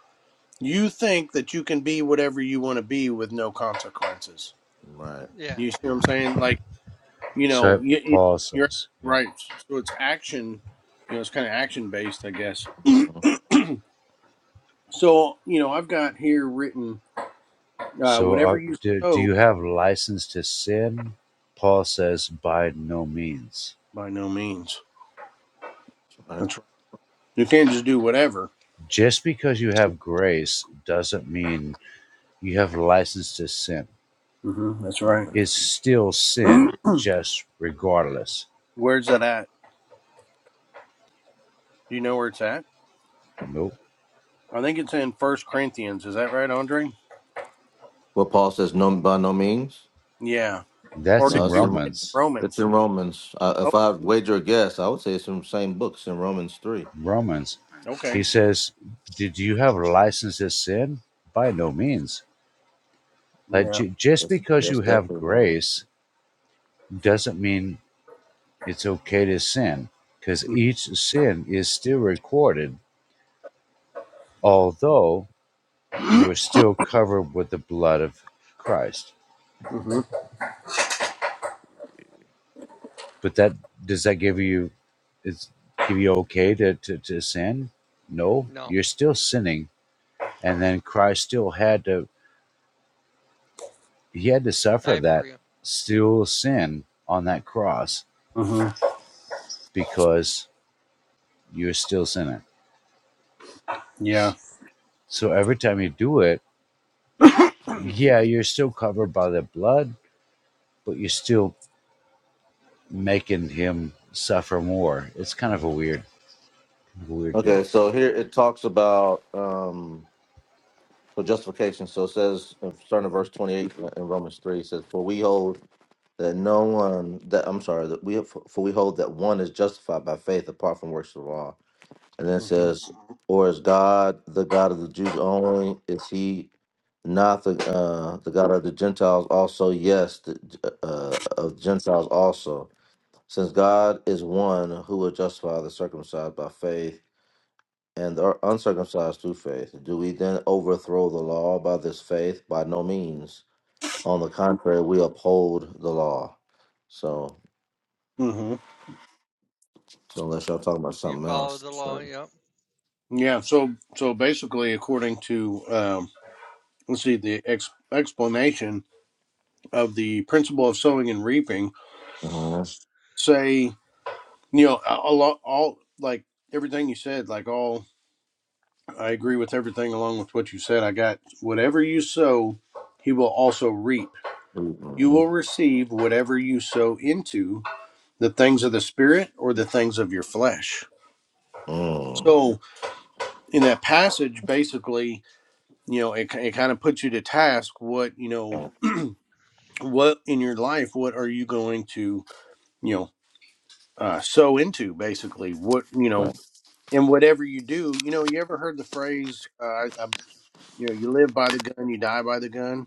Speaker 1: you think that you can be whatever you want to be with no consequences.
Speaker 3: Right.
Speaker 2: Yeah.
Speaker 1: You see what I'm saying? Like you know,
Speaker 4: So that
Speaker 1: you, you-
Speaker 4: Paul
Speaker 1: you're
Speaker 4: says, yeah.
Speaker 1: right. So it's action. You know, it's kind of action based, I guess.
Speaker 3: Mm-hmm.
Speaker 1: so you know, I've got here written uh,
Speaker 4: So
Speaker 1: whatever
Speaker 4: uh,
Speaker 1: you
Speaker 4: do, do
Speaker 1: sow.
Speaker 4: you have license to sin? Paul says, by no means.
Speaker 1: By no means.
Speaker 3: Right.
Speaker 1: That's right. You can't just do whatever.
Speaker 4: Just because you have grace doesn't mean you have license to sin.
Speaker 1: hmm that's right.
Speaker 4: is still sin, just
Speaker 2: yeah.
Speaker 4: regardless.
Speaker 1: Where's that at? Do you know where it's at?
Speaker 4: Nope.
Speaker 1: I think it's in First Corinthians. Is that right, Andre?
Speaker 3: Well, Paul says, no, by no means.
Speaker 1: Yeah. Or
Speaker 4: That's
Speaker 1: did
Speaker 3: No,
Speaker 4: in
Speaker 1: we
Speaker 3: it's
Speaker 1: read
Speaker 3: in
Speaker 1: that in
Speaker 4: Romans.
Speaker 3: it's
Speaker 1: Romans?
Speaker 3: in Romans. Uh,
Speaker 1: Oh,
Speaker 3: if I wager a guess, I would say it's in the same books in Romans three.
Speaker 4: Romans. He
Speaker 1: okay.
Speaker 4: says, Did you have a license to sin? By no means. Like
Speaker 1: Yeah.
Speaker 4: ju- just
Speaker 3: Yes,
Speaker 4: because
Speaker 3: that's
Speaker 4: you have
Speaker 3: definitely Romans.
Speaker 4: grace doesn't mean it's okay to sin, because each sin is still recorded, although you are still covered with the blood of Christ
Speaker 1: Mm-hmm.
Speaker 4: But that does that give you is give you okay to, to, to sin? No,
Speaker 2: No,
Speaker 4: you're still sinning. And then Christ still had to he had to suffer
Speaker 2: die for
Speaker 4: that
Speaker 2: you.
Speaker 4: still sin on that cross
Speaker 1: hmm
Speaker 4: because you're still sinning.
Speaker 1: Yeah.
Speaker 4: So every time you do it,
Speaker 1: hmm
Speaker 4: yeah, you're still covered by the blood, but you're still making him suffer more. It's kind of a weird, weird
Speaker 3: Okay,
Speaker 4: deal.
Speaker 3: so here it talks about um, so justification. So it says, uh, starting at verse twenty-eight uh, in Romans three, it says, "For we hold that no one that I'm sorry that we for we hold that one is justified by faith apart from works of law." And then it says, or is God the God of the Jews only? Is he not the uh, the God of the Gentiles also? Yes, the, uh, uh, of Gentiles also. Since God is one who will justify the circumcised by faith and the uncircumcised through faith, do we then overthrow the law by this faith? By no means. On the contrary, we uphold the law. So,
Speaker 1: hmm
Speaker 3: so unless y'all talking about
Speaker 2: You
Speaker 3: something
Speaker 2: follow
Speaker 3: else,
Speaker 2: the law.
Speaker 3: sorry.
Speaker 2: Yep.
Speaker 1: Yeah. So, so basically, according to um, let's see, the ex- explanation of the principle of sowing and reaping,
Speaker 3: Uh-huh. that's-
Speaker 1: say, you know, a, a lot, all like everything you said, like all, I agree with everything along with what you said. I got whatever you sow, he will also reap You
Speaker 3: mhm.
Speaker 1: will receive whatever you sow into the things of the spirit or the things of your flesh.
Speaker 3: Mm.
Speaker 1: So, in that passage, basically, you know, it, it kind of puts you to task what, you know, what in your life, what are you going to, you know, uh, sow into, basically? What, you know,
Speaker 3: Right.
Speaker 1: and whatever you do, you know, you ever heard the phrase, uh, I, I, you know, you live by the gun, you die by the gun?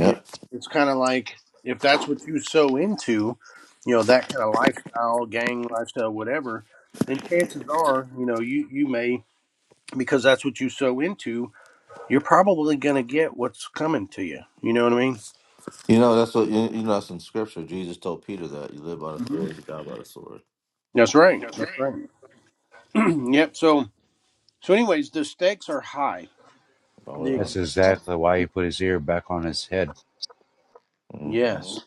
Speaker 1: You know, it's kind of like if that's what you so into, you know, that kind of lifestyle, gang lifestyle, whatever, then chances are, you know, you you may because that's what you so into, you're probably going to get what's coming to you. You know what I mean?
Speaker 3: You know, that's what you, you know. That's in scripture. Jesus told Peter that you live by the
Speaker 1: hmm
Speaker 3: sword, you die by the sword.
Speaker 1: That's right.
Speaker 3: That's right.
Speaker 1: That's right. yep. So so anyways, the stakes are high. The
Speaker 3: Oh
Speaker 4: That's
Speaker 1: existence
Speaker 4: exactly why he put his ear back on his head.
Speaker 3: yeah. hmm
Speaker 1: Yes.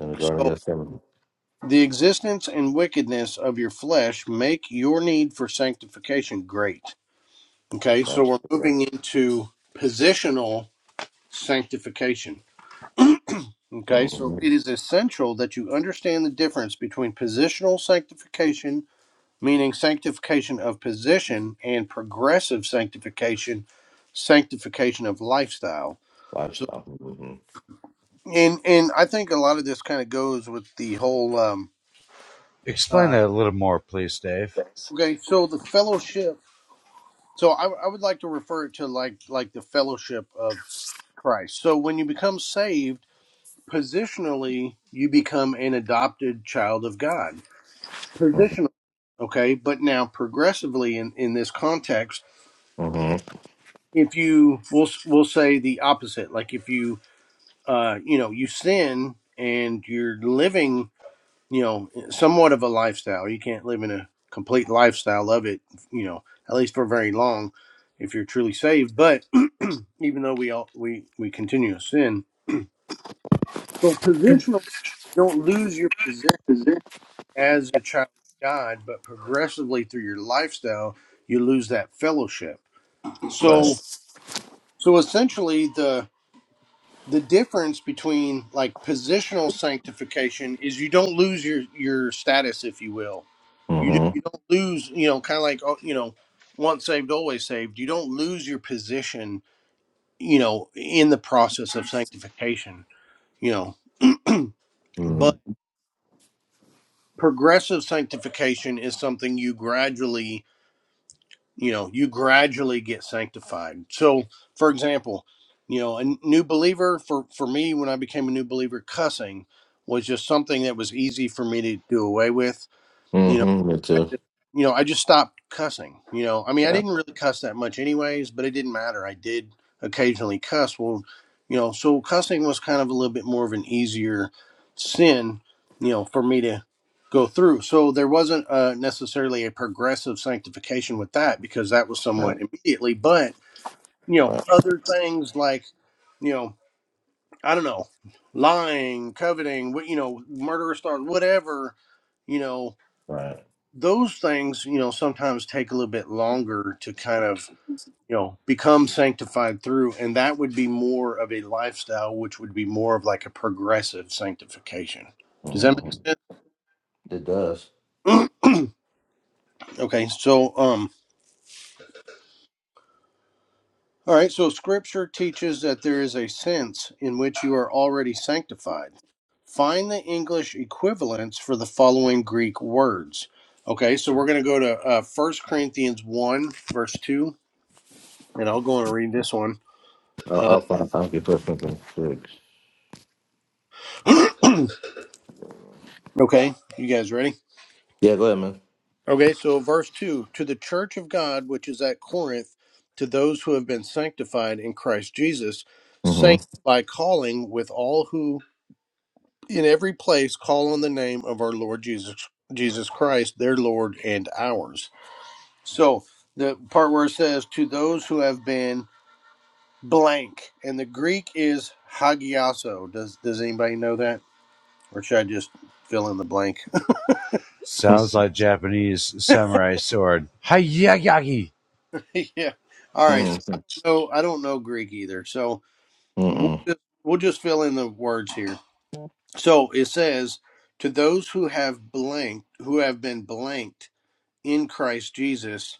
Speaker 3: In the Garden of
Speaker 1: So
Speaker 3: Gethsemane.
Speaker 1: the existence and wickedness of your flesh make your need for sanctification great. Okay, so we're
Speaker 3: Absolutely.
Speaker 1: moving into positional sanctification. Okay, so
Speaker 3: hmm
Speaker 1: it is essential that you understand the difference between positional sanctification, meaning sanctification of position, and progressive sanctification, sanctification of lifestyle. So,
Speaker 3: Lifestyle. hmm
Speaker 1: and and I think a lot of this kind of goes with the whole. Um,
Speaker 4: Explain
Speaker 1: uh,
Speaker 4: that a little more, please, Dave.
Speaker 1: okay, so the fellowship. So I, I would like to refer it to like like the fellowship of Christ. So when you become saved Positionally, you become an adopted child of God.
Speaker 3: Mm-hmm.
Speaker 1: Positionally, okay, but now progressively in, in this context,
Speaker 3: Mm-hmm.
Speaker 1: if you we'll we'll say the opposite, like if you uh you know you sin and you're living you know somewhat of a lifestyle, you can't live in a complete lifestyle of it, you know, at least for very long if you're truly saved. But even though we all we we continue to sin, so positional, don't lose your position as a child of God, but progressively through your lifestyle, you lose that fellowship.
Speaker 3: Right.
Speaker 1: So, so essentially, the the difference between like positional sanctification is you don't lose your your status, if you will. You do you
Speaker 3: Mm-hmm.
Speaker 1: don't lose, you know, kind of like oh, you know, once saved, always saved. You don't lose your position, you know, in the process of sanctification. You know,
Speaker 3: Mm-hmm.
Speaker 1: but progressive sanctification is something you gradually you know you gradually get sanctified so for example you know a new believer for for me when i became a new believer cussing was just something that was easy for me to do away with you know
Speaker 3: Mm-hmm. Me
Speaker 1: I
Speaker 3: too.
Speaker 1: just, you know I just stopped cussing you know I mean I
Speaker 3: Yeah.
Speaker 1: didn't really cuss that much anyways but it didn't matter I did occasionally cuss well you know so cussing was kind of a little bit more of an easier sin you know for me to go through so there wasn't uh, necessarily a progressive sanctification with that because that was
Speaker 3: Right.
Speaker 1: somewhat immediately but you know
Speaker 3: Right.
Speaker 1: other things like you know I don't know lying coveting what you know murderous thoughts whatever you know
Speaker 3: right.
Speaker 1: those things, you know, sometimes take a little bit longer to kind of, you know, become sanctified through. And that would be more of a lifestyle, which would be more of like a progressive sanctification. Does that make
Speaker 3: Mm-hmm. It does.
Speaker 1: sense? okay. So, um, all right. So scripture teaches that there is a sense in which you are already sanctified. Find the English equivalents for the following Greek words. Okay. So we're going to go to uh, 1 Corinthians 1, verse 2, and I'll go and read this one.
Speaker 3: I'll,
Speaker 1: Uh,
Speaker 3: I'll find time to put something. six.
Speaker 1: okay, you guys ready?
Speaker 3: Yeah. Go ahead, man.
Speaker 1: Okay, so verse 2 To the church of God which is at Corinth, to those who have been sanctified in Christ Jesus, saints
Speaker 3: Mm-hmm.
Speaker 1: by calling with all who in every place call on the name of our Lord Jesus Jesus Christ, their Lord and ours. So the part where it says to those who have been blank, and the Greek is hagiaso. Does does anybody know that? Or should I just fill in the blank?
Speaker 4: Sounds like Japanese samurai sword. Hayayagi!
Speaker 1: yeah. All right. So I don't
Speaker 3: mm-hmm.
Speaker 1: know. I don't know Greek either. So we'll
Speaker 3: Mm-mm.
Speaker 1: just, we'll just fill in the words here. So it says, "To those who have blanked, who have been blanked in Christ Jesus,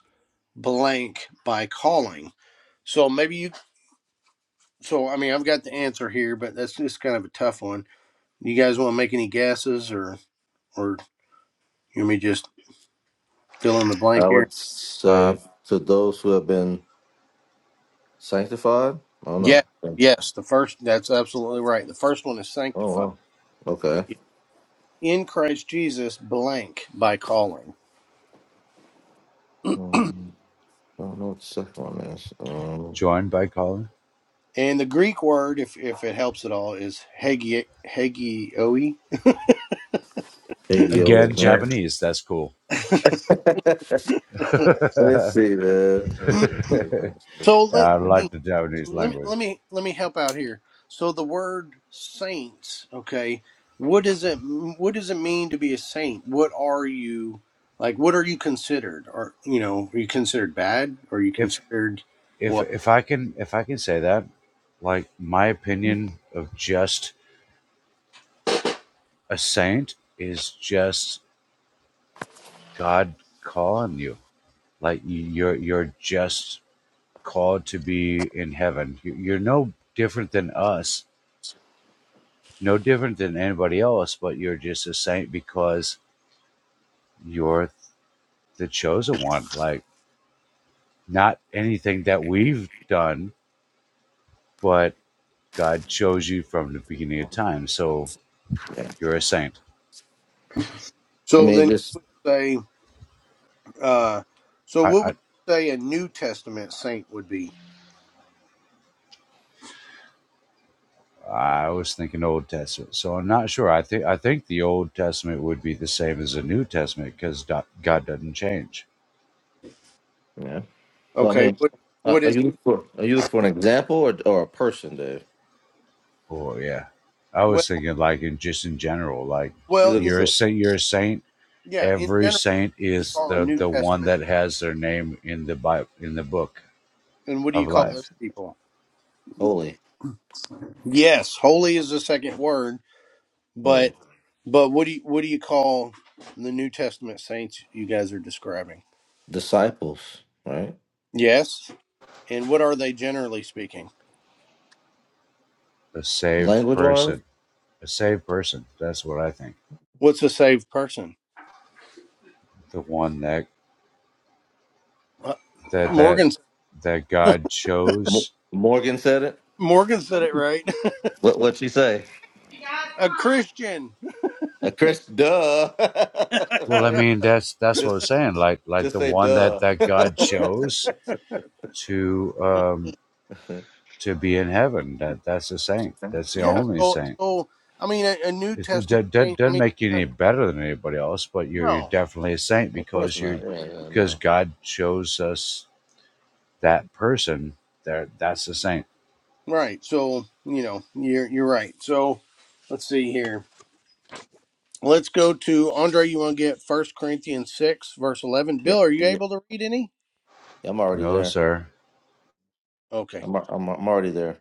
Speaker 1: blank by calling." So maybe you. So I mean, I've got the answer here, but that's just kind of a tough one. You guys want to make any guesses, or or you want me to just fill in the blank
Speaker 3: I
Speaker 1: here?
Speaker 3: would
Speaker 4: Uh,
Speaker 3: say to those who have been Sanctified? I don't
Speaker 1: Yeah.
Speaker 3: know. Oh
Speaker 1: Yes. The first. That's absolutely right. The first one is sanctified.
Speaker 3: wow. Okay.
Speaker 1: in Christ Jesus blank by calling.
Speaker 3: Um, I don't know what the second one is. Um,
Speaker 4: joined by Colin.
Speaker 1: And the Greek word, if if it helps at all, is hegi hegioi.
Speaker 3: Big Yo
Speaker 4: Again,
Speaker 3: is man.
Speaker 4: Japanese. That's cool.
Speaker 3: let me
Speaker 4: yeah,
Speaker 3: see, man. Let's
Speaker 1: so let
Speaker 4: I
Speaker 3: see.
Speaker 1: me
Speaker 4: like the Japanese
Speaker 1: let me
Speaker 4: language.
Speaker 1: let me let me help out here. So the word saints, okay, what does it what does it mean to be a saint? What are you like? What are you considered? Are you know are you considered bad? Are you
Speaker 4: If
Speaker 1: considered
Speaker 4: if
Speaker 1: what?
Speaker 4: if I can if I can say that, like my opinion of just a saint is just God calling you. Like you- are you're just called to be in heaven. You're no different than us no different than anybody else, but you're just a saint because you're the chosen one. Like, not anything that we've done, but God chose you from the beginning of time. So
Speaker 3: Yeah.
Speaker 4: you're a saint.
Speaker 3: I
Speaker 1: So
Speaker 3: mean,
Speaker 1: then you
Speaker 3: just
Speaker 1: say, uh, so what would
Speaker 4: I,
Speaker 1: you say a New Testament saint would be?
Speaker 4: I, I was thinking Old Testament, so I'm not sure. I think I think the Old Testament would be the same as the New Testament because God doesn't change.
Speaker 3: yeah. Well, I
Speaker 1: Okay,
Speaker 3: mean,
Speaker 1: what
Speaker 3: uh,
Speaker 1: what
Speaker 3: are
Speaker 1: is
Speaker 3: you looking for are you looking for an example or or a person, Dave?
Speaker 4: Oh yeah, I
Speaker 1: well
Speaker 4: was thinking like in just in general, like
Speaker 3: You
Speaker 1: well
Speaker 3: looking
Speaker 1: it,
Speaker 4: you're a
Speaker 1: like,
Speaker 3: for
Speaker 4: saint, you're a saint,
Speaker 1: yeah, in
Speaker 4: Every
Speaker 1: general
Speaker 4: saint
Speaker 1: you
Speaker 4: is
Speaker 1: call a
Speaker 4: the,
Speaker 1: New
Speaker 4: the one
Speaker 1: Testament
Speaker 4: that has their name in the Bible, in the book
Speaker 1: and what do you
Speaker 4: of
Speaker 1: call those
Speaker 4: life.
Speaker 1: people?
Speaker 3: holy,
Speaker 1: Yes, holy is the second word,
Speaker 3: holy
Speaker 1: but but what do you what do you call the New Testament saints you guys are describing?
Speaker 3: disciples, right?
Speaker 1: Yes, and what are they generally speaking?
Speaker 4: A saved
Speaker 3: Language wise,
Speaker 4: person. A saved person. That's what I think.
Speaker 1: What's a saved person?
Speaker 4: The one that
Speaker 1: Uh,
Speaker 4: that that
Speaker 1: Morgan
Speaker 4: that God
Speaker 3: Mo-
Speaker 4: chose.
Speaker 3: Morgan said it.
Speaker 1: Morgan said it right.
Speaker 3: What what she say?
Speaker 1: a Christian.
Speaker 3: A Chris, duh,
Speaker 4: Well, I
Speaker 3: right?
Speaker 4: mean that's that's what I was
Speaker 3: Just
Speaker 4: saying. Like like
Speaker 3: just
Speaker 4: the
Speaker 3: say
Speaker 4: one that
Speaker 3: duh.
Speaker 4: that God chose to um
Speaker 3: of
Speaker 4: to be in heaven. That that's a saint. That's the
Speaker 1: yeah,
Speaker 4: only
Speaker 1: so
Speaker 4: saint.
Speaker 1: so I mean a, a New
Speaker 4: It's- It
Speaker 1: Testament
Speaker 4: do- do-
Speaker 1: saint. I
Speaker 4: doesn't
Speaker 1: mean
Speaker 4: make you
Speaker 1: uh,
Speaker 4: any better than anybody else, but you're you're
Speaker 1: no.
Speaker 4: definitely a saint
Speaker 3: course
Speaker 4: because
Speaker 3: not.
Speaker 4: you're
Speaker 3: Yeah, yeah,
Speaker 4: because
Speaker 3: no.
Speaker 4: God shows us that person. There, that's a saint.
Speaker 1: Right. So, you know, you're you're right. So let's see here. Let's go to Andre. You want to get First Corinthians six, verse eleven.
Speaker 3: Yeah,
Speaker 1: Bill, are you
Speaker 3: yeah.
Speaker 1: able to read any?
Speaker 3: I'm already
Speaker 4: No,
Speaker 3: there.
Speaker 4: sir.
Speaker 1: Okay.
Speaker 3: I'm al- I'm I'm already there.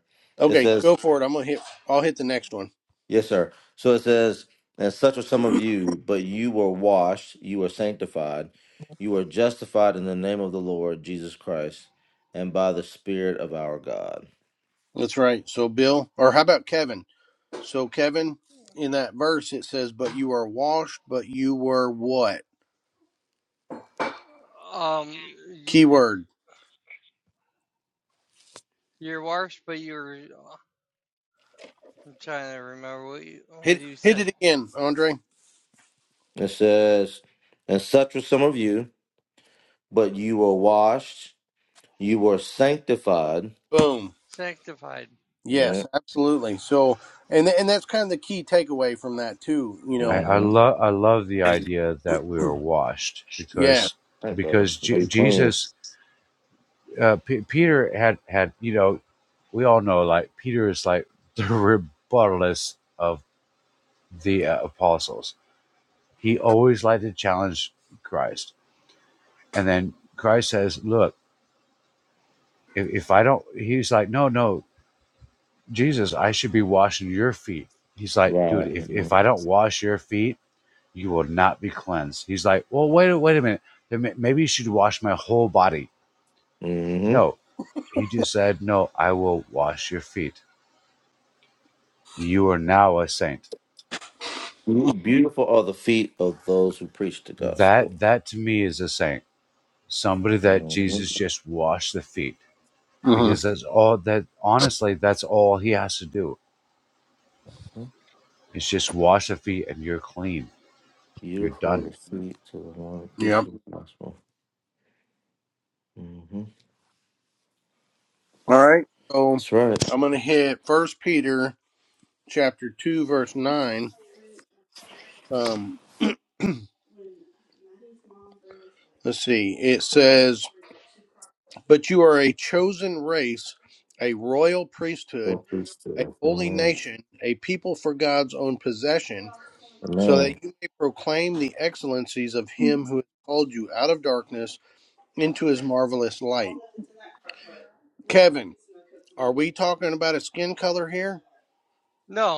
Speaker 3: It
Speaker 1: Okay,
Speaker 3: says,
Speaker 1: go for it. I'm gonna hit I'll hit the next one.
Speaker 3: yes, sir. So it says, and such are some of you, but you were washed, you were sanctified, you were justified in the name of the Lord Jesus Christ, and by the Spirit of our God.
Speaker 1: That's right. So Bill, or how about Kevin? So Kevin, in that verse it says, But you are washed, but you were what?
Speaker 2: Um, you,
Speaker 1: Keyword.
Speaker 2: you're washed, but you're. I'm trying to remember what you what
Speaker 1: Hit
Speaker 2: you
Speaker 1: hit
Speaker 2: said.
Speaker 1: it again, Andre.
Speaker 3: It says, and such were some of you, but you were washed, you were sanctified.
Speaker 1: Boom.
Speaker 2: Sanctified.
Speaker 3: Yeah.
Speaker 1: Yes, absolutely. So and and that's kind of the key takeaway from that too, you
Speaker 4: I,
Speaker 1: know.
Speaker 4: I
Speaker 3: mm-hmm.
Speaker 4: love I love the
Speaker 3: Hey,
Speaker 4: idea that we were washed
Speaker 1: Yeah.
Speaker 4: because
Speaker 3: brother.
Speaker 4: because
Speaker 3: Are
Speaker 4: J-
Speaker 3: you playing?
Speaker 4: Jesus uh, P- Peter had had you know we all know like Peter is like the rebuttalist of the uh, apostles. He always liked to challenge Christ, and then Christ says, "Look." if, if I don't, he's like, no, no, Jesus, I should be washing your feet. He's like, dude,
Speaker 3: Right.
Speaker 4: if, if I don't wash your feet, you will not be cleansed. He's like, well, wait, wait a minute. Then Maybe you should wash my whole body.
Speaker 3: Mm-hmm.
Speaker 4: No, he just said, no, I will wash your feet. You are now a saint.
Speaker 3: Beautiful are the feet of those who preach the gospel.
Speaker 4: That, that to me is a saint. Somebody that
Speaker 3: hmm
Speaker 4: Jesus just washed the feet
Speaker 1: hmm
Speaker 4: because that's all that, honestly, that's all he has to do It's just wash the feet and you're clean. You're
Speaker 3: Beautiful
Speaker 4: done.
Speaker 3: are the feet to the one who
Speaker 1: Yep.
Speaker 3: preaches the gospel. hmm
Speaker 1: All right. So
Speaker 3: That's right.
Speaker 1: I'm going to hit First Peter chapter two, verse nine. Um, let's see. It says, "But you are a chosen race, a royal priesthood,
Speaker 3: Don't preach to
Speaker 1: a
Speaker 3: us.
Speaker 1: holy
Speaker 3: Amen.
Speaker 1: nation, a people for God's own possession, so
Speaker 3: Amen.
Speaker 1: that you may proclaim the excellencies of Him who has called you out of darkness into His marvelous light." Kevin, are we talking about a skin color here?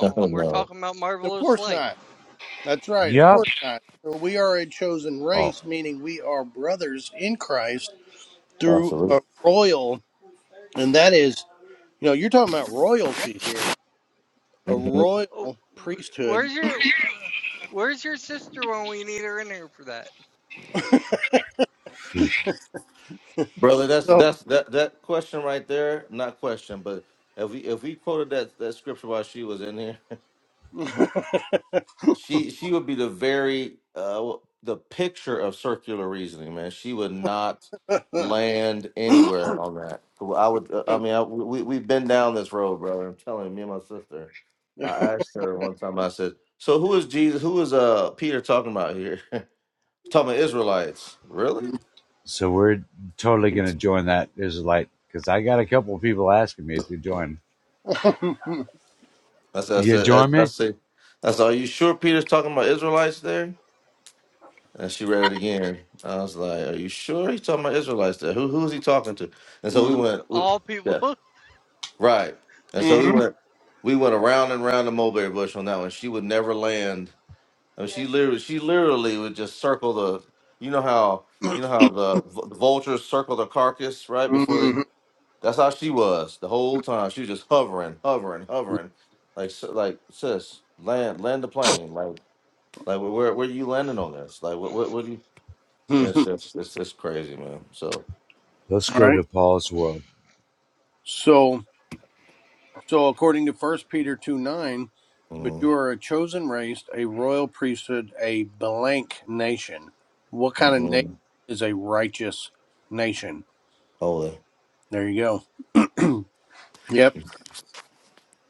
Speaker 3: Oh,
Speaker 2: we're
Speaker 3: no.
Speaker 2: talking about
Speaker 1: Of
Speaker 2: marvelous
Speaker 1: course
Speaker 2: light.
Speaker 1: not. That's right. Of
Speaker 4: Yep.
Speaker 1: course not. So we are a chosen
Speaker 4: Oh,
Speaker 1: race, meaning we are brothers in Christ through
Speaker 3: Absolutely.
Speaker 1: a royal, and that is, you know, you're talking about royalty here, a
Speaker 3: hmm
Speaker 2: Oh,
Speaker 1: royal priesthood.
Speaker 2: where's your uh, where's your sister when we need her in here for that?
Speaker 3: Brother, that's
Speaker 1: So.
Speaker 3: that's that that question right there. Not question, but if we if we quoted that that scripture while she was in here. She she would be the very uh the picture of circular reasoning, man. She would not land anywhere on that. I would. uh, I mean, I, we we've been down this road, brother. I'm telling you, me and my sister. I asked her one time. I said, "So who is Jesus? Who is uh Peter talking about here? talking about Israelites? Really?"
Speaker 1: Mhm.
Speaker 4: So we're totally gonna join that Israelite because I got a couple of people asking me to join.
Speaker 3: I said. I
Speaker 4: You
Speaker 3: said.
Speaker 4: join
Speaker 3: I, I
Speaker 4: me?
Speaker 3: said. I said. Are you sure Peter's talking about Israelites there? And she read it again. I was like, "Are you sure he's talking about Israelites? There, who who is he talking to?" And so we
Speaker 1: Mhm.
Speaker 3: went, we,
Speaker 2: All people
Speaker 3: yeah, right. And so we
Speaker 1: Mhm.
Speaker 3: went, we went around and around the mulberry bush on that one. She would never land. I mean, she literally, she literally would just circle the. You know how you know how the v- vultures circle the carcass right before they. That's how she was the whole time. She was just hovering, hovering, hovering, like s- like sis, land land the plane, like like where where are you landing on this? Like what what what do you? It's just it's just crazy, man. So
Speaker 4: Let's
Speaker 1: All
Speaker 4: go
Speaker 1: right.
Speaker 4: to Paul's world.
Speaker 1: So So, according to First Peter 2 9, but you
Speaker 3: mm,
Speaker 1: are a chosen race, a royal priesthood, a blank nation. What kind of nation
Speaker 3: mm,
Speaker 1: is a righteous nation?
Speaker 3: holy,
Speaker 1: There you go. yep.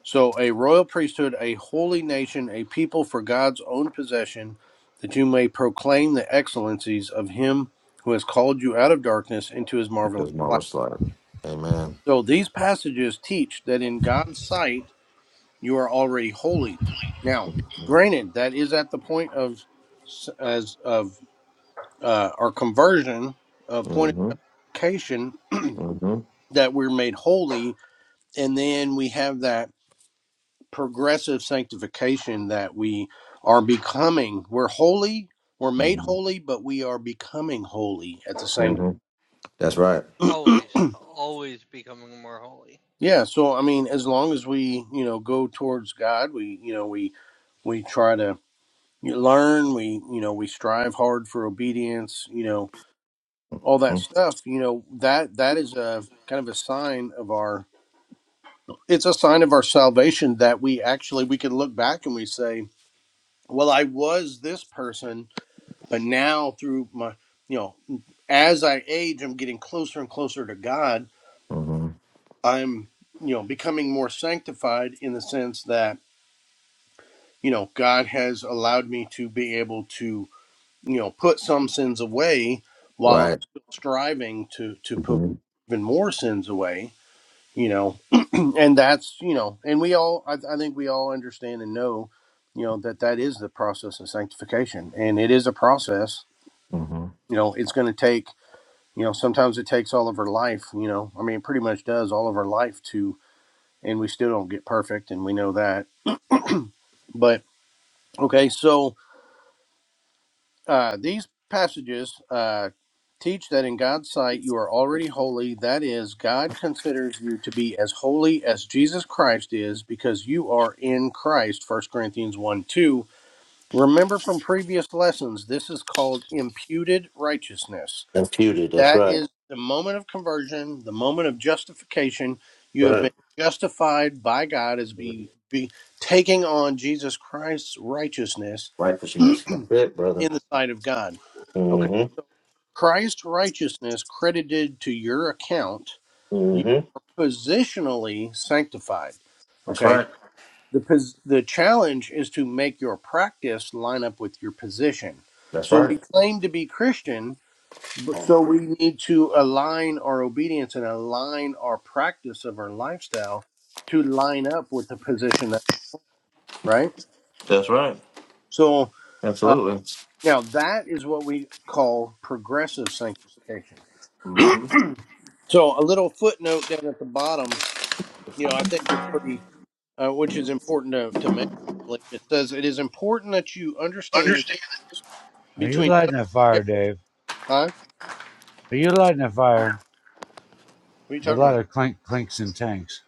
Speaker 1: So, a royal priesthood, a holy nation, a people for God's own possession, that you may proclaim the excellencies of him who has called you out of darkness into his
Speaker 3: it
Speaker 1: marvelous
Speaker 3: is more
Speaker 1: light.
Speaker 3: sliding. Amen.
Speaker 1: So, these passages teach that in God's sight, you are already holy. Now,
Speaker 3: Mm-hmm.
Speaker 1: granted, that is at the point of as of uh, our conversion, uh, point of purification
Speaker 3: Mm-hmm.
Speaker 1: that we're made holy, and then we have that progressive sanctification that we are becoming. We're holy, we're made
Speaker 3: Mm-hmm.
Speaker 1: holy, but we are becoming holy at the same.
Speaker 3: hmm That's right.
Speaker 2: always always becoming more holy.
Speaker 1: Yeah, so I mean, as long as we you know go towards God, we you know we we try to you learn we you know we strive hard for obedience you know all
Speaker 3: hmm
Speaker 1: that stuff you know that that is a kind of a sign of our it's a sign of our salvation that we actually we can look back and we say well i was this person but now through my you know as i age i'm getting closer and closer to god
Speaker 3: hmm
Speaker 1: i'm you know becoming more sanctified in the sense that you know god has allowed me to be able to you know put some sins away while I'm
Speaker 3: Right.
Speaker 1: still striving to to put
Speaker 3: hmm
Speaker 1: even more sins away you know and that's you know and we all I, I think we all understand and know you know that that is the process of sanctification and it is a process
Speaker 3: hmm
Speaker 1: you know it's going to take you know sometimes it takes all of our life you know I mean it pretty much does all of our life to and we still don't get perfect and we know that but okay so Uh, these passages uh, teach that in God's sight you are already holy. That is, God considers you to be as holy as Jesus Christ is because you are in Christ. First Corinthians 1 2. Remember from previous lessons, this is called imputed righteousness.
Speaker 3: Imputed. That's
Speaker 1: That
Speaker 3: right.
Speaker 1: is the moment of conversion, the moment of justification. You have
Speaker 3: Right.
Speaker 1: been justified by God as be, be taking on Jesus Christ's righteousness
Speaker 3: Righteousness. That's it, brother.
Speaker 1: in the sight of God. Okay
Speaker 3: hmm
Speaker 1: Christ's righteousness credited to your account, you
Speaker 3: hmm
Speaker 1: are positionally sanctified.
Speaker 3: That's
Speaker 1: Okay.
Speaker 3: right.
Speaker 1: The pos- the challenge is to make your practice line up with your position.
Speaker 3: That's
Speaker 1: So
Speaker 3: right.
Speaker 1: we claim to be Christian, but so we need to align our obedience and align our practice of our lifestyle to line up with the position that right.
Speaker 3: That's right.
Speaker 1: So uh,
Speaker 3: Absolutely.
Speaker 1: now that is what we call progressive sanctification.
Speaker 3: Mm-hmm.
Speaker 1: So a little footnote down at the bottom, you know, I think it's pretty, uh, which is important to, to mention. I believe. It says it is important that you understand the difference
Speaker 4: Are you
Speaker 1: between
Speaker 4: lighting a fire,
Speaker 1: justification.
Speaker 4: Dave?
Speaker 1: Huh?
Speaker 4: Are you lighting a fire?
Speaker 1: What are you
Speaker 4: A
Speaker 1: talking
Speaker 4: lot
Speaker 1: about?
Speaker 4: of clink clinks and tanks.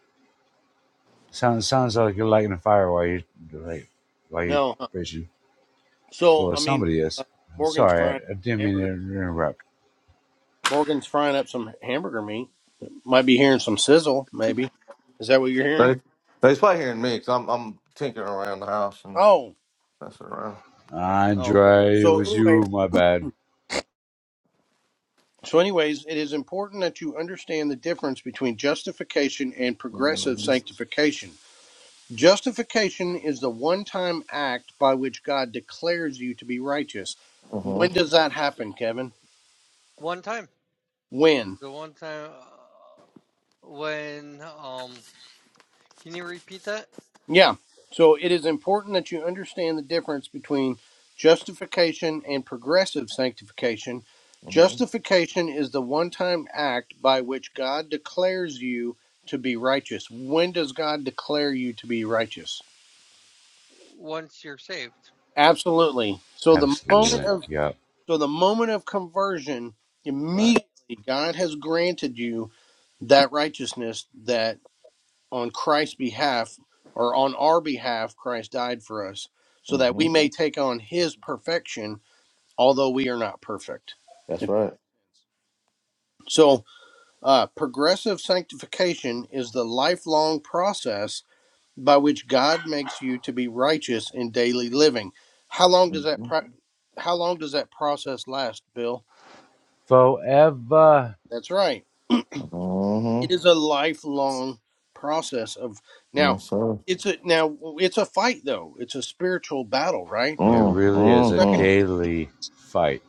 Speaker 4: Sounds sounds like you're lighting a fire while you like while you
Speaker 1: No. Huh?
Speaker 4: fishing.
Speaker 1: So
Speaker 4: Well,
Speaker 1: I mean,
Speaker 4: somebody
Speaker 1: uh,
Speaker 4: is. I'm
Speaker 1: Morgan's
Speaker 4: sorry,
Speaker 1: frying
Speaker 4: I, I didn't mean to
Speaker 1: hamburger.
Speaker 4: interrupt.
Speaker 1: Morgan's frying up some hamburger meat. Might be hearing some sizzle. Maybe is that what you're hearing?
Speaker 3: They they play hearing me because I'm I'm tinkering around the house and
Speaker 1: Oh.
Speaker 3: messing around.
Speaker 1: Oh. Okay.
Speaker 4: Andre, it
Speaker 1: So
Speaker 4: was
Speaker 1: anyway.
Speaker 4: you. My bad.
Speaker 1: So anyways, it is important that you understand the difference between justification and progressive
Speaker 3: Mm-hmm.
Speaker 1: sanctification. Justification is the one time act by which God declares you to be righteous. When does that happen, Kevin?
Speaker 2: One time,
Speaker 1: When?
Speaker 2: the one time uh, when um, can you repeat that?
Speaker 1: Yeah. So it is important that you understand the difference between justification and progressive sanctification.
Speaker 3: Mm-hmm.
Speaker 1: Justification is the one time act by which God declares you to be righteous. When does God declare you to be righteous?
Speaker 2: Once you're saved,
Speaker 1: Absolutely. So the moment
Speaker 4: Absolutely.
Speaker 1: of
Speaker 4: Yep.
Speaker 1: So the moment of conversion,
Speaker 3: Right.
Speaker 1: immediately God has granted you that righteousness that on Christ's behalf or on our behalf Christ died for us so that
Speaker 3: Mm-hmm.
Speaker 1: we may take on his perfection although we are not perfect.
Speaker 3: That's right.
Speaker 1: So uh, progressive sanctification is the lifelong process by which God makes you to be righteous in daily living. How long does that
Speaker 3: Mm-hmm.
Speaker 1: pro- how long does that process last, Bill?
Speaker 4: Forever
Speaker 1: That's right. it
Speaker 3: Mm-hmm.
Speaker 1: is a lifelong process of now
Speaker 3: Yes, sir.
Speaker 1: it's a now it's a fight though it's a spiritual battle right
Speaker 4: It really
Speaker 1: it's
Speaker 4: is a
Speaker 1: not gonna
Speaker 3: Mm-hmm.
Speaker 4: daily fight.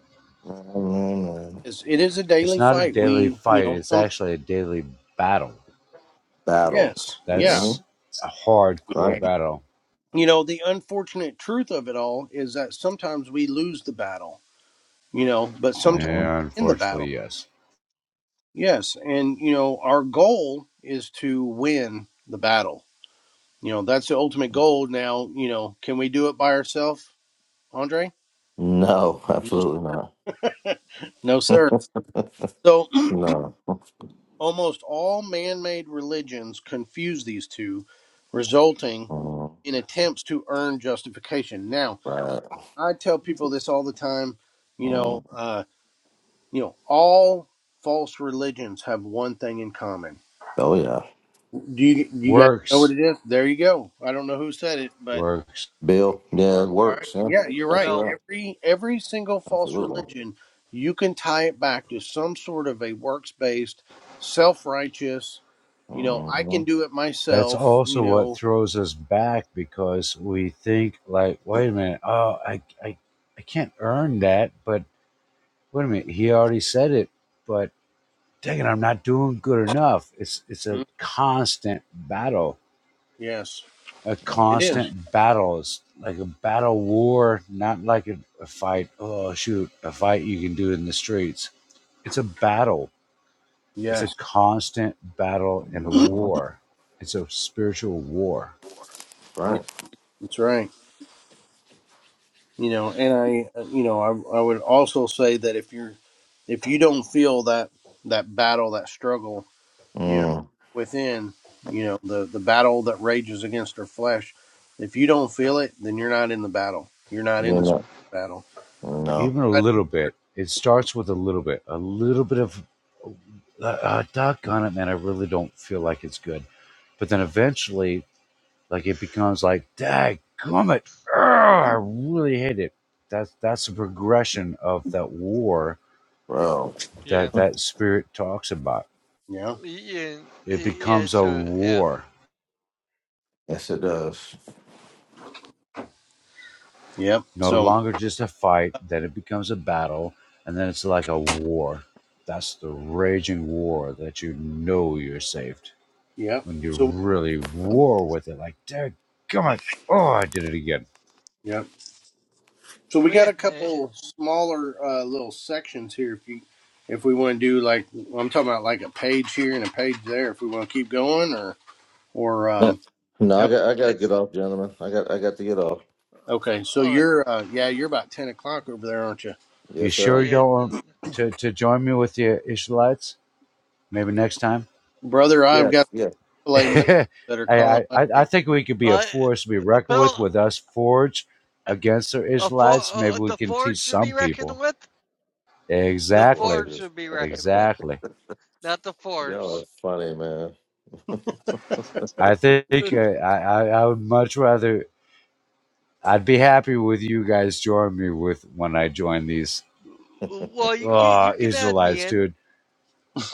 Speaker 3: man, hmm
Speaker 1: it's, it is a
Speaker 4: It's
Speaker 1: daily
Speaker 4: not a
Speaker 1: fight
Speaker 4: daily
Speaker 1: we you
Speaker 4: fight,
Speaker 1: know
Speaker 4: it's
Speaker 1: some
Speaker 4: actually a daily battle.
Speaker 3: Battle.
Speaker 1: yes yeah
Speaker 3: Mm-hmm.
Speaker 4: That's a hardcore
Speaker 3: Right.
Speaker 4: battle.
Speaker 1: you know the unfortunate truth of it all is that sometimes we lose the battle you know but sometimes
Speaker 3: Mm-hmm.
Speaker 4: And
Speaker 1: in the battle
Speaker 4: unfortunately, yes.
Speaker 1: yes and you know our goal is to win the battle you know that's the ultimate goal now you know can we do it by ourselves andre
Speaker 3: No,
Speaker 1: no
Speaker 3: absolutely not.
Speaker 1: no sir. So
Speaker 3: No.
Speaker 1: Almost all man made religions confuse these two, resulting
Speaker 3: Mm-hmm.
Speaker 1: in attempts to earn justification. Now,
Speaker 3: Right.
Speaker 1: I tell people this all the time, you know,
Speaker 3: Mm.
Speaker 1: uh, you know, all false religions have one thing in common.
Speaker 3: Oh yeah.
Speaker 1: Do you you guys know what
Speaker 4: Works,
Speaker 1: it is? There you go. I don't know who said it, but
Speaker 4: works.
Speaker 3: Bill. Yeah, it
Speaker 1: all right.
Speaker 3: works. Yeah.
Speaker 1: Yeah, you're
Speaker 3: Exactly
Speaker 1: right.
Speaker 2: Bill.
Speaker 3: right.
Speaker 1: Every every single false
Speaker 3: Absolutely.
Speaker 1: religion, you can tie it back to some sort of a works-based, self-righteous You know, I
Speaker 3: Mm-hmm.
Speaker 1: can do it
Speaker 4: That's
Speaker 1: myself, you
Speaker 4: also what
Speaker 1: know.
Speaker 4: throws us back because we think like, wait a minute, oh, I, I, I can't earn that, but wait a minute, he already said it, but dang it, I'm not doing good enough. It's, it's a
Speaker 1: Mm,
Speaker 4: constant battle
Speaker 1: Yes,
Speaker 4: a
Speaker 1: it
Speaker 3: Mm-hmm.
Speaker 1: is.
Speaker 4: constant battle. It's like a battle war, not like a, a fight. Oh, shoot, a fight you can do in the streets. It's a battle. It's a
Speaker 1: Yes.
Speaker 4: constant battle and a
Speaker 3: Mm-hmm.
Speaker 4: war. It's a spiritual war.
Speaker 1: Yeah,
Speaker 3: Right.
Speaker 1: that's right. You know, and I, uh, you know, I, I would also say that if you're, if you don't feel that that battle, that struggle, you know,
Speaker 3: Mm.
Speaker 1: within, you know, the the battle that rages against our flesh, if you don't feel it, then you're not in the battle. You're not in
Speaker 3: You
Speaker 1: the
Speaker 3: know.
Speaker 1: spiritual battle.
Speaker 3: No.
Speaker 4: Even a
Speaker 1: Right.
Speaker 4: little bit. It starts with a little bit. A little bit of, uh, uh, on it, man. I really don't feel like it's good. But then eventually, like it becomes like, dag gummit. I really hate it. That's, that's a progression of that war
Speaker 3: Bro.
Speaker 2: Yeah,
Speaker 4: that that spirit talks about.
Speaker 1: Yeah.
Speaker 2: yeah,
Speaker 4: It
Speaker 2: yeah.
Speaker 4: becomes a
Speaker 2: So yeah,
Speaker 4: war,
Speaker 3: Yes, it does.
Speaker 1: Yep.
Speaker 4: no
Speaker 1: So.
Speaker 4: longer just a fight, then it becomes a battle, and then it's like a war. That's the raging war that you know you're saved.
Speaker 1: Yep.
Speaker 4: When you
Speaker 1: So.
Speaker 4: really war with it, like, dear God, oh, I did it again.
Speaker 1: Yep. So we
Speaker 2: well,
Speaker 1: got
Speaker 2: yeah,
Speaker 1: a
Speaker 2: eh,
Speaker 1: couple smaller uh, little sections here. If you, if we want to do like I'm talking about, like a page here and a page there. If we want to keep going, or or
Speaker 3: No,
Speaker 1: um,
Speaker 3: no, I
Speaker 1: help.
Speaker 3: got I gotta get
Speaker 2: it's
Speaker 3: off, gentlemen. I got I got to get off.
Speaker 1: Okay, so
Speaker 2: Oh, uh, oh
Speaker 1: you're uh, yeah, you're about ten o'clock over there, aren't you,
Speaker 4: You
Speaker 3: Yes,
Speaker 4: sure you
Speaker 3: sir.
Speaker 2: yeah.
Speaker 4: don't want to, to join me with the Ishmaelites? Maybe next time?
Speaker 1: brother? I've got
Speaker 3: Yes, yes.
Speaker 1: filet nuggets
Speaker 4: I,
Speaker 1: that are
Speaker 4: I
Speaker 1: calling my
Speaker 4: I think we could be a
Speaker 2: Uh,
Speaker 4: force to be reckoned
Speaker 2: Bill,
Speaker 4: with with us forge against the
Speaker 2: a for,
Speaker 4: Israelites. Maybe
Speaker 2: uh,
Speaker 4: we
Speaker 2: the
Speaker 4: can teach
Speaker 2: Ford should
Speaker 4: some
Speaker 2: be reckoned
Speaker 4: people.
Speaker 2: with. The
Speaker 3: Of course,
Speaker 4: Exactly,
Speaker 2: Ford
Speaker 3: yes.
Speaker 2: should be reckoned with,
Speaker 4: exactly.
Speaker 2: not the
Speaker 3: Y'all are
Speaker 2: Force.
Speaker 3: funny, man.
Speaker 4: I think
Speaker 2: well,
Speaker 4: uh, I, I I would much rather. I'd be happy with you guys joining me with when I join these
Speaker 2: you can you
Speaker 4: uh,
Speaker 2: can add me
Speaker 4: Israelites,
Speaker 2: in.
Speaker 4: dude.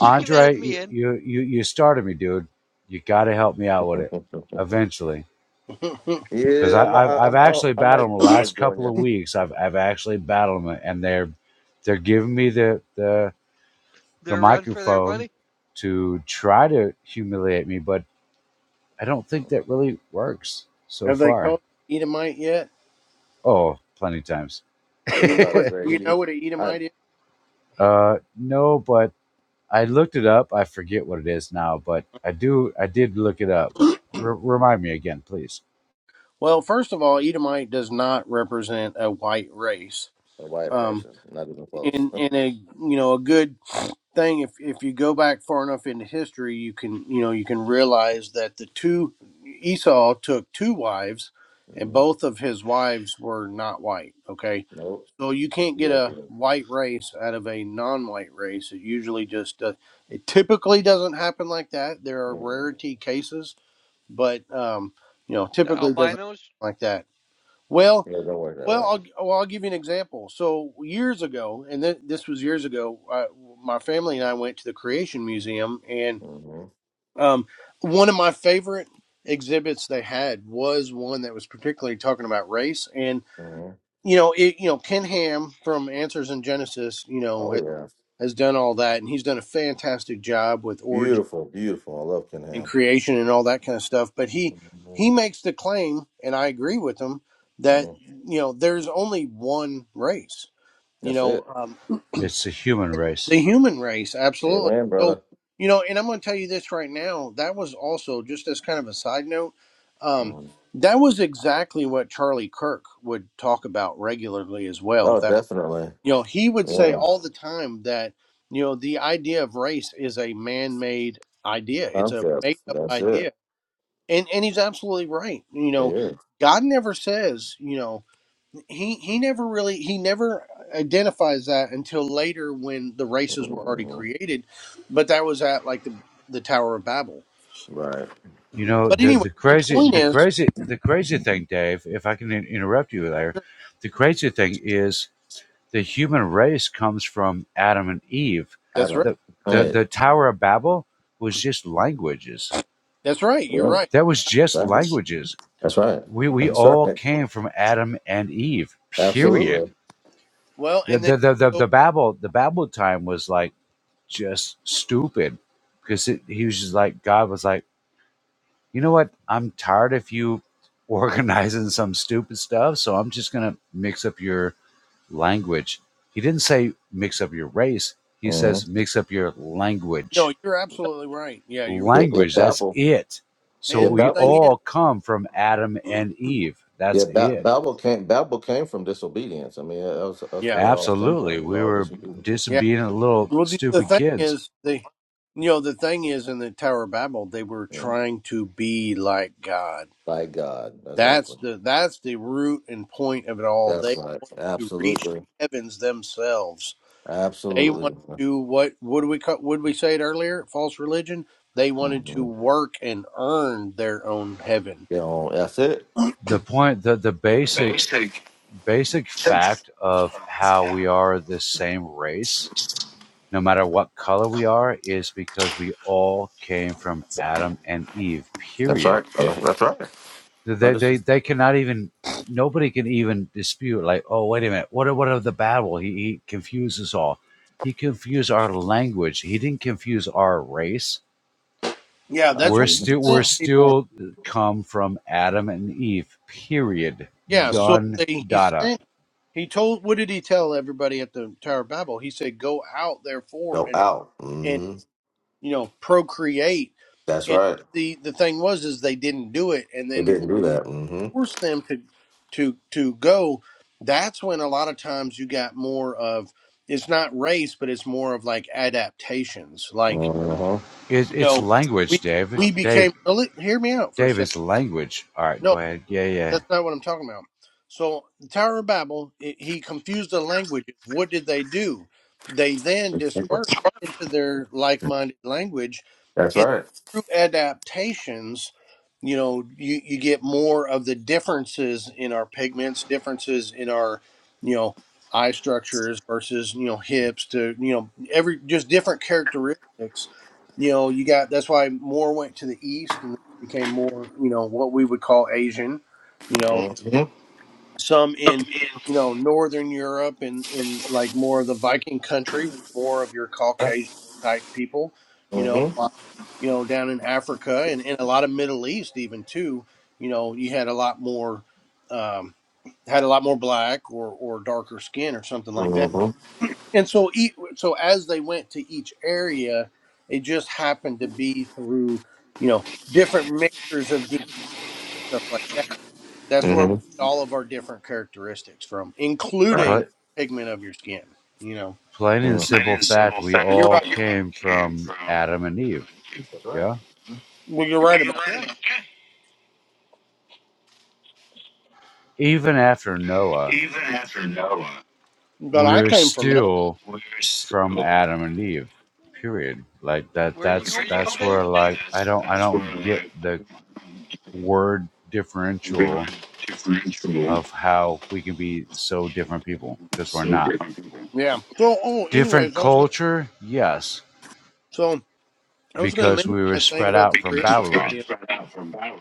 Speaker 2: You can add me in.
Speaker 4: you you you started me, dude. You got to help me out with it eventually.
Speaker 1: name.
Speaker 4: because
Speaker 3: yeah, I'm,
Speaker 4: I've
Speaker 3: I,
Speaker 4: I've
Speaker 3: I'm, I,
Speaker 4: actually
Speaker 3: I might
Speaker 4: battled them the
Speaker 3: I might
Speaker 4: last
Speaker 3: join
Speaker 4: couple
Speaker 3: you.
Speaker 4: of weeks. I've I've actually battled them, and they're they're giving me the the the
Speaker 2: They're run for their
Speaker 4: microphone
Speaker 2: money.
Speaker 4: to try to humiliate me, but I don't think that really works so
Speaker 1: Have they
Speaker 4: far.
Speaker 1: called Edomite yet?
Speaker 4: Oh, plenty of times.
Speaker 1: Do
Speaker 3: I'm
Speaker 1: you know
Speaker 3: about to
Speaker 1: what
Speaker 3: say
Speaker 1: do
Speaker 3: he,
Speaker 1: you
Speaker 3: he
Speaker 1: know what an
Speaker 3: I
Speaker 1: Edomite is?
Speaker 4: uh, no, but I looked it up. I forget what it is now, but I do I did look it up. But re- remind me again, please.
Speaker 1: Well, first of all, Edomite does not represent a white race.
Speaker 3: a white
Speaker 1: Um,
Speaker 3: person, not even close.
Speaker 1: in
Speaker 3: hmm
Speaker 1: in a you know a good thing if if you go back far enough into history you can you know you can realize that the two esau took two wives and both of his wives were not white okay
Speaker 3: Nope.
Speaker 1: so you can't get a
Speaker 3: Ethiopian.
Speaker 1: white race out of a non-white race it usually just uh, it typically doesn't happen like that there are
Speaker 3: Mm-mm.
Speaker 1: rarity cases but um you know
Speaker 2: The
Speaker 1: typically doesn't
Speaker 2: albinos.
Speaker 1: happen like that well
Speaker 3: Yeah, it don't work that
Speaker 1: well,
Speaker 3: way.
Speaker 1: I'll, well, I'll give you an example. So years ago, and th- this was years ago, uh, my family and I went to the Creation Museum, and
Speaker 3: Mm-hmm.
Speaker 1: um, one of my favorite exhibits they had was one that was particularly talking about race. And
Speaker 3: Mm-hmm.
Speaker 1: you know, it, you know, Ken Ham from Answers in Genesis, you know,
Speaker 3: Oh
Speaker 1: has,
Speaker 3: yeah,
Speaker 1: has done all that, and he's done a fantastic job with origin
Speaker 3: beautiful, beautiful. I love Ken
Speaker 1: and
Speaker 3: Ham.
Speaker 1: creation and all that kind of stuff. But he he makes the claim, and I agree with him, that
Speaker 3: hmm
Speaker 1: you know, there's only one race you
Speaker 3: That's
Speaker 1: know
Speaker 3: it.
Speaker 1: um,
Speaker 4: It's the human race.
Speaker 1: the human race absolutely
Speaker 3: Amen,
Speaker 1: so
Speaker 3: brother.
Speaker 1: you know and i'm going to tell you this right now that was also just as kind of a side note um,
Speaker 3: Mm-hmm.
Speaker 1: that was exactly what charlie kirk would talk about regularly as well
Speaker 3: Oh,
Speaker 1: that
Speaker 3: definitely.
Speaker 1: you know he would say
Speaker 3: Yeah.
Speaker 1: all the time that you know the idea of race is a man-made idea it's a
Speaker 3: Concept,
Speaker 1: made-up
Speaker 3: That's it.
Speaker 1: idea and and he's absolutely right you know
Speaker 3: Yeah.
Speaker 1: god never says you know he he never really he never identifies that until later when the races were already
Speaker 3: Mhm.
Speaker 1: created but that was at like the the tower of babel
Speaker 3: Right.
Speaker 4: You know
Speaker 1: but
Speaker 4: the
Speaker 1: anyway
Speaker 4: the
Speaker 1: the
Speaker 4: crazy
Speaker 1: point
Speaker 4: the
Speaker 1: is
Speaker 4: crazy the crazy thing, Dave. If I can in- interrupt you there, the crazy thing is the human race comes from Adam and Eve.
Speaker 1: that's right
Speaker 3: Adam.
Speaker 4: the the
Speaker 3: Right.
Speaker 4: The Tower of Babel was just languages.
Speaker 1: that's right you're
Speaker 3: Yeah.
Speaker 1: right
Speaker 4: That was just
Speaker 3: Right.
Speaker 4: languages.
Speaker 3: That's right.
Speaker 4: We we
Speaker 3: That's
Speaker 1: You're
Speaker 4: all
Speaker 3: right.
Speaker 4: came
Speaker 1: absolutely-
Speaker 4: from Adam and Eve.
Speaker 1: yeah
Speaker 4: Period.
Speaker 3: Absolutely.
Speaker 1: well
Speaker 4: The
Speaker 1: and then
Speaker 4: the the
Speaker 1: you
Speaker 4: the,
Speaker 1: go,
Speaker 4: the Babel the Babel time was like just stupid because it, he was just like God was like. you know what? I'm tired of you organizing some stupid stuff, so I'm just going to mix up your language. He didn't say mix up your race. He
Speaker 3: hmm
Speaker 4: says mix up your
Speaker 1: no
Speaker 4: language.
Speaker 1: you're absolutely right yeah you're right.
Speaker 3: Yeah, yeah,
Speaker 4: Language, that's
Speaker 3: Babel.
Speaker 4: it. So
Speaker 3: Yeah,
Speaker 1: and the
Speaker 4: we
Speaker 3: Babel.
Speaker 1: thing is
Speaker 4: all come from Adam and Eve.
Speaker 3: Yeah,
Speaker 4: That's
Speaker 3: ba-
Speaker 4: it.
Speaker 3: Babel came. Babel came from disobedience. I mean, that's that's
Speaker 1: yeah
Speaker 3: where it all stemmed from.
Speaker 4: Absolutely.
Speaker 3: It was
Speaker 4: We
Speaker 3: all
Speaker 4: were
Speaker 3: disobedience
Speaker 1: yeah
Speaker 4: disobedient little
Speaker 1: well the, the
Speaker 4: stupid
Speaker 1: thing
Speaker 4: kids.
Speaker 1: is the you know the thing is in the tower of babel they were
Speaker 3: Mhm.
Speaker 1: trying to be like god
Speaker 3: by God.
Speaker 1: That's
Speaker 3: Exactly.
Speaker 1: the that's the root and point of it all.
Speaker 3: That's
Speaker 1: They
Speaker 3: right.
Speaker 1: want to reach the
Speaker 3: Absolutely.
Speaker 1: heavens themselves. They
Speaker 3: Absolutely.
Speaker 1: want to what what do we ca- what did we say it earlier? False religion. They wanted to
Speaker 3: hmm
Speaker 2: Uh,
Speaker 1: work and earn their own heaven.
Speaker 3: Yeah. That's it.
Speaker 4: The point the the basic basic fact of how we are the same race no matter what color we are, is because we all came from Adam and Eve.
Speaker 3: That's
Speaker 4: Period.
Speaker 3: right. Uh, That's right. No,
Speaker 4: They
Speaker 3: this
Speaker 4: they
Speaker 3: is
Speaker 4: they cannot even nobody can even dispute like, oh wait a minute, what are, what are the Babel? He, he confused us all. He confused our language. He didn't confuse our race.
Speaker 1: Yeah,
Speaker 3: I
Speaker 1: that's
Speaker 4: We're
Speaker 1: what
Speaker 3: think
Speaker 4: still
Speaker 1: he
Speaker 4: we're
Speaker 1: sent
Speaker 3: so.
Speaker 1: people.
Speaker 4: still come from Adam and Eve. Period.
Speaker 1: Yeah,
Speaker 3: Mm.
Speaker 1: so
Speaker 4: Done.
Speaker 1: they, he
Speaker 4: Data.
Speaker 1: sent. He told. What did he tell everybody at the Tower of Babel? He said, "Go out, therefore,
Speaker 3: No
Speaker 1: and
Speaker 3: out.
Speaker 1: and
Speaker 3: hmm
Speaker 1: you know procreate."
Speaker 3: That's
Speaker 1: And
Speaker 3: right.
Speaker 1: the the thing was, is they didn't do it, and
Speaker 3: They
Speaker 1: then
Speaker 3: didn't do that. hmm
Speaker 1: force them to to to go that's when a lot of times you got more of it's not race but it's more of like adaptations like
Speaker 3: Uh-huh.
Speaker 4: It's
Speaker 1: you
Speaker 4: it's
Speaker 1: know
Speaker 4: language,
Speaker 1: we
Speaker 4: Dave.
Speaker 1: we
Speaker 4: Dave.
Speaker 1: became well, let- hear me out for a
Speaker 4: Dave.
Speaker 1: second
Speaker 4: It's language. All right.
Speaker 1: No,
Speaker 4: Go ahead. Yeah. Yeah.
Speaker 1: that's not what I'm talking about. So the Tower of Babel, i he confused the languages. What did they do? They then
Speaker 3: It's different.
Speaker 1: dispersed into their like-minded language,
Speaker 3: That's
Speaker 1: and
Speaker 3: right.
Speaker 1: through adaptations, you know, you, you get more of the differences in our pigments, differences in our, you know, eye structures versus you know hips to you know every just different characteristics. You know, you got that's why more went to the east and became more you know what we would call Asian you know
Speaker 3: hmm
Speaker 1: some in you know northern europe and in like more of the viking country more of your caucasian type people you know
Speaker 3: hmm
Speaker 1: while, you know down in africa and, and a lot of middle east even too you know you had a lot more um had a lot more black or or darker skin or something like
Speaker 3: hmm
Speaker 1: that and so e- so as they went to each area it just happened to be through you know different mixtures of DNA, stuff like that that's where we
Speaker 3: hmm
Speaker 1: get all of our different characteristics from,
Speaker 3: Right.
Speaker 4: Pl-
Speaker 1: including pigment of your skin. You know,
Speaker 4: Plain
Speaker 3: Mm.
Speaker 4: and
Speaker 3: Plain
Speaker 4: simple
Speaker 3: and
Speaker 4: fact,
Speaker 3: simple
Speaker 4: we
Speaker 3: fact,
Speaker 1: you're
Speaker 3: we
Speaker 4: all
Speaker 1: right.
Speaker 3: all
Speaker 4: came
Speaker 3: came
Speaker 4: from
Speaker 3: from.
Speaker 4: Adam and Eve. Yeah.
Speaker 1: Well, you're
Speaker 3: Well,
Speaker 1: right
Speaker 3: you're
Speaker 1: about.
Speaker 3: right
Speaker 2: Yeah.
Speaker 3: about that.
Speaker 4: Even after Noah,
Speaker 3: Even after Noah,
Speaker 1: That. But I
Speaker 4: we're
Speaker 1: came from no.
Speaker 4: still
Speaker 3: we're still.
Speaker 4: from
Speaker 3: Where
Speaker 4: Adam and Eve. Period. Like that.
Speaker 2: Where you
Speaker 4: That's
Speaker 2: come
Speaker 3: you come
Speaker 2: from,
Speaker 4: that's
Speaker 3: from,
Speaker 4: where
Speaker 2: Dave?
Speaker 3: Dave?
Speaker 4: like I
Speaker 3: That's,
Speaker 4: don't I
Speaker 3: that's where
Speaker 4: don't get
Speaker 3: like
Speaker 4: the word
Speaker 3: we're
Speaker 4: differential
Speaker 3: differential,
Speaker 4: of how we can be so different people because we're
Speaker 3: so
Speaker 4: not
Speaker 3: different people.
Speaker 1: Yeah. So, oh,
Speaker 4: different
Speaker 1: anyways, I was gonna.
Speaker 4: culture. Yes,
Speaker 1: So I was gonna
Speaker 4: because
Speaker 1: mention
Speaker 4: we were
Speaker 1: that thing
Speaker 4: spread
Speaker 1: about the
Speaker 4: out from
Speaker 1: creation.
Speaker 3: because we were
Speaker 4: Babylon.
Speaker 1: Museum.
Speaker 3: spread out from battle.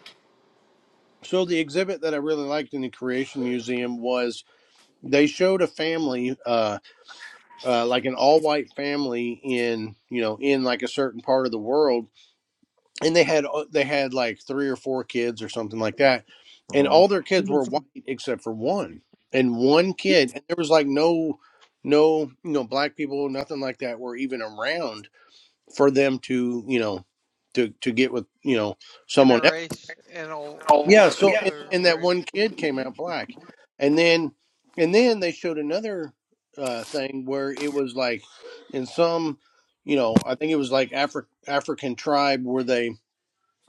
Speaker 1: So the exhibit that I really liked in the Creation Museum was they showed a family, uh, uh, like an all-white family in you know in like a certain part of the world, and they had uh, they had like three or four kids or something like that and
Speaker 3: Mm-hmm.
Speaker 1: all their kids were white except for one and one kid and there was like no no you know black people nothing like that were even around for them to you know to to get with you know
Speaker 2: In
Speaker 1: someone
Speaker 2: a
Speaker 1: else
Speaker 2: race, in a
Speaker 3: So,
Speaker 1: yeah
Speaker 2: uh,
Speaker 1: so
Speaker 3: yeah,
Speaker 1: and,
Speaker 2: inter
Speaker 3: so
Speaker 1: and
Speaker 3: in,
Speaker 1: that
Speaker 2: race.
Speaker 3: in
Speaker 1: one
Speaker 3: that
Speaker 1: kid
Speaker 3: one
Speaker 1: came
Speaker 3: kid.
Speaker 1: out black and then and then they showed another uh thing where it was like in some you know i think it was like Afri- african tribe where they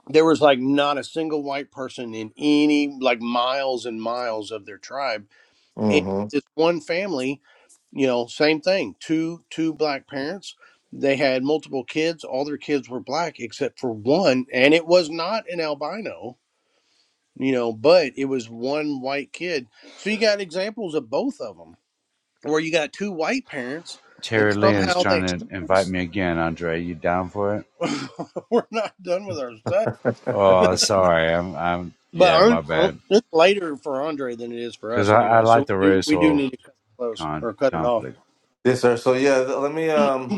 Speaker 1: there was like not a single white person in any like miles and miles of their tribe and
Speaker 3: Mm-hmm.
Speaker 1: this one family you know same thing two two black parents they had multiple kids all their kids were black except for one and it was not an albino you know but it was one white kid so you got examples of both of them where you got two white parents and
Speaker 4: Terry Lynn's
Speaker 1: somehow they
Speaker 4: trying to invite me again, Andre. You down for it?
Speaker 1: we're not done with our study
Speaker 4: Oh, sorry. I'm. I'm.
Speaker 1: But
Speaker 4: Yeah,
Speaker 1: aren't-
Speaker 4: my
Speaker 1: aren't-
Speaker 4: bad.
Speaker 1: it's later for Andre than it is for
Speaker 4: Because
Speaker 1: us
Speaker 4: I, I
Speaker 1: anyway.
Speaker 4: like
Speaker 1: So
Speaker 4: the
Speaker 1: we do, we do
Speaker 4: racial
Speaker 1: need to cut it close
Speaker 4: con
Speaker 1: or cut it off.
Speaker 4: conflict.
Speaker 3: Yes, sir. So yeah, th- let me um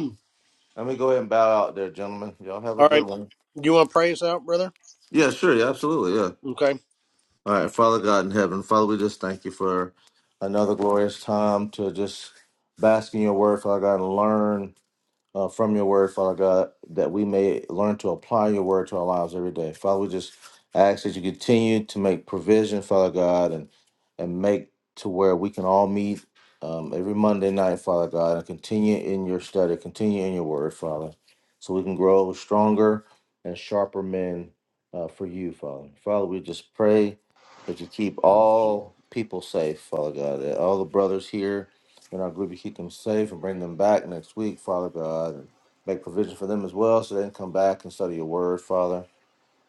Speaker 3: let me go ahead and bow out there, gentlemen. Y'all have a
Speaker 1: All
Speaker 3: good
Speaker 1: right.
Speaker 3: one.
Speaker 1: Do you want to pray us out, brother?
Speaker 3: Yeah, sure. Yeah, absolutely. Yeah.
Speaker 1: Okay.
Speaker 3: All right, Father God in heaven, Father, we just thank you for another glorious time to just bask in your word, Father God, and learn. uh, from your word, Father God, that we may learn to apply your word to our lives every day. Father, we just ask that you continue to make provision, Father God, and and make to where we can all meet um, every Monday night, Father God, and continue in your study, continue in your word, Father, so we can grow stronger and sharper men uh, for you, Father. Father, we just pray that you keep
Speaker 4: Yeah,
Speaker 3: all people safe, Father God, that all the brothers here in our group, you keep them safe and bring them back next week, Father God, and make provision for them as well so they can come back and study your word, Father.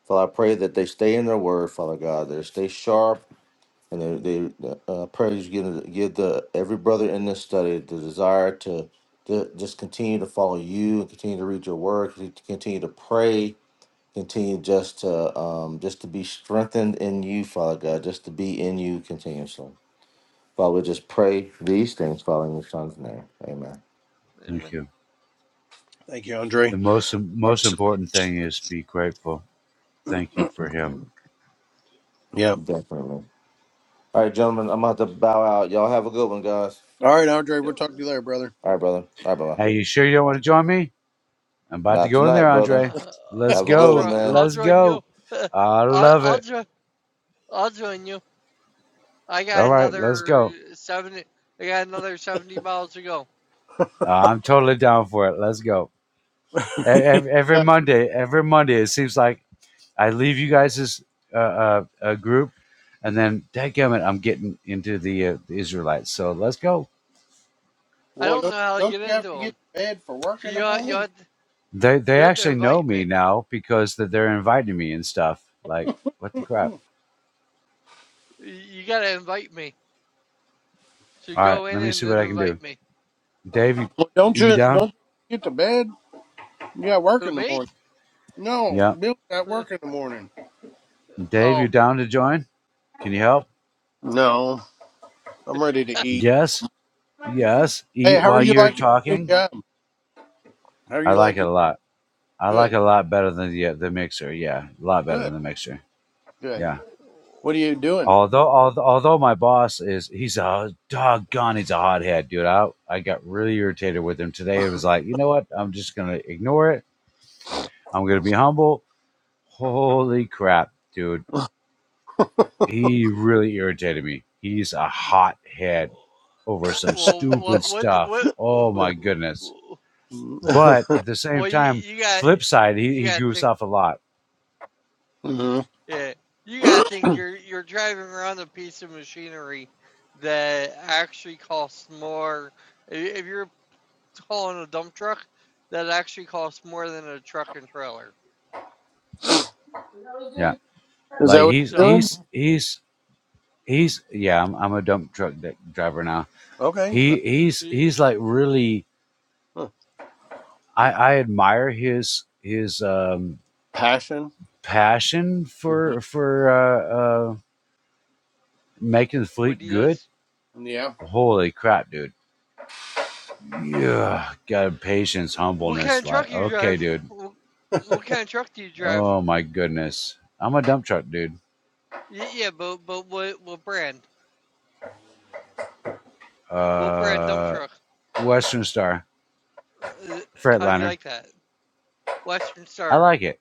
Speaker 3: Father, I pray that they stay in their word, Father God, that they stay sharp and they, they the, uh, prayers give, give the every brother in this study the desire to, to just continue to follow you and continue to read your word, to continue to pray, continue just to um, just to be strengthened in you, Father God, just to be in you continuously. Father, we just pray these things, Father, in your son's name. Amen.
Speaker 4: thank
Speaker 2: Amen.
Speaker 4: you.
Speaker 1: Thank you,
Speaker 4: The
Speaker 1: Andre.
Speaker 4: most most important thing is be grateful. Thank you for him.
Speaker 3: Mhm.
Speaker 1: Yeah.
Speaker 3: Definitely. All right, gentlemen, I'm about to bow out. Y'all have a good one, guys.
Speaker 1: All right, Andre. We'll
Speaker 2: Yep.
Speaker 1: talk to you later, brother.
Speaker 3: All right, brother. All right, brother.
Speaker 4: Hey, you sure you don't want to join me? I'm about to
Speaker 3: Not
Speaker 4: go in there,
Speaker 3: tonight, brother.
Speaker 4: Andre.
Speaker 2: Uh,
Speaker 4: Let's
Speaker 3: Have a
Speaker 2: I'll
Speaker 3: good one,
Speaker 4: go.
Speaker 2: join.
Speaker 3: man.
Speaker 2: I'll
Speaker 4: Let's
Speaker 2: join you.
Speaker 4: go. I
Speaker 2: I,
Speaker 4: love
Speaker 2: I'll
Speaker 4: it.
Speaker 2: join. I'll join you. I got
Speaker 4: All right, let's
Speaker 2: another
Speaker 4: go.
Speaker 2: seventy. I got another seventy miles to go.
Speaker 4: Uh, I'm totally down for it. Let's go. Every, every Monday, every Monday, it seems like I leave you guys as a, uh a group, and then dadgummit, I'm getting into the, uh, the Israelites. So let's go.
Speaker 2: I
Speaker 1: well,
Speaker 2: don't
Speaker 1: don't,
Speaker 2: know how to
Speaker 1: don't
Speaker 2: get
Speaker 1: you have
Speaker 2: into
Speaker 1: to get to
Speaker 2: them.
Speaker 1: bed for work
Speaker 2: So
Speaker 1: in the
Speaker 2: you you
Speaker 1: morning?
Speaker 2: have, to,
Speaker 4: They
Speaker 2: you
Speaker 4: they
Speaker 2: have to
Speaker 4: actually know
Speaker 2: invite
Speaker 4: me
Speaker 2: me.
Speaker 4: now because that they're inviting me and stuff. Like what the crap?
Speaker 2: You gotta invite me. So
Speaker 4: All right,
Speaker 2: go in
Speaker 4: let me
Speaker 2: and
Speaker 4: see what
Speaker 2: then
Speaker 4: I can do.
Speaker 2: invite me.
Speaker 4: Dave, you,
Speaker 1: Well, don't
Speaker 4: you
Speaker 1: you don't
Speaker 4: down?
Speaker 1: you get to bed? You got work
Speaker 2: Who
Speaker 1: in the
Speaker 2: me?
Speaker 1: morning. No,
Speaker 4: Yeah.
Speaker 1: Bill got work in the morning.
Speaker 4: Dave, you
Speaker 2: Oh.
Speaker 4: down to join? Can you help?
Speaker 1: No, I'm ready to eat.
Speaker 4: Yes. Yes.
Speaker 1: Hey,
Speaker 4: Eat
Speaker 1: how are
Speaker 4: while
Speaker 1: you
Speaker 4: you're
Speaker 1: liking your
Speaker 4: talking.
Speaker 1: new job? How are
Speaker 4: I
Speaker 1: you
Speaker 4: like it
Speaker 1: liking?
Speaker 4: a lot. I like
Speaker 1: Good,
Speaker 4: it a lot better than the uh, the mixer. Yeah, a lot better
Speaker 1: good,
Speaker 4: than the mixer.
Speaker 1: good.
Speaker 4: Yeah.
Speaker 1: What are you doing?
Speaker 4: Although, although, although my boss is, he's a doggone, he's a hothead, dude. I, I got really irritated with him today. It was like, you know what? I'm just going to ignore it. I'm going to be humble. Holy crap, dude. He really irritated me. He's a hothead over some
Speaker 2: Well,
Speaker 4: stupid
Speaker 2: what what
Speaker 4: stuff.
Speaker 2: what
Speaker 4: Oh my goodness. But at the same
Speaker 2: Well, you
Speaker 4: time,
Speaker 2: you got
Speaker 4: flip side, he,
Speaker 2: you
Speaker 4: he
Speaker 2: got to think
Speaker 4: goofs off a lot.
Speaker 1: Mhm.
Speaker 2: Yeah, you gotta think you're you're driving around a piece of machinery that actually costs more. i- If you're hauling a dump truck, that actually costs more than a truck and trailer.
Speaker 4: Yeah.
Speaker 1: Is that
Speaker 4: Like
Speaker 1: what
Speaker 4: he's,
Speaker 1: you're
Speaker 2: So,
Speaker 1: doing?
Speaker 4: he's, he's, he's, yeah, I'm, I'm a dump truck d- driver now
Speaker 1: Okay. No.
Speaker 4: He he's
Speaker 2: i-
Speaker 4: he's like really
Speaker 1: Huh.
Speaker 4: I, I admire his his um
Speaker 1: Passion.
Speaker 4: passion
Speaker 1: hmm
Speaker 4: for for uh, uh making the
Speaker 2: what
Speaker 4: fleet
Speaker 2: he
Speaker 4: good.
Speaker 2: does?
Speaker 1: Yeah.
Speaker 4: Holy crap, dude. Yeah, got patience,
Speaker 2: What kind of
Speaker 4: humbleness,
Speaker 2: truck
Speaker 4: like
Speaker 2: do you
Speaker 4: okay,
Speaker 2: drive?
Speaker 4: dude.
Speaker 2: What, what kind of truck do you drive?
Speaker 4: Oh my goodness. I'm a dump truck dude.
Speaker 2: Y- Yeah, but but what what brand? What brand dump
Speaker 4: Uh
Speaker 2: truck?
Speaker 4: Western Star,
Speaker 2: Uh, How do you
Speaker 4: Freightliner.
Speaker 2: like that? Western
Speaker 4: I
Speaker 2: Star.
Speaker 4: like it.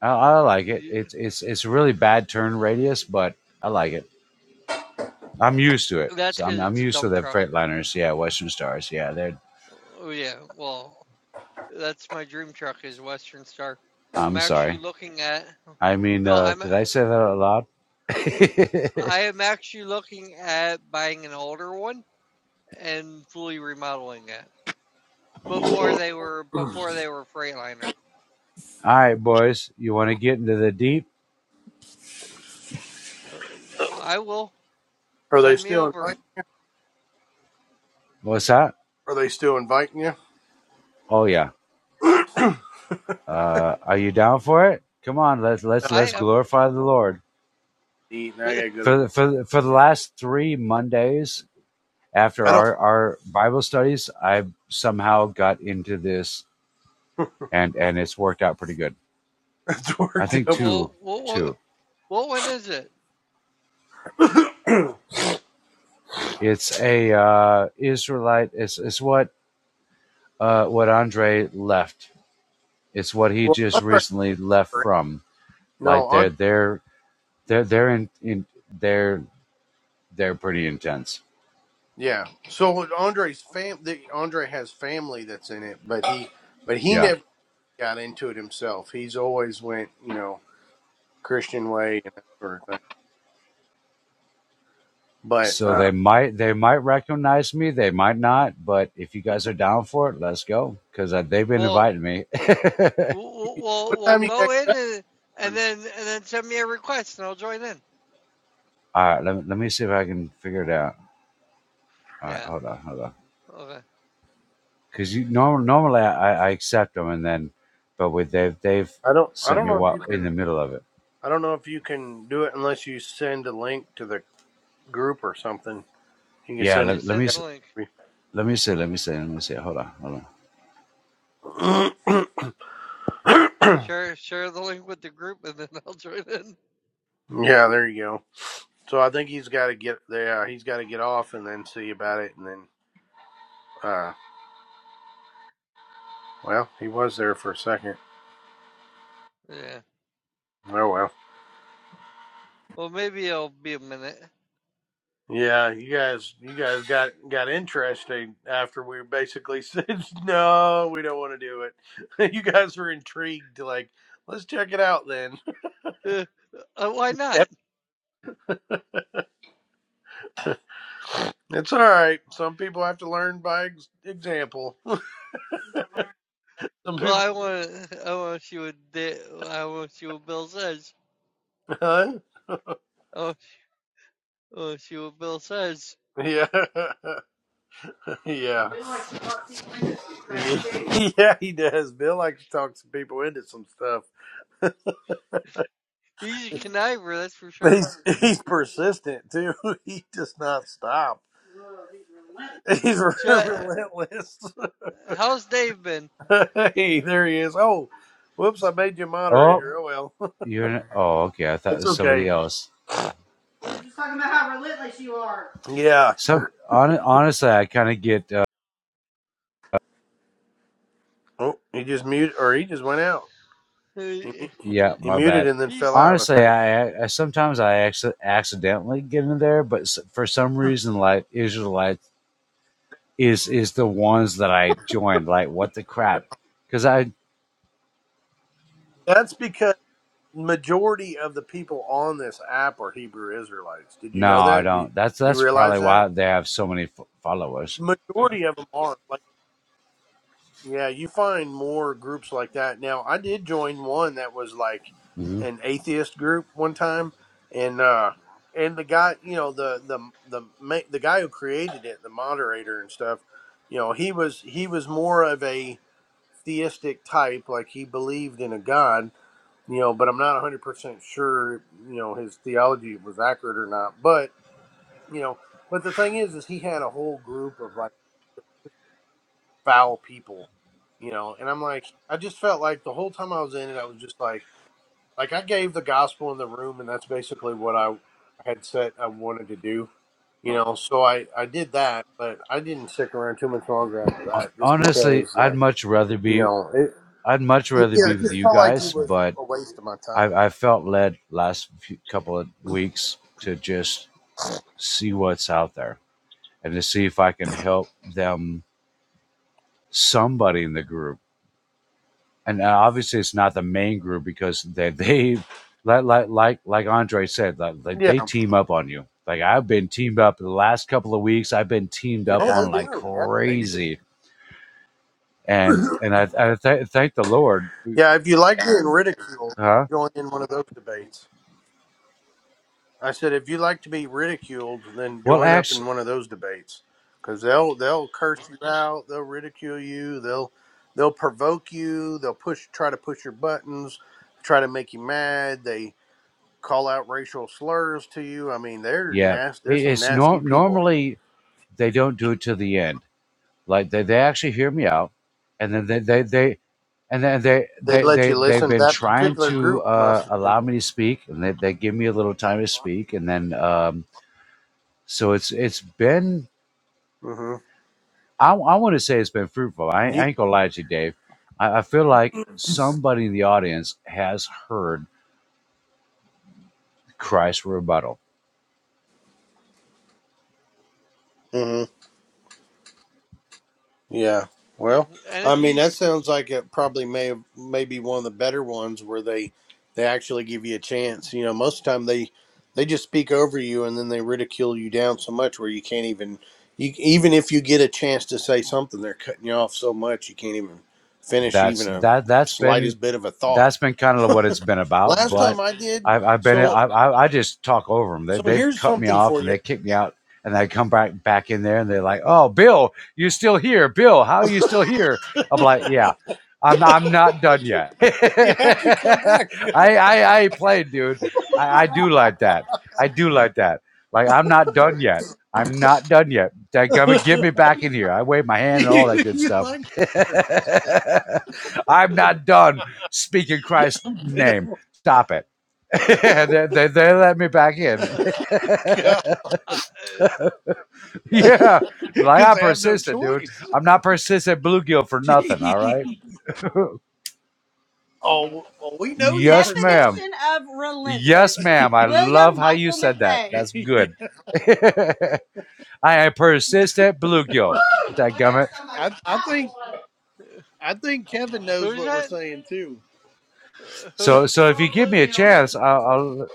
Speaker 4: I, I like it.
Speaker 2: Y-
Speaker 4: It's it's it's a really bad turn radius, but I like it. I'm used to it.
Speaker 2: That's
Speaker 4: So I'm
Speaker 2: because
Speaker 4: I'm
Speaker 2: it's a
Speaker 4: used to
Speaker 2: dump
Speaker 4: the
Speaker 2: truck.
Speaker 4: Freightliners. Yeah, Western Stars. Yeah, they're.
Speaker 2: Oh yeah, well, That's my dream truck is Western Star. I'm
Speaker 4: I'm
Speaker 2: actually
Speaker 4: sorry.
Speaker 2: looking at
Speaker 4: I mean,
Speaker 2: no,
Speaker 4: uh,
Speaker 2: I'm
Speaker 4: did I say that out loud?
Speaker 2: I am actually looking at buying an older one and fully remodeling it before they were before they were Freightliner.
Speaker 4: All right, boys. You want to get into the deep?
Speaker 2: Uh, I will
Speaker 1: Are they
Speaker 2: send me
Speaker 1: still
Speaker 2: over.
Speaker 1: inviting?
Speaker 4: What's that?
Speaker 1: Are they still inviting you?
Speaker 4: Oh yeah. Uh, are you down for it? Come on. Let's
Speaker 1: No,
Speaker 4: let's
Speaker 2: I
Speaker 4: let's
Speaker 2: am.
Speaker 4: glorify the Lord
Speaker 1: eat. Now I gotta go to.
Speaker 4: for the, for the, for the last three Mondays after
Speaker 1: I don't.
Speaker 4: our our Bible studies. I somehow got into this and and it's worked out pretty good.
Speaker 1: it's
Speaker 4: I
Speaker 1: worked
Speaker 4: think
Speaker 1: up.
Speaker 2: well,
Speaker 4: two
Speaker 2: what
Speaker 4: two.
Speaker 2: what what one is it?
Speaker 4: It's a uh, Israelite. It's it's what uh, what Andre left. It's what he
Speaker 1: well,
Speaker 4: just
Speaker 1: Andre.
Speaker 4: recently left from.
Speaker 1: No,
Speaker 4: Like
Speaker 1: Andre.
Speaker 4: they're they're they're they're in, in they're they're pretty intense.
Speaker 1: Yeah. So Andre's fam. The, Andre has family that's in it, but he, but he
Speaker 4: Yeah.
Speaker 1: never got into it himself. He's always went, you know, Christian way and that sort of thing. But
Speaker 4: So
Speaker 1: uh,
Speaker 4: they might they might recognize me. They might not. But if you guys are down for it, let's go because uh, they've been
Speaker 2: Well,
Speaker 4: inviting me.
Speaker 2: we'll we'll,
Speaker 1: what
Speaker 2: we'll
Speaker 1: time you
Speaker 2: go in
Speaker 1: got?
Speaker 2: and, and then and then send me a request and I'll join in.
Speaker 4: All right. Let me, let me see if I can figure it out. All right.
Speaker 2: Yeah.
Speaker 4: Hold on. Hold on.
Speaker 2: Okay.
Speaker 4: because you norm, normally I, I accept them and then but with they've they've
Speaker 1: I don't. I
Speaker 4: sent
Speaker 1: don't
Speaker 4: me
Speaker 1: know if you
Speaker 4: what in
Speaker 1: can.
Speaker 4: the middle of it
Speaker 1: I don't know if you can do it unless you send a link to the group or something. You can
Speaker 4: yeah
Speaker 1: send.
Speaker 2: You
Speaker 4: let, let me
Speaker 2: send the
Speaker 4: s-
Speaker 2: link.
Speaker 4: let me see let me see let me see hold on hold on
Speaker 1: yeah,
Speaker 2: Share share the link with the group and then I'll join in.
Speaker 1: there you go. So I think he's got to get there. He's got to get off and then see about it, and then. Uh, well, he was there for a second.
Speaker 2: Yeah.
Speaker 1: Oh well.
Speaker 2: Well, maybe it'll be a minute.
Speaker 1: Yeah, you guys, you guys got got interested after we basically said no, we don't want to do it. you guys were intrigued, like let's check it out then.
Speaker 2: Uh, uh, why not?
Speaker 1: It's all right. Some people have to learn by ex- example. Some
Speaker 2: Well,
Speaker 1: people,
Speaker 2: I want to. I want to see what they, I want to see what Bill says.
Speaker 1: huh?
Speaker 2: I want to see what Bill says.
Speaker 1: Yeah, yeah, yeah. He does. Bill likes to talk some people into some stuff.
Speaker 2: He's a conniver, that's for sure.
Speaker 1: He's he's persistent too. He does not stop. He's
Speaker 2: So, uh,
Speaker 1: relentless.
Speaker 2: how's Dave been?
Speaker 1: hey, there he is. Oh, whoops! I made you
Speaker 4: oh
Speaker 1: moderator. Oh well,
Speaker 4: you're in, oh okay i thought it
Speaker 1: it's
Speaker 4: was
Speaker 1: okay.
Speaker 4: somebody else
Speaker 1: Yeah.
Speaker 4: so hon, honestly i kind of get uh,
Speaker 1: Oh, he just muted, or he just went out.
Speaker 4: yeah
Speaker 1: He
Speaker 4: my
Speaker 1: muted
Speaker 4: bad
Speaker 1: and then fell
Speaker 2: He's
Speaker 1: out, I
Speaker 4: honestly
Speaker 1: think.
Speaker 4: i, I sometimes i acci- accidentally get in there but s- for some reason like israelite is is the ones that i joined like what the crap because i
Speaker 1: That's because majority of the people on this app are Hebrew Israelites. Did you
Speaker 4: No,
Speaker 1: know
Speaker 4: I
Speaker 1: that? Do You,
Speaker 4: don't. That's
Speaker 1: you
Speaker 4: that's probably
Speaker 1: realize that?
Speaker 4: why they have so many f- followers.
Speaker 1: Majority of them are. Like, yeah, you find more groups like that. Now, I did join one that was like
Speaker 4: hmm
Speaker 1: an atheist group one time, and uh, and the guy, you know, the the the ma- the guy who created it, the moderator and stuff, you know, he was he was more of a theistic type, like he believed in a god you know, but I'm not 100% sure, you know, his theology was accurate or not. But, you know, but the thing is, is he had a whole group of like foul people, you know, and I'm like, I just felt like the whole time I was in it, I was just like, like I gave the gospel in the room, and that's basically what I had said I wanted to do, you know, so I, I did that, but I didn't stick around too much longer after
Speaker 4: Hon-
Speaker 1: that just
Speaker 4: Honestly,
Speaker 1: because,
Speaker 4: I'd
Speaker 1: like,
Speaker 4: much rather
Speaker 1: you
Speaker 4: be
Speaker 1: know, it,
Speaker 4: I'd much rather
Speaker 1: yeah,
Speaker 4: be
Speaker 1: it
Speaker 4: with
Speaker 1: just
Speaker 4: you
Speaker 1: felt like
Speaker 4: guys,
Speaker 1: it was
Speaker 4: but
Speaker 1: a waste of my time.
Speaker 4: I, I felt led last few, couple of weeks to just see what's out there and to see if I can help them somebody in the group. and uh, obviously it's not the main group because they they like like like, like Andre said like, like
Speaker 1: Yeah.
Speaker 4: they team up on you. Like I've been teamed up the last couple of weeks. I've been teamed
Speaker 1: No,
Speaker 4: up on
Speaker 1: they
Speaker 4: like
Speaker 1: do. Yeah, they do.
Speaker 4: crazy, and and I, I th- thank the Lord,
Speaker 1: Yeah, if you like being ridiculed,
Speaker 4: huh?
Speaker 1: join in one of those debates. I said, if you like to be ridiculed, then
Speaker 4: Well,
Speaker 1: join up in
Speaker 4: actually,
Speaker 1: one of those debates because they'll they'll curse you out, they'll ridicule you, they'll they'll provoke you, they'll push try to push your buttons, try to make you mad. They call out racial slurs to you. I mean, they're
Speaker 4: yeah,
Speaker 1: nasty. There's
Speaker 4: it,
Speaker 1: some
Speaker 4: it's
Speaker 1: nasty
Speaker 4: nor-
Speaker 1: people.
Speaker 4: normally they don't do it to the end. Like they, they actually hear me out, and then they they, they and then they,
Speaker 1: They
Speaker 4: they
Speaker 1: let
Speaker 4: they
Speaker 1: you
Speaker 4: they've
Speaker 1: listen.
Speaker 4: been
Speaker 1: That
Speaker 4: trying
Speaker 1: particular
Speaker 4: to
Speaker 1: group
Speaker 4: uh,
Speaker 1: must.
Speaker 4: allow me to speak, and they, they give me a little time to speak, and then um, So it's it's been
Speaker 1: Mm-hmm.
Speaker 4: I, I want to say it's been fruitful. I, I ain't
Speaker 1: You.
Speaker 4: gonna lie to you, Dave. I, I feel like somebody in the audience has heard Christ's rebuttal.
Speaker 1: Yeah. Well,
Speaker 2: and if
Speaker 1: I mean,
Speaker 2: he.
Speaker 1: that sounds like it probably may have may be one of the better ones where they they actually give you a chance. You know, most of the time they they just speak over you and then they ridicule you down so much where you can't even you even if you get a chance to say something, they're cutting you off so much you can't even finish
Speaker 4: that's
Speaker 1: even a
Speaker 4: that that's been
Speaker 1: slightest bit of a thought.
Speaker 4: that's been kind of what it's been about.
Speaker 1: Last
Speaker 4: But
Speaker 1: time I did,
Speaker 4: I've, I've been I,
Speaker 1: so
Speaker 4: I I just talk over them. They,
Speaker 1: so
Speaker 4: they've
Speaker 1: here's
Speaker 4: cut me
Speaker 1: something
Speaker 4: off
Speaker 1: for
Speaker 4: and
Speaker 1: you.
Speaker 4: they kick me out, and I come back back in there and they're like, "Oh, Bill, you still here. Bill, how are you still here?" I'm like, "Yeah, I'm I'm not done yet.
Speaker 1: Yeah,
Speaker 4: I
Speaker 1: How'd you come back,
Speaker 4: I
Speaker 1: Bill?
Speaker 4: I ain't dude. I, I do like that. I do like that. Like I'm not done yet." I'm not done yet. They're gonna get me back in here. I wave my hand and
Speaker 1: you,
Speaker 4: all
Speaker 2: Uh,
Speaker 4: that good
Speaker 1: you
Speaker 4: stuff
Speaker 1: liked me for
Speaker 4: I'm
Speaker 2: uh,
Speaker 4: not done speaking Christ's
Speaker 1: this,
Speaker 4: name.
Speaker 1: Bill.
Speaker 4: Stop it. they, they, they let me back in.
Speaker 2: uh,
Speaker 4: yeah. Like
Speaker 1: because
Speaker 4: I'm
Speaker 1: they have no
Speaker 4: persistent, dude.
Speaker 1: choice.
Speaker 4: I'm not persistent bluegill for nothing, all
Speaker 1: Gee.
Speaker 4: right?
Speaker 1: Oh, well, we know you're
Speaker 4: yes,
Speaker 1: persistent.
Speaker 4: ma'am.
Speaker 1: Definition of relentless.
Speaker 4: Yes, ma'am. I love
Speaker 1: William
Speaker 4: how you
Speaker 1: Michael
Speaker 4: said that.
Speaker 1: McVeigh.
Speaker 4: That's good. I am persistent bluegill.
Speaker 1: Yeah.
Speaker 4: Dadgummit.
Speaker 1: I, I think
Speaker 2: uh,
Speaker 1: I think Kevin knows
Speaker 2: who's
Speaker 1: what we're
Speaker 2: that?
Speaker 1: saying too.
Speaker 4: So, so
Speaker 2: Uh,
Speaker 4: if you give
Speaker 1: Oh
Speaker 4: me a
Speaker 1: bluegill!
Speaker 4: chance, I'll, I'll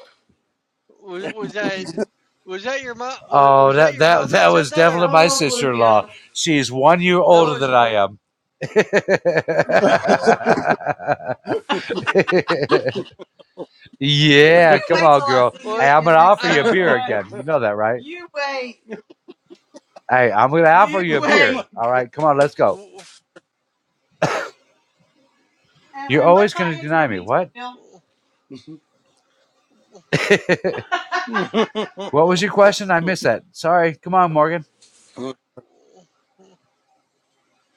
Speaker 2: Was, was that was that your mom? Was,
Speaker 4: oh,
Speaker 2: was that
Speaker 4: that
Speaker 2: your
Speaker 4: that
Speaker 2: mom
Speaker 4: that
Speaker 2: that said
Speaker 4: was
Speaker 2: that,
Speaker 4: definitely
Speaker 2: or
Speaker 4: my
Speaker 1: Oh
Speaker 4: sister-in-law.
Speaker 1: bluegill!
Speaker 4: She's one year
Speaker 2: that
Speaker 4: older than
Speaker 2: wasn't
Speaker 4: I
Speaker 2: your?
Speaker 4: am
Speaker 1: You
Speaker 4: yeah, come
Speaker 1: wait
Speaker 4: on,
Speaker 1: till I
Speaker 4: girl.
Speaker 1: see you
Speaker 2: Well,
Speaker 4: Hey, I'm
Speaker 1: again
Speaker 4: gonna
Speaker 1: next
Speaker 4: offer
Speaker 2: I.
Speaker 4: you a
Speaker 1: time,
Speaker 4: beer again.
Speaker 1: boy.
Speaker 4: You know that, right?
Speaker 1: You wait.
Speaker 4: Hey, I'm gonna offer
Speaker 1: You
Speaker 4: you a
Speaker 1: wait.
Speaker 4: beer. All right, come on, let's go.
Speaker 1: And,
Speaker 4: You're
Speaker 1: and what's
Speaker 4: always
Speaker 1: my
Speaker 4: gonna
Speaker 1: answer
Speaker 4: deny
Speaker 1: going
Speaker 4: me. What?
Speaker 1: to be,
Speaker 4: what was your question? I missed that. Sorry. Come on, Morgan.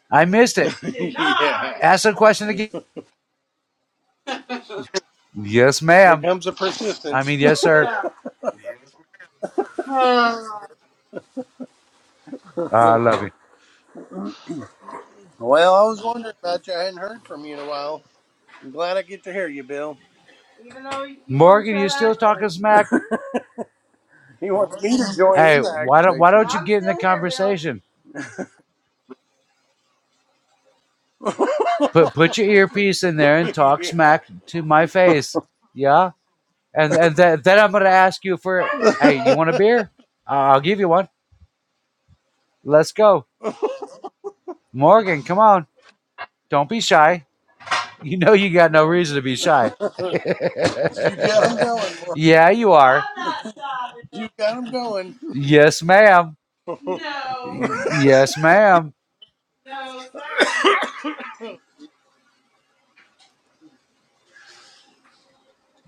Speaker 4: I missed it.
Speaker 1: Bill? yeah.
Speaker 4: Ask the question again. Yes,
Speaker 1: Here
Speaker 4: ma'am.
Speaker 1: comes the
Speaker 4: I
Speaker 1: persistence.
Speaker 4: mean, yes, sir.
Speaker 1: Yeah. Uh,
Speaker 4: Uh, I love you,
Speaker 1: well, I was wondering about you. I hadn't heard from you in a while. I'm glad I get to hear you, Bill. even though you want to
Speaker 4: Morgan.
Speaker 1: try
Speaker 4: You
Speaker 1: to
Speaker 4: still
Speaker 1: aggravate.
Speaker 4: talking smack?
Speaker 1: He wants me to join
Speaker 4: Hey,
Speaker 1: in the
Speaker 4: why don't why
Speaker 1: aggravation.
Speaker 4: don't you
Speaker 1: I'm
Speaker 4: get in the
Speaker 1: still here,
Speaker 4: conversation? put put your earpiece in there and
Speaker 1: Bill.
Speaker 4: talk
Speaker 1: yeah.
Speaker 4: smack to my face. Yeah, and and th- then I'm gonna ask you for hey, you want a beer? I- I'll give you one. Let's go, Morgan. Come on, don't be shy. You know you got no reason to be shy.
Speaker 1: you got him going. Mark.
Speaker 4: yeah, you are.
Speaker 1: I'm not stopping. You got him going.
Speaker 4: Yes, ma'am.
Speaker 1: No. No,
Speaker 4: Yes, ma'am.
Speaker 1: sorry.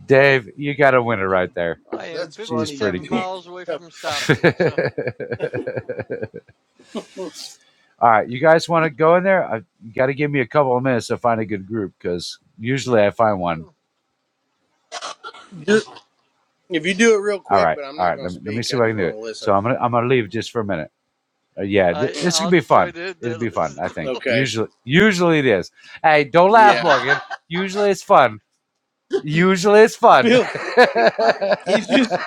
Speaker 4: Dave, you got a winner right there.
Speaker 2: I am
Speaker 1: That's
Speaker 4: She's
Speaker 1: funny.
Speaker 4: pretty
Speaker 2: 57
Speaker 1: You
Speaker 4: cool.
Speaker 2: miles away from stopping, so
Speaker 4: All right, you guys want to go in there? I, you got to give me a couple of minutes to find a good group because usually I find one.
Speaker 1: just If you do it real
Speaker 4: All
Speaker 1: quick,
Speaker 4: right,
Speaker 1: but I'm
Speaker 4: all
Speaker 1: not
Speaker 4: right.
Speaker 1: going
Speaker 4: Let
Speaker 1: to
Speaker 4: me, let me
Speaker 1: speak.
Speaker 4: see
Speaker 1: I
Speaker 4: if I can
Speaker 1: just
Speaker 4: do
Speaker 1: want
Speaker 4: it.
Speaker 1: to
Speaker 4: So
Speaker 1: listen.
Speaker 4: I'm gonna I'm gonna leave just for a minute. Uh, yeah, th-
Speaker 2: I
Speaker 4: this could
Speaker 2: I'll
Speaker 4: be
Speaker 2: join
Speaker 4: fun.
Speaker 2: in
Speaker 4: It'd
Speaker 2: to
Speaker 4: be fun,
Speaker 2: listen
Speaker 4: I think.
Speaker 2: to.
Speaker 1: Okay.
Speaker 4: Usually, usually it is. Hey, don't laugh,
Speaker 1: Yeah.
Speaker 4: Morgan. Usually it's fun. Usually it's fun.
Speaker 1: Bill, he's just,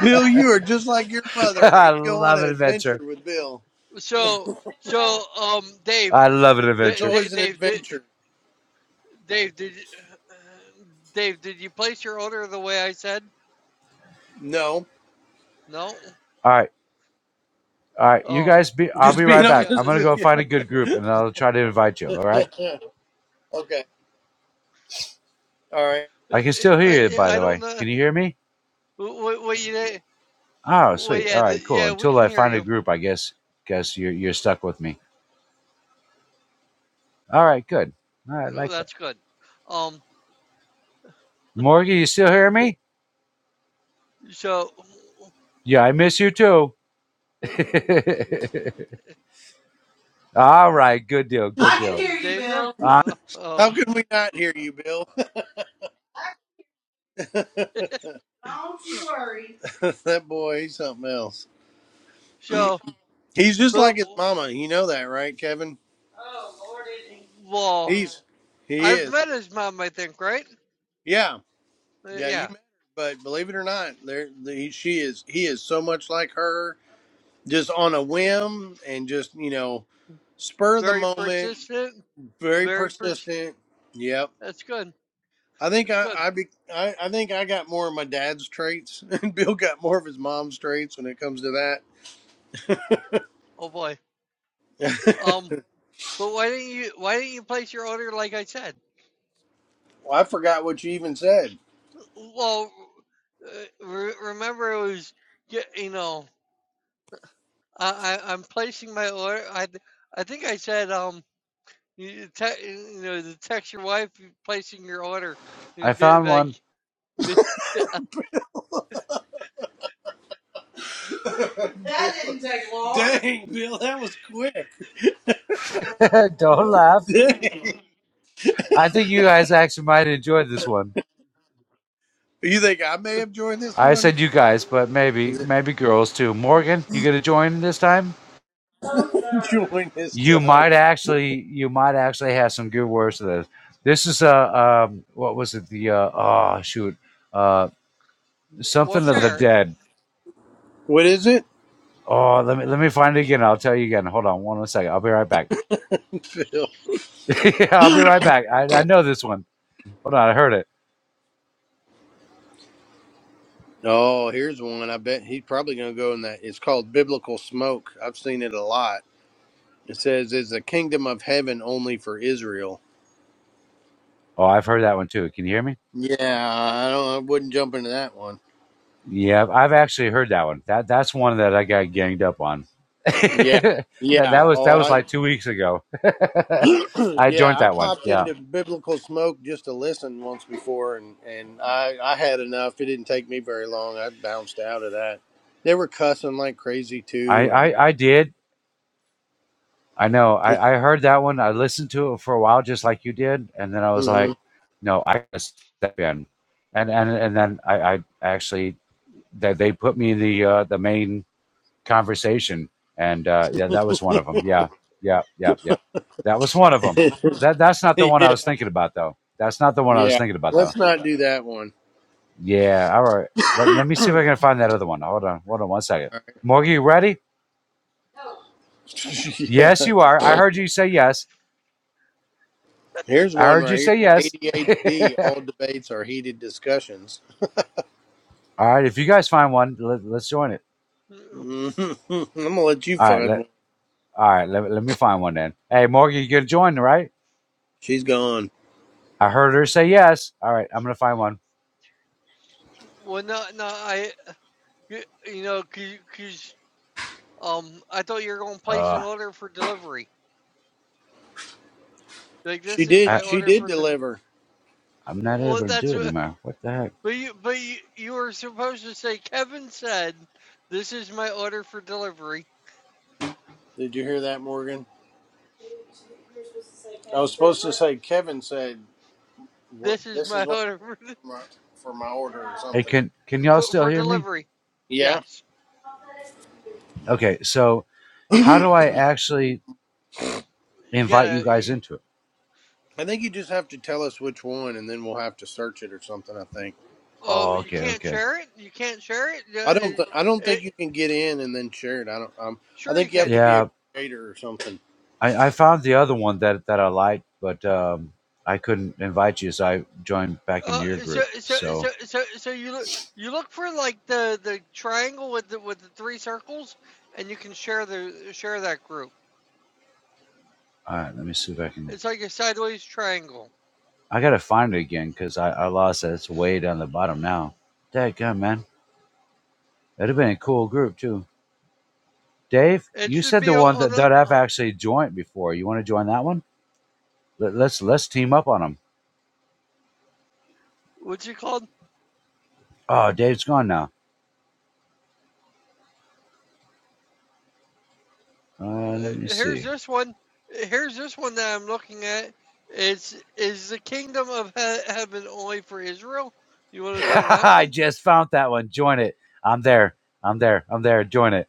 Speaker 1: Bill, you are just like your mother.
Speaker 4: I
Speaker 1: You go on
Speaker 4: love
Speaker 1: an
Speaker 4: an
Speaker 1: adventure
Speaker 4: adventure.
Speaker 1: with Bill.
Speaker 2: So so um Dave,
Speaker 4: I love an
Speaker 1: It's
Speaker 2: Dave,
Speaker 4: adventure.
Speaker 2: Dave,
Speaker 1: always an
Speaker 2: Dave,
Speaker 1: adventure.
Speaker 2: Dave did you, Dave did you place your order the way I said?
Speaker 1: No.
Speaker 2: No?
Speaker 4: All right, all right. You
Speaker 2: Oh,
Speaker 4: guys be. I'll
Speaker 1: Just
Speaker 4: be
Speaker 2: I
Speaker 1: being
Speaker 4: right
Speaker 2: see
Speaker 4: back.
Speaker 2: how
Speaker 4: I'm
Speaker 1: honest
Speaker 4: gonna
Speaker 1: with
Speaker 2: this.
Speaker 4: go
Speaker 1: you.
Speaker 4: find a good group and I'll try to invite you. All right.
Speaker 1: okay. All right.
Speaker 4: I
Speaker 2: I,
Speaker 4: can still
Speaker 2: I,
Speaker 4: hear you,
Speaker 2: yeah,
Speaker 4: by
Speaker 2: I
Speaker 4: the
Speaker 2: don't
Speaker 4: way.
Speaker 2: know.
Speaker 4: Can you hear me?
Speaker 2: Wait, wait, you there?
Speaker 4: Oh,
Speaker 2: wait,
Speaker 4: sweet. All
Speaker 2: yeah, the,
Speaker 4: right, cool.
Speaker 2: yeah, we
Speaker 4: Until
Speaker 2: can
Speaker 4: I
Speaker 2: hear
Speaker 4: find a
Speaker 2: you.
Speaker 4: group, I guess guess you're you're stuck with me. All right, good. All right, I
Speaker 2: Oh,
Speaker 4: like that.
Speaker 2: that's good. Um,
Speaker 4: Morgan, you still hear me?
Speaker 2: so
Speaker 4: Yeah, I miss you too. All right, good deal,
Speaker 1: I
Speaker 4: good
Speaker 1: can
Speaker 4: deal.
Speaker 1: hear
Speaker 2: is
Speaker 1: you,
Speaker 2: Dave there?
Speaker 1: Bill.
Speaker 4: Uh,
Speaker 2: Uh, oh,
Speaker 1: How can we not hear you, Bill? Don't you worry. that boy, he's something else.
Speaker 2: so
Speaker 1: He's just
Speaker 2: but
Speaker 1: like his mama. You know that, right, Kevin? Oh, Lord, is he?
Speaker 2: well,
Speaker 1: He's he
Speaker 2: I've
Speaker 1: is.
Speaker 2: met his mom, I think, right?
Speaker 1: Yeah,
Speaker 2: Uh,
Speaker 1: yeah. You
Speaker 2: yeah,
Speaker 1: met her, but believe it or not, there the, she is. He is so much like her, just on a whim and just you know spur of the
Speaker 2: very
Speaker 1: moment,
Speaker 2: persistent,
Speaker 1: very
Speaker 2: very pers.
Speaker 1: persistent. Yep.
Speaker 2: That's good.
Speaker 1: I think
Speaker 2: That's
Speaker 1: I
Speaker 2: good.
Speaker 1: I, be, I I think I got more of my dad's traits, and Bill got more of his mom's traits when it comes to that.
Speaker 2: Oh boy. Um, but why didn't you? Why didn't you place your order like I said?
Speaker 1: well, I forgot what you even said.
Speaker 2: Well, uh, re- remember it was y- you know I, I I'm placing my order. I th- I think I said um you, te- you know to text your wife you're placing your order.
Speaker 4: I
Speaker 2: You'd be
Speaker 4: found
Speaker 2: like
Speaker 4: one.
Speaker 2: be, yeah,
Speaker 1: That didn't take long. Dang, Bill, that was quick.
Speaker 4: Don't laugh.
Speaker 1: Dang.
Speaker 4: I think you guys actually might enjoy this one.
Speaker 1: You think I may have joined this
Speaker 4: I
Speaker 1: one?
Speaker 4: said you guys, but maybe maybe girls too. Morgan, you gonna join this time?
Speaker 1: Join his
Speaker 4: You
Speaker 1: time.
Speaker 4: might actually, you might actually have some good words to this. This is uh, um, what was it? The uh, oh shoot, uh,
Speaker 2: well
Speaker 4: something of the
Speaker 2: share it.
Speaker 4: dead.
Speaker 1: What is it?
Speaker 4: Oh, let me let me find it again. I'll tell you again. Hold on, one second. I'll be right back.
Speaker 1: Phil.
Speaker 4: Yeah, I'll be right back. I, I know this one. Hold on, I heard it.
Speaker 1: Oh, here's one. I bet he's probably going to go in that. It's called Biblical Smoke. I've seen it a lot. It says, Is the kingdom of heaven only for Israel?
Speaker 4: Oh, I've heard that one too. Can you hear me?
Speaker 1: Yeah, I don't. I wouldn't jump into that one.
Speaker 4: Yeah, I've actually heard that one. That that's one that I got ganged up on.
Speaker 1: Yeah,
Speaker 4: that that
Speaker 1: yeah.
Speaker 4: was that
Speaker 1: Oh,
Speaker 4: was
Speaker 1: I.
Speaker 4: like two weeks ago. I joined
Speaker 1: yeah, I
Speaker 4: that one.
Speaker 1: popped
Speaker 4: Yeah,
Speaker 1: into Biblical Smoke just to listen once before, and and I I had enough. It didn't take me very long. I bounced out of that. They were cussing like crazy
Speaker 4: I
Speaker 1: too, and
Speaker 4: I, I did. I know. I, I heard that one. I listened to it for a while, just like you did, and then I was
Speaker 1: hmm
Speaker 4: like, "No, I gotta step in," and and and then I, I actually that they, put me in the uh, the main conversation, and uh, yeah, that was one of them. Yeah, yeah, yeah, yeah. That was one of them. That that's not the one I
Speaker 1: yeah,
Speaker 4: was thinking about though. That's not the one I was
Speaker 1: yeah.
Speaker 4: thinking about though.
Speaker 1: Let's not do that one.
Speaker 4: Yeah. All right. Let, let me see if
Speaker 1: All
Speaker 4: I can find that other one. Hold on. Hold on one second.
Speaker 1: right.
Speaker 4: Morgan, you ready?
Speaker 1: yeah.
Speaker 4: Yes, you are. I heard you say yes.
Speaker 1: Here's
Speaker 4: I
Speaker 1: one
Speaker 4: heard you
Speaker 1: right
Speaker 4: say
Speaker 1: here.
Speaker 4: yes.
Speaker 1: ADHD. All debates are heated discussions.
Speaker 4: All right, if you guys find one, let, let's join it.
Speaker 2: Mm,
Speaker 1: i I'm gonna let you
Speaker 4: All right,
Speaker 1: find one.
Speaker 4: let all right, let, let me find one then. Hey, Morgan, you gonna join, right?
Speaker 1: She's gone.
Speaker 4: I heard her say yes. All right, I'm gonna find one.
Speaker 2: Well no no I y- you know cause, um I thought you were gonna place an
Speaker 4: Uh,
Speaker 2: order for delivery. Like
Speaker 1: She
Speaker 2: this is
Speaker 1: did.
Speaker 4: I
Speaker 2: my
Speaker 1: She
Speaker 2: order
Speaker 1: did
Speaker 2: for the
Speaker 1: deliver.
Speaker 4: I'm not
Speaker 2: well
Speaker 4: able to
Speaker 2: that's
Speaker 4: do it
Speaker 2: what
Speaker 4: anymore. What the heck?
Speaker 2: But you, but you, you were supposed to say, Kevin said, "This is my order for delivery.
Speaker 1: Did you hear that, Morgan? I was supposed to say Kevin said what.
Speaker 2: This is
Speaker 1: This is
Speaker 2: my
Speaker 1: what
Speaker 2: order for,
Speaker 1: for my for my order or
Speaker 4: Hey,
Speaker 1: something.
Speaker 4: can can y'all
Speaker 2: for,
Speaker 4: still
Speaker 2: for
Speaker 4: hear me?
Speaker 2: delivery."
Speaker 1: Yeah.
Speaker 2: Yes,
Speaker 4: Okay, so how do I actually
Speaker 2: you
Speaker 4: invite you
Speaker 2: gotta.
Speaker 4: guys
Speaker 2: You,
Speaker 4: into it?
Speaker 1: I think you just have to tell us which one, and then we'll have to search it or something. I think
Speaker 2: oh,
Speaker 4: Oh,
Speaker 2: you
Speaker 4: okay,
Speaker 2: can't
Speaker 4: okay.
Speaker 2: share it. You can't share it. Yeah,
Speaker 1: I don't.
Speaker 2: it,
Speaker 1: Th- I don't think
Speaker 2: it
Speaker 1: you can get in and then share it. I don't. Um, I
Speaker 2: sure, you
Speaker 1: think you have
Speaker 2: can.
Speaker 1: to be a
Speaker 4: Yeah,
Speaker 1: creator or something.
Speaker 4: I, I found the other one that that I liked, but um, I couldn't invite you, so I joined back in
Speaker 2: Uh,
Speaker 4: your
Speaker 2: so,
Speaker 4: group.
Speaker 2: so, so,
Speaker 4: So
Speaker 2: so, so you look, you look for like the the triangle with the with the three circles, and you can share the share that group.
Speaker 4: all right, let me see if I can.
Speaker 2: It's like a sideways triangle.
Speaker 4: I gotta find it again because I, I lost it. It's way down the bottom now. That gun, man. That'd have been a cool group too. Dave,
Speaker 2: It
Speaker 4: you
Speaker 2: should
Speaker 4: said
Speaker 2: be
Speaker 4: the one
Speaker 2: on
Speaker 4: that,
Speaker 2: the
Speaker 4: that I've actually joined before. You want to join that one? Let, let's let's team up on them.
Speaker 2: what's it called?
Speaker 4: Oh, Dave's gone now. Uh, let me
Speaker 2: uh, here's
Speaker 4: see.
Speaker 2: this one. Here's this one that I'm looking at. It's is the kingdom of he- heaven only for Israel? You want to join that one?
Speaker 4: I just found that one. Join it. I'm there. I'm there. I'm there. Join it.